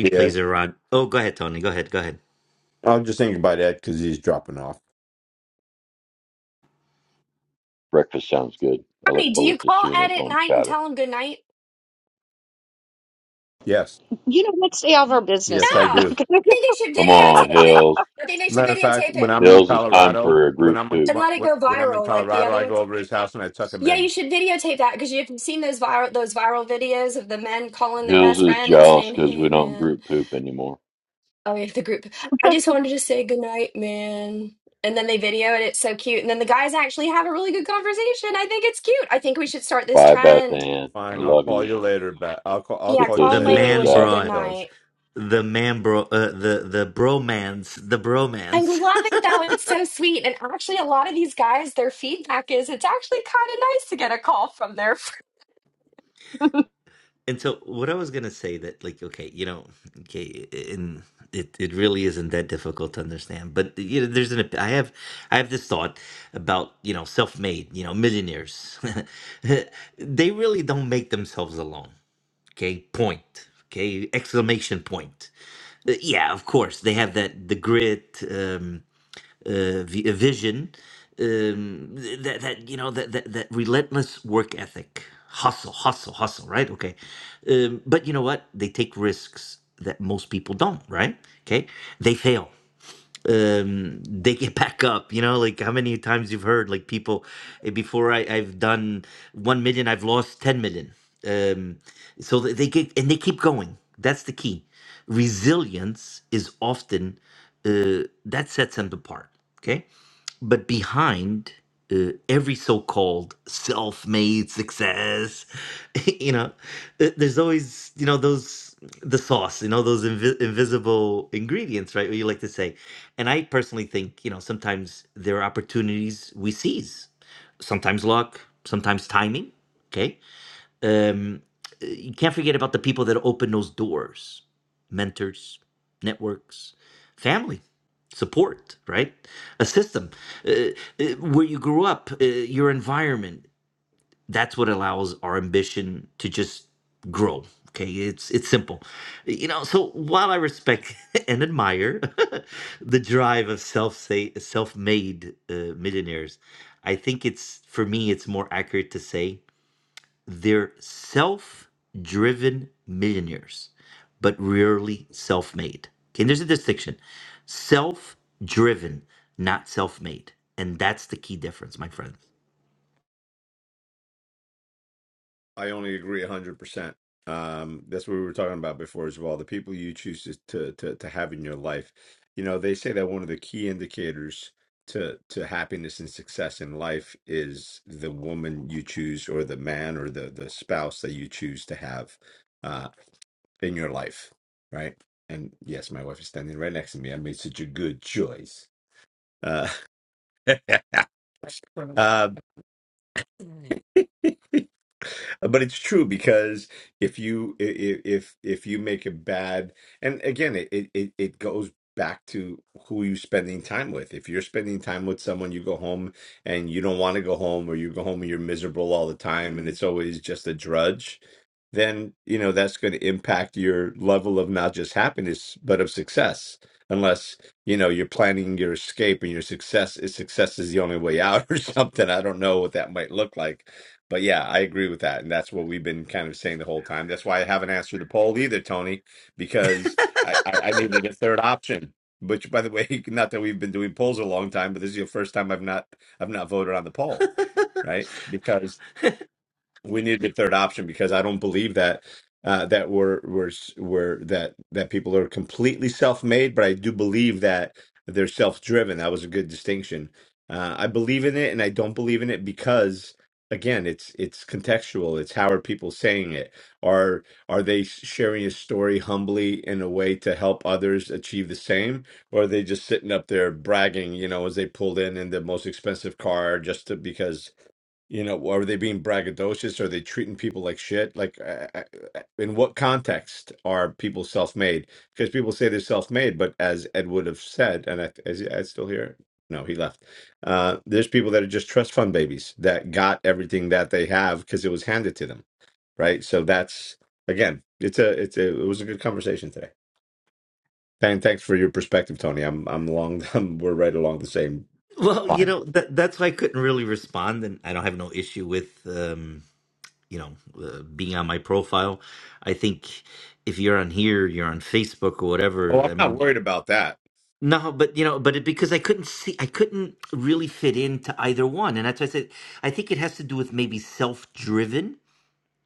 Speaker 6: Yeah,
Speaker 9: are on. Oh, go ahead, Tony. Go ahead. Go ahead.
Speaker 6: I'm just thinking about that because he's dropping off.
Speaker 4: Breakfast sounds good. I
Speaker 12: Bernie,
Speaker 4: look
Speaker 12: do you
Speaker 4: forward to
Speaker 12: call
Speaker 4: seeing
Speaker 12: Ed
Speaker 4: it
Speaker 12: at
Speaker 4: on
Speaker 12: night and
Speaker 4: Chatter.
Speaker 12: tell him good night?
Speaker 6: Yes,
Speaker 1: You know, let's stay out
Speaker 12: No,
Speaker 1: of our business,
Speaker 6: yes, I
Speaker 1: Hill.
Speaker 12: I
Speaker 1: Not
Speaker 6: do.
Speaker 1: gonna get
Speaker 12: think they should
Speaker 4: Come on,
Speaker 12: videotape it.
Speaker 4: Hills.
Speaker 12: I think they should
Speaker 6: Matter of fact,
Speaker 12: videotape it
Speaker 6: when I'm in
Speaker 4: Hills, it's time
Speaker 6: Colorado,
Speaker 4: for a
Speaker 6: when
Speaker 4: group
Speaker 6: I'm in,
Speaker 4: poop.
Speaker 12: and
Speaker 6: wh-
Speaker 12: let it go
Speaker 6: wh- when I'm in
Speaker 12: viral like the
Speaker 6: Colorado,
Speaker 12: other
Speaker 6: I go
Speaker 12: ones.
Speaker 6: over to his house and I tuck him
Speaker 12: Yeah, you
Speaker 6: in.
Speaker 12: should videotape that because you've seen those viral those viral videos of the men calling their
Speaker 4: Jules
Speaker 12: best
Speaker 4: is
Speaker 12: friend and
Speaker 4: jealous
Speaker 12: saying,
Speaker 4: because
Speaker 12: "Hey,
Speaker 4: we don't
Speaker 12: man."
Speaker 4: group poop anymore.
Speaker 12: Oh, yeah, the group. I just wanted to say goodnight, man. And then they video it. It's so cute. And then the guys actually have a really good conversation. I think it's cute. I think we should start this
Speaker 4: Bye, Beth
Speaker 12: trend.
Speaker 4: Ann. I
Speaker 6: Fine, I'll
Speaker 4: love
Speaker 6: call
Speaker 4: you.
Speaker 6: you later, but I'll call I'll
Speaker 12: Yeah,
Speaker 4: Get
Speaker 6: call you
Speaker 4: those
Speaker 12: call
Speaker 9: The
Speaker 12: him later and
Speaker 6: later.
Speaker 4: stitches
Speaker 9: man
Speaker 12: wish
Speaker 4: out.
Speaker 12: him good
Speaker 9: brought
Speaker 12: night.
Speaker 6: Hills.
Speaker 9: the man bro uh, the the bromance the
Speaker 12: I
Speaker 9: bromance.
Speaker 12: love it though. It's so sweet. And actually, a lot of these guys, their feedback is it's actually kind of nice to get a call from their friend.
Speaker 9: and so, what I was gonna say that like, okay, you know, okay, and it it really isn't that difficult to understand. But you know, there's an op- I have I have this thought about you know self made you know millionaires. they really don't make themselves alone. Okay, point. Okay, exclamation point Uh, yeah, of course, they have that the grit um, uh, vi- uh, vision, um, th- that that you know that, that that relentless work ethic, hustle, hustle, hustle, right? Okay, um, but you know what? They take risks that most people don't, right? Okay, they fail um they get back up you know like how many times you've heard like people eh, before I, i've done 1 million i've lost 10 million um so th- they get and they keep going that's the key resilience is often uh, that sets them apart okay but behind uh, every so called self made success, you know, th- there's always, you know, those, the sauce, you know, those invi- invisible ingredients, right? What you like to say. And I personally think, you know, sometimes there are opportunities we seize, sometimes luck, sometimes timing. Okay. Um, uh, you can't forget about the people that open those doors mentors, networks, family, support, right? A system. Uh, uh, where you grew up, uh, your environment, that's what allows our ambition to just grow. Okay, it's it's simple. You know, so while I respect and admire the drive of self say self-made uh, millionaires, I think it's for me it's more accurate to say they're self driven millionaires, but rarely self made. Okay, and there's a distinction self driven, not self made. And that's the key difference, my friend.
Speaker 6: I only agree hundred percent. Um, that's what we were talking about before as well. The people you choose to, to to to have in your life. You know, they say that one of the key indicators to to happiness and success in life is the woman you choose, or the man, or the the spouse that you choose to have. uh, in your life, right? And yes, my wife is standing right next to me. I made such a good choice. Uh, uh, but it's true because if you i- i- if if you make a bad and again it it it it goes back to who you're spending time with if you're spending time with someone you go home and you don't want to go home or you go home and you're miserable all the time and it's always just a drudge then you know that's going to impact your level of not just happiness but of success unless you know you're planning your escape and your success is success is the only way out or something i don't know what that might look like but yeah, I agree with that. And that's what we've been kind of saying the whole time. That's why I haven't answered the poll either, Tony, because I, I, I needed a third option. Which by the way, not that we've been doing polls a long time, but this is the first time I've not I've not voted on the poll, right? Because we need the third option because I don't believe that uh, that we're we're we're that that people are completely self-made, but I do believe that they're self-driven. That was a good distinction. Uh, I believe in it, and I don't believe in it because again, it's it's contextual. It's how are people saying it? Are are they sharing a story humbly in a way to help others achieve the same, or are they just sitting up there bragging? You know, as they pulled in in the most expensive car just to, because you know, are they being braggadocious? Are they treating people like shit? Like, I, I, I- in what context are people self-made? Because people say they're self-made, but as Ed would have said, and I, is he- Ed still here? No, he left. Uh, there's people that are just trust fund babies that got everything that they have because it was handed to them, right? So that's again, it's a, it's a, it was a good conversation today. Thank, thanks for your perspective, Tony. I'm, I'm along, I'm, we're right along the same
Speaker 9: Well, you
Speaker 6: line.
Speaker 9: know, that, that's why I couldn't really respond. And I don't have no issue with, um, you know, uh, being on my profile. I think if you're on here, you're on Facebook or
Speaker 6: Oh,
Speaker 9: whatever.
Speaker 6: I'm
Speaker 9: I
Speaker 6: not
Speaker 9: mean,
Speaker 6: worried about that.
Speaker 9: No, but you know, but it, because I couldn't see, I couldn't really fit into either one, and that's why I said I think it has to do with maybe self-driven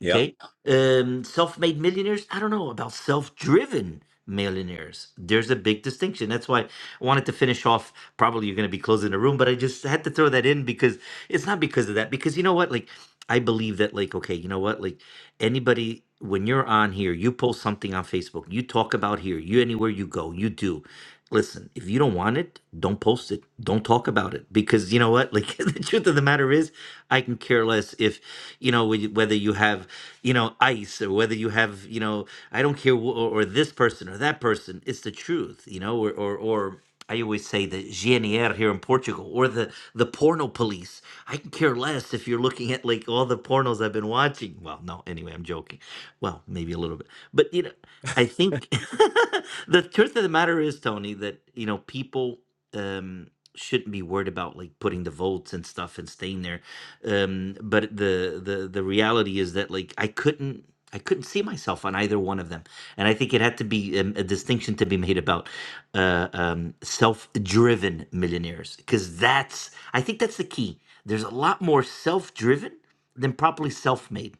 Speaker 6: Yep,
Speaker 9: Okay. Um, self-made millionaires. I don't know about self-driven millionaires. There's a big distinction. That's why I wanted to finish off. Probably you're going to be closing the room, but I just had to throw that in because it's not because of that. Because you know what? Like, I believe that, like, okay, you know what? Like, anybody, when you're on here, you post something on Facebook, you talk about here, you anywhere you go, you do. Listen, if you don't want it, don't post it. Don't talk about it. Because you know what? Like, the truth of the matter matter is, I can care less if, you know, whe- whether you have, you know, ICE or whether you have, you know, I don't care, wh- or, or this person or that person. It's the truth, you know, or, or, or I always say the GNR here in Portugal or the, the porno police. I can care less if you're looking at like all the pornos I've been watching. Well, no, anyway, I'm joking. Well, maybe a little bit. But, you know, I think the truth of the matter is, Tony, that, you know, people um shouldn't be worried about like putting the volts and stuff and staying there um but the the the reality is that like i couldn't i couldn't see myself on either one of them and i think it had to be um, a distinction to be made about uh um self-driven millionaires because that's i think that's the key there's a lot more self-driven than properly self-made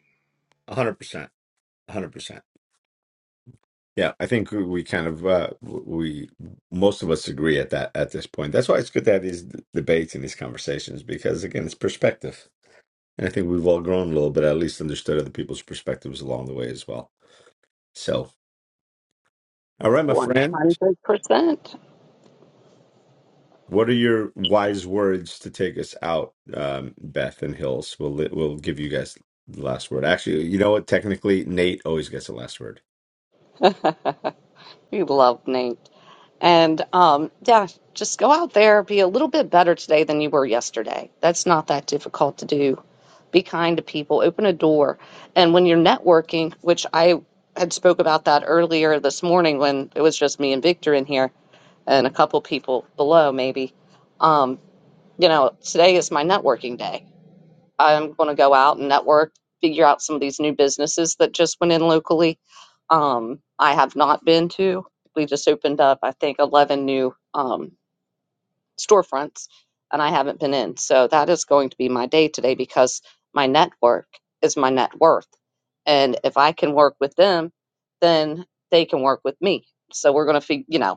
Speaker 6: 100%. 100%. Yeah, I think we kind of uh, we most of us agree at that at this point. That's why it's good to have these d- debates and these conversations because again, it's perspective, and I think we've all grown a little bit, at least understood other people's perspectives along the way as well. So, all right, my
Speaker 1: one
Speaker 6: friend,
Speaker 1: hundred percent.
Speaker 6: what are your wise words to take us out, um, Beth and Hills? We'll li- we'll give you guys the last word. Actually, you know what? Technically, Nate always gets the last word.
Speaker 1: You love Nate, and um, yeah, just go out there, be a little bit better today than you were yesterday. That's not that difficult to do. Be kind to people, open a door, and when you're networking, which I had spoke about that earlier this morning when it was just me and Victor in here and a couple people below, maybe. Um, you know, today is my networking day I'm going to go out and network, figure out some of these new businesses that just went in locally. Um, I have not been to. We just opened up, I think, 11 new um, storefronts, and I haven't been in. So that is going to be my day today because my network is my net worth. And if I can work with them, then they can work with me. So we're going to, you know,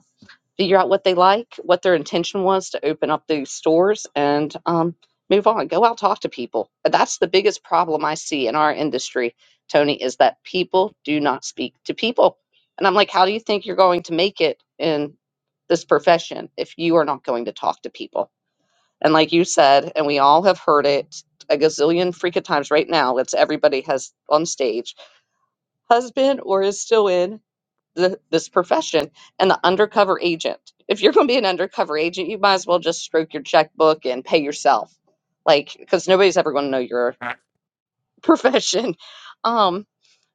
Speaker 1: figure out what they like, what their intention was to open up these stores, and um, move on. Go out, talk to people. That's the biggest problem I see in our industry, Tony, is that people do not speak to people. And I'm like, how do you think you're going to make it in this profession if you are not going to talk to people? And like you said, and we all have heard it a gazillion freaking times right now, it's everybody has on stage, husband or is still in th- this profession and the undercover agent. If you're going to be an undercover agent, you might as well just stroke your checkbook and pay yourself, like because nobody's ever going to know your profession. Um,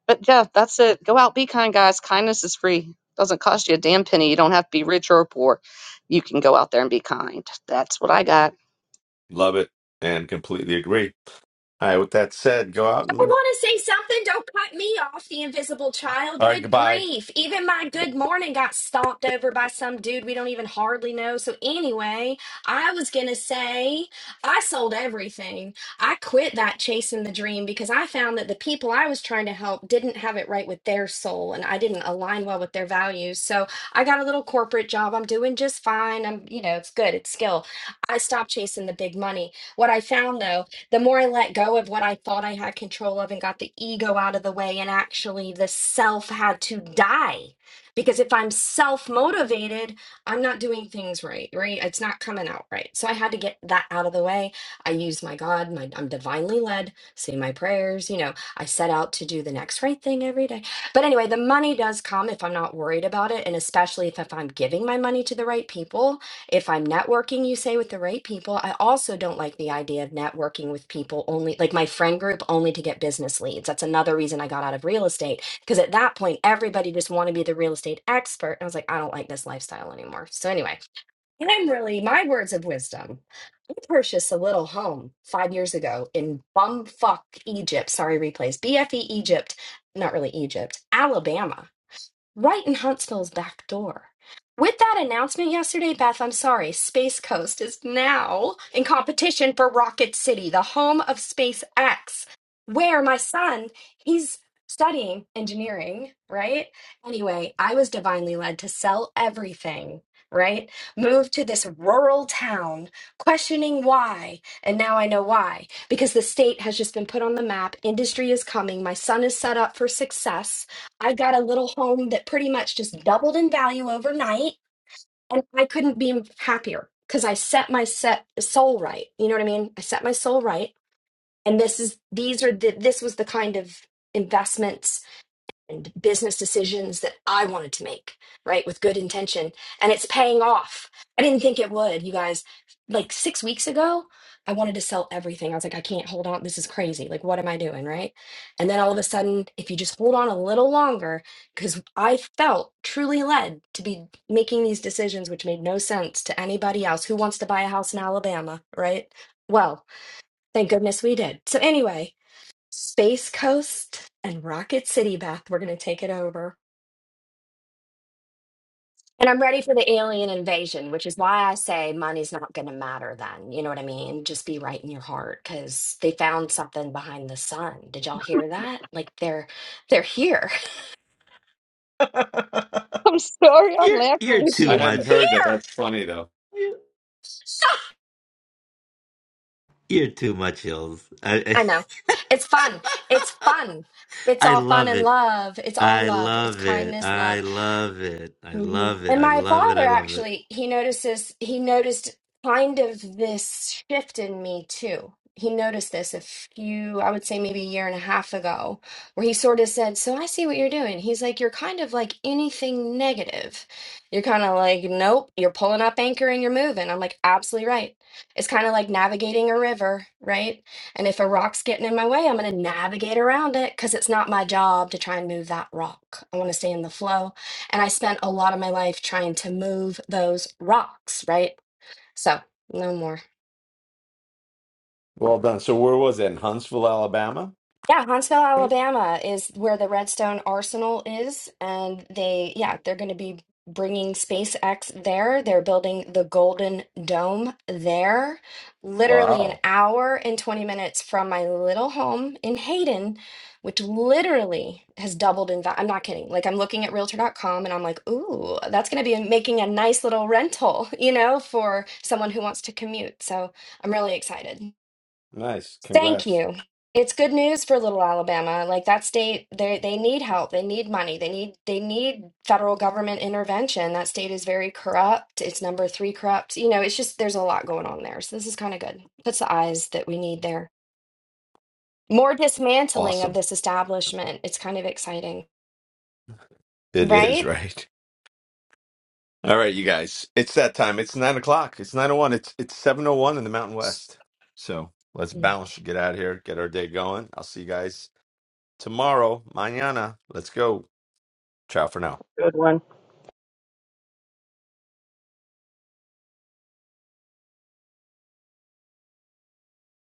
Speaker 1: but yeah, that's it. Go out, be kind, guys. Kindness is free. Doesn't cost you a damn penny. You don't have to be rich or poor. You can go out there and be kind. That's what I got.
Speaker 6: Love it and completely agree. All right, with that said, go out
Speaker 12: I
Speaker 6: and
Speaker 12: want to say something. Don't cut me off, the invisible child.
Speaker 6: all right,
Speaker 12: Good
Speaker 6: goodbye.
Speaker 12: grief. Even my good morning got stomped over by some dude we don't even hardly know. So, anyway, I was going to say I sold everything. I quit that chasing the dream because I found that the people I was trying to help didn't have it right with their soul and I didn't align well with their values. So, I got a little corporate job. I'm doing just fine. I'm, you know, it's good, it's skill. I stopped chasing the big money. What I found though, the more I let go of what I thought I had control of and got the ego out of the way, and actually the self had to die. Because if I'm self motivated, I'm not doing things right, right? It's not coming out right. So I had to get that out of the way. I use my God, my, I'm divinely led, say my prayers, you know, I set out to do the next right thing every day. But anyway, the money does come if I'm not worried about it. And especially if, if I'm giving my money to the right people if I'm networking, you say, with the right people, I also don't like the idea of networking with people only, like my friend group, only to get business leads. That's another reason I got out of real estate because at that point, everybody just wanted to be the real estate expert. And I was like, I don't like this lifestyle anymore. So, anyway, I'm really, my words of wisdom. I purchased a little home five years ago in bumfuck Egypt. Sorry, replays. BFE Egypt, not really Egypt, Alabama right in Huntsville's back door. With that announcement yesterday, Beth, I'm sorry, Space Coast is now in competition for Rocket City, the home of SpaceX, where my son, he's studying engineering, right? Anyway, I was divinely led to sell everything, right? Move to this rural town, questioning why. And now I know why. Because the state has just been put on the map, industry is coming, my son is set up for success I got a little home that pretty much just doubled in value overnight, and I couldn't be happier because I set my set soul right. You know what I mean? I set my soul right, and this is these are the this was the kind of investments and business decisions that I wanted to make, right, with good intention. And it's paying off. I didn't think it would, you guys. Like six weeks ago, I wanted to sell everything. I was like, I can't hold on. This is crazy. Like, what am I doing, right? And then all of a sudden, if you just hold on a little longer, because I felt truly led to be making these decisions, which made no sense to anybody else who wants to buy a house in Alabama, right? Well, thank goodness we did. So, anyway, Space Coast and Rocket City, Beth. We're going to take it over. And I'm ready for the alien invasion, which is why I say money's not going to matter then. You know what I mean? Just be right in your heart because they found something behind the sun. Did y'all hear that? Like they're they're here.
Speaker 9: you're you're too
Speaker 6: I
Speaker 1: You.
Speaker 9: much
Speaker 6: hadn't heard that.
Speaker 12: Here.
Speaker 6: That's funny though.
Speaker 9: you're, you're too much hills I, I
Speaker 12: I know. It's fun. It's fun. It's
Speaker 9: I
Speaker 12: all fun
Speaker 9: love
Speaker 12: and
Speaker 9: it
Speaker 12: love. It's all
Speaker 9: I
Speaker 12: love. It's
Speaker 9: love it.
Speaker 12: kindness, love.
Speaker 9: I love it. I
Speaker 12: hmm
Speaker 9: love it.
Speaker 12: And
Speaker 9: I
Speaker 12: my
Speaker 9: love it.
Speaker 12: father
Speaker 9: I love it.
Speaker 12: actually, he notices, he noticed kind of this shift in me too. He noticed this a few, I would say maybe a year and a half ago, where he sort of said, So I see what you're doing. He's like, You're kind of like anything negative. You're kind of like, Nope, you're pulling up anchor and you're moving. I'm like, Absolutely right. It's kind of like navigating a river, right? And if a rock's getting in my way, I'm going to navigate around it because it's not my job to try and move that rock. I want to stay in the flow. And I spent a lot of my life trying to move those rocks, right? So no more.
Speaker 6: Well done. So where was it? In Huntsville, Alabama?
Speaker 12: Yeah, Huntsville, Alabama is where the Redstone Arsenal is, and they, yeah, they're going to be bringing SpaceX there. They're building the Golden Dome there, literally an
Speaker 6: Wow.
Speaker 12: hour and 20 minutes from my little home in Hayden, which literally has doubled in value. I'm not kidding. Like I'm looking at Realtor. dot com, and I'm like, "Ooh, that's going to be making a nice little rental, you know, for someone who wants to commute." So, I'm really excited.
Speaker 6: Nice.
Speaker 12: Thank
Speaker 6: Congrats.
Speaker 12: you. It's good news for little Alabama. Like that state, they they need help. They need money. They need they need federal government intervention. That state is very corrupt. It's number three corrupt. You know, it's just there's a lot going on there. So this is kind of good. Puts the eyes that we need there. More dismantling of
Speaker 6: Awesome.
Speaker 12: this establishment. It's kind of exciting,
Speaker 6: It is,
Speaker 12: right?
Speaker 6: right? All right, you guys. It's that time. It's nine o'clock. It's nine oh one. It's it's seven oh one in the Mountain West. So let's bounce, get out of here, get our day going. I'll see you guys tomorrow. Mañana. Let's go. Ciao for now.
Speaker 1: Good one.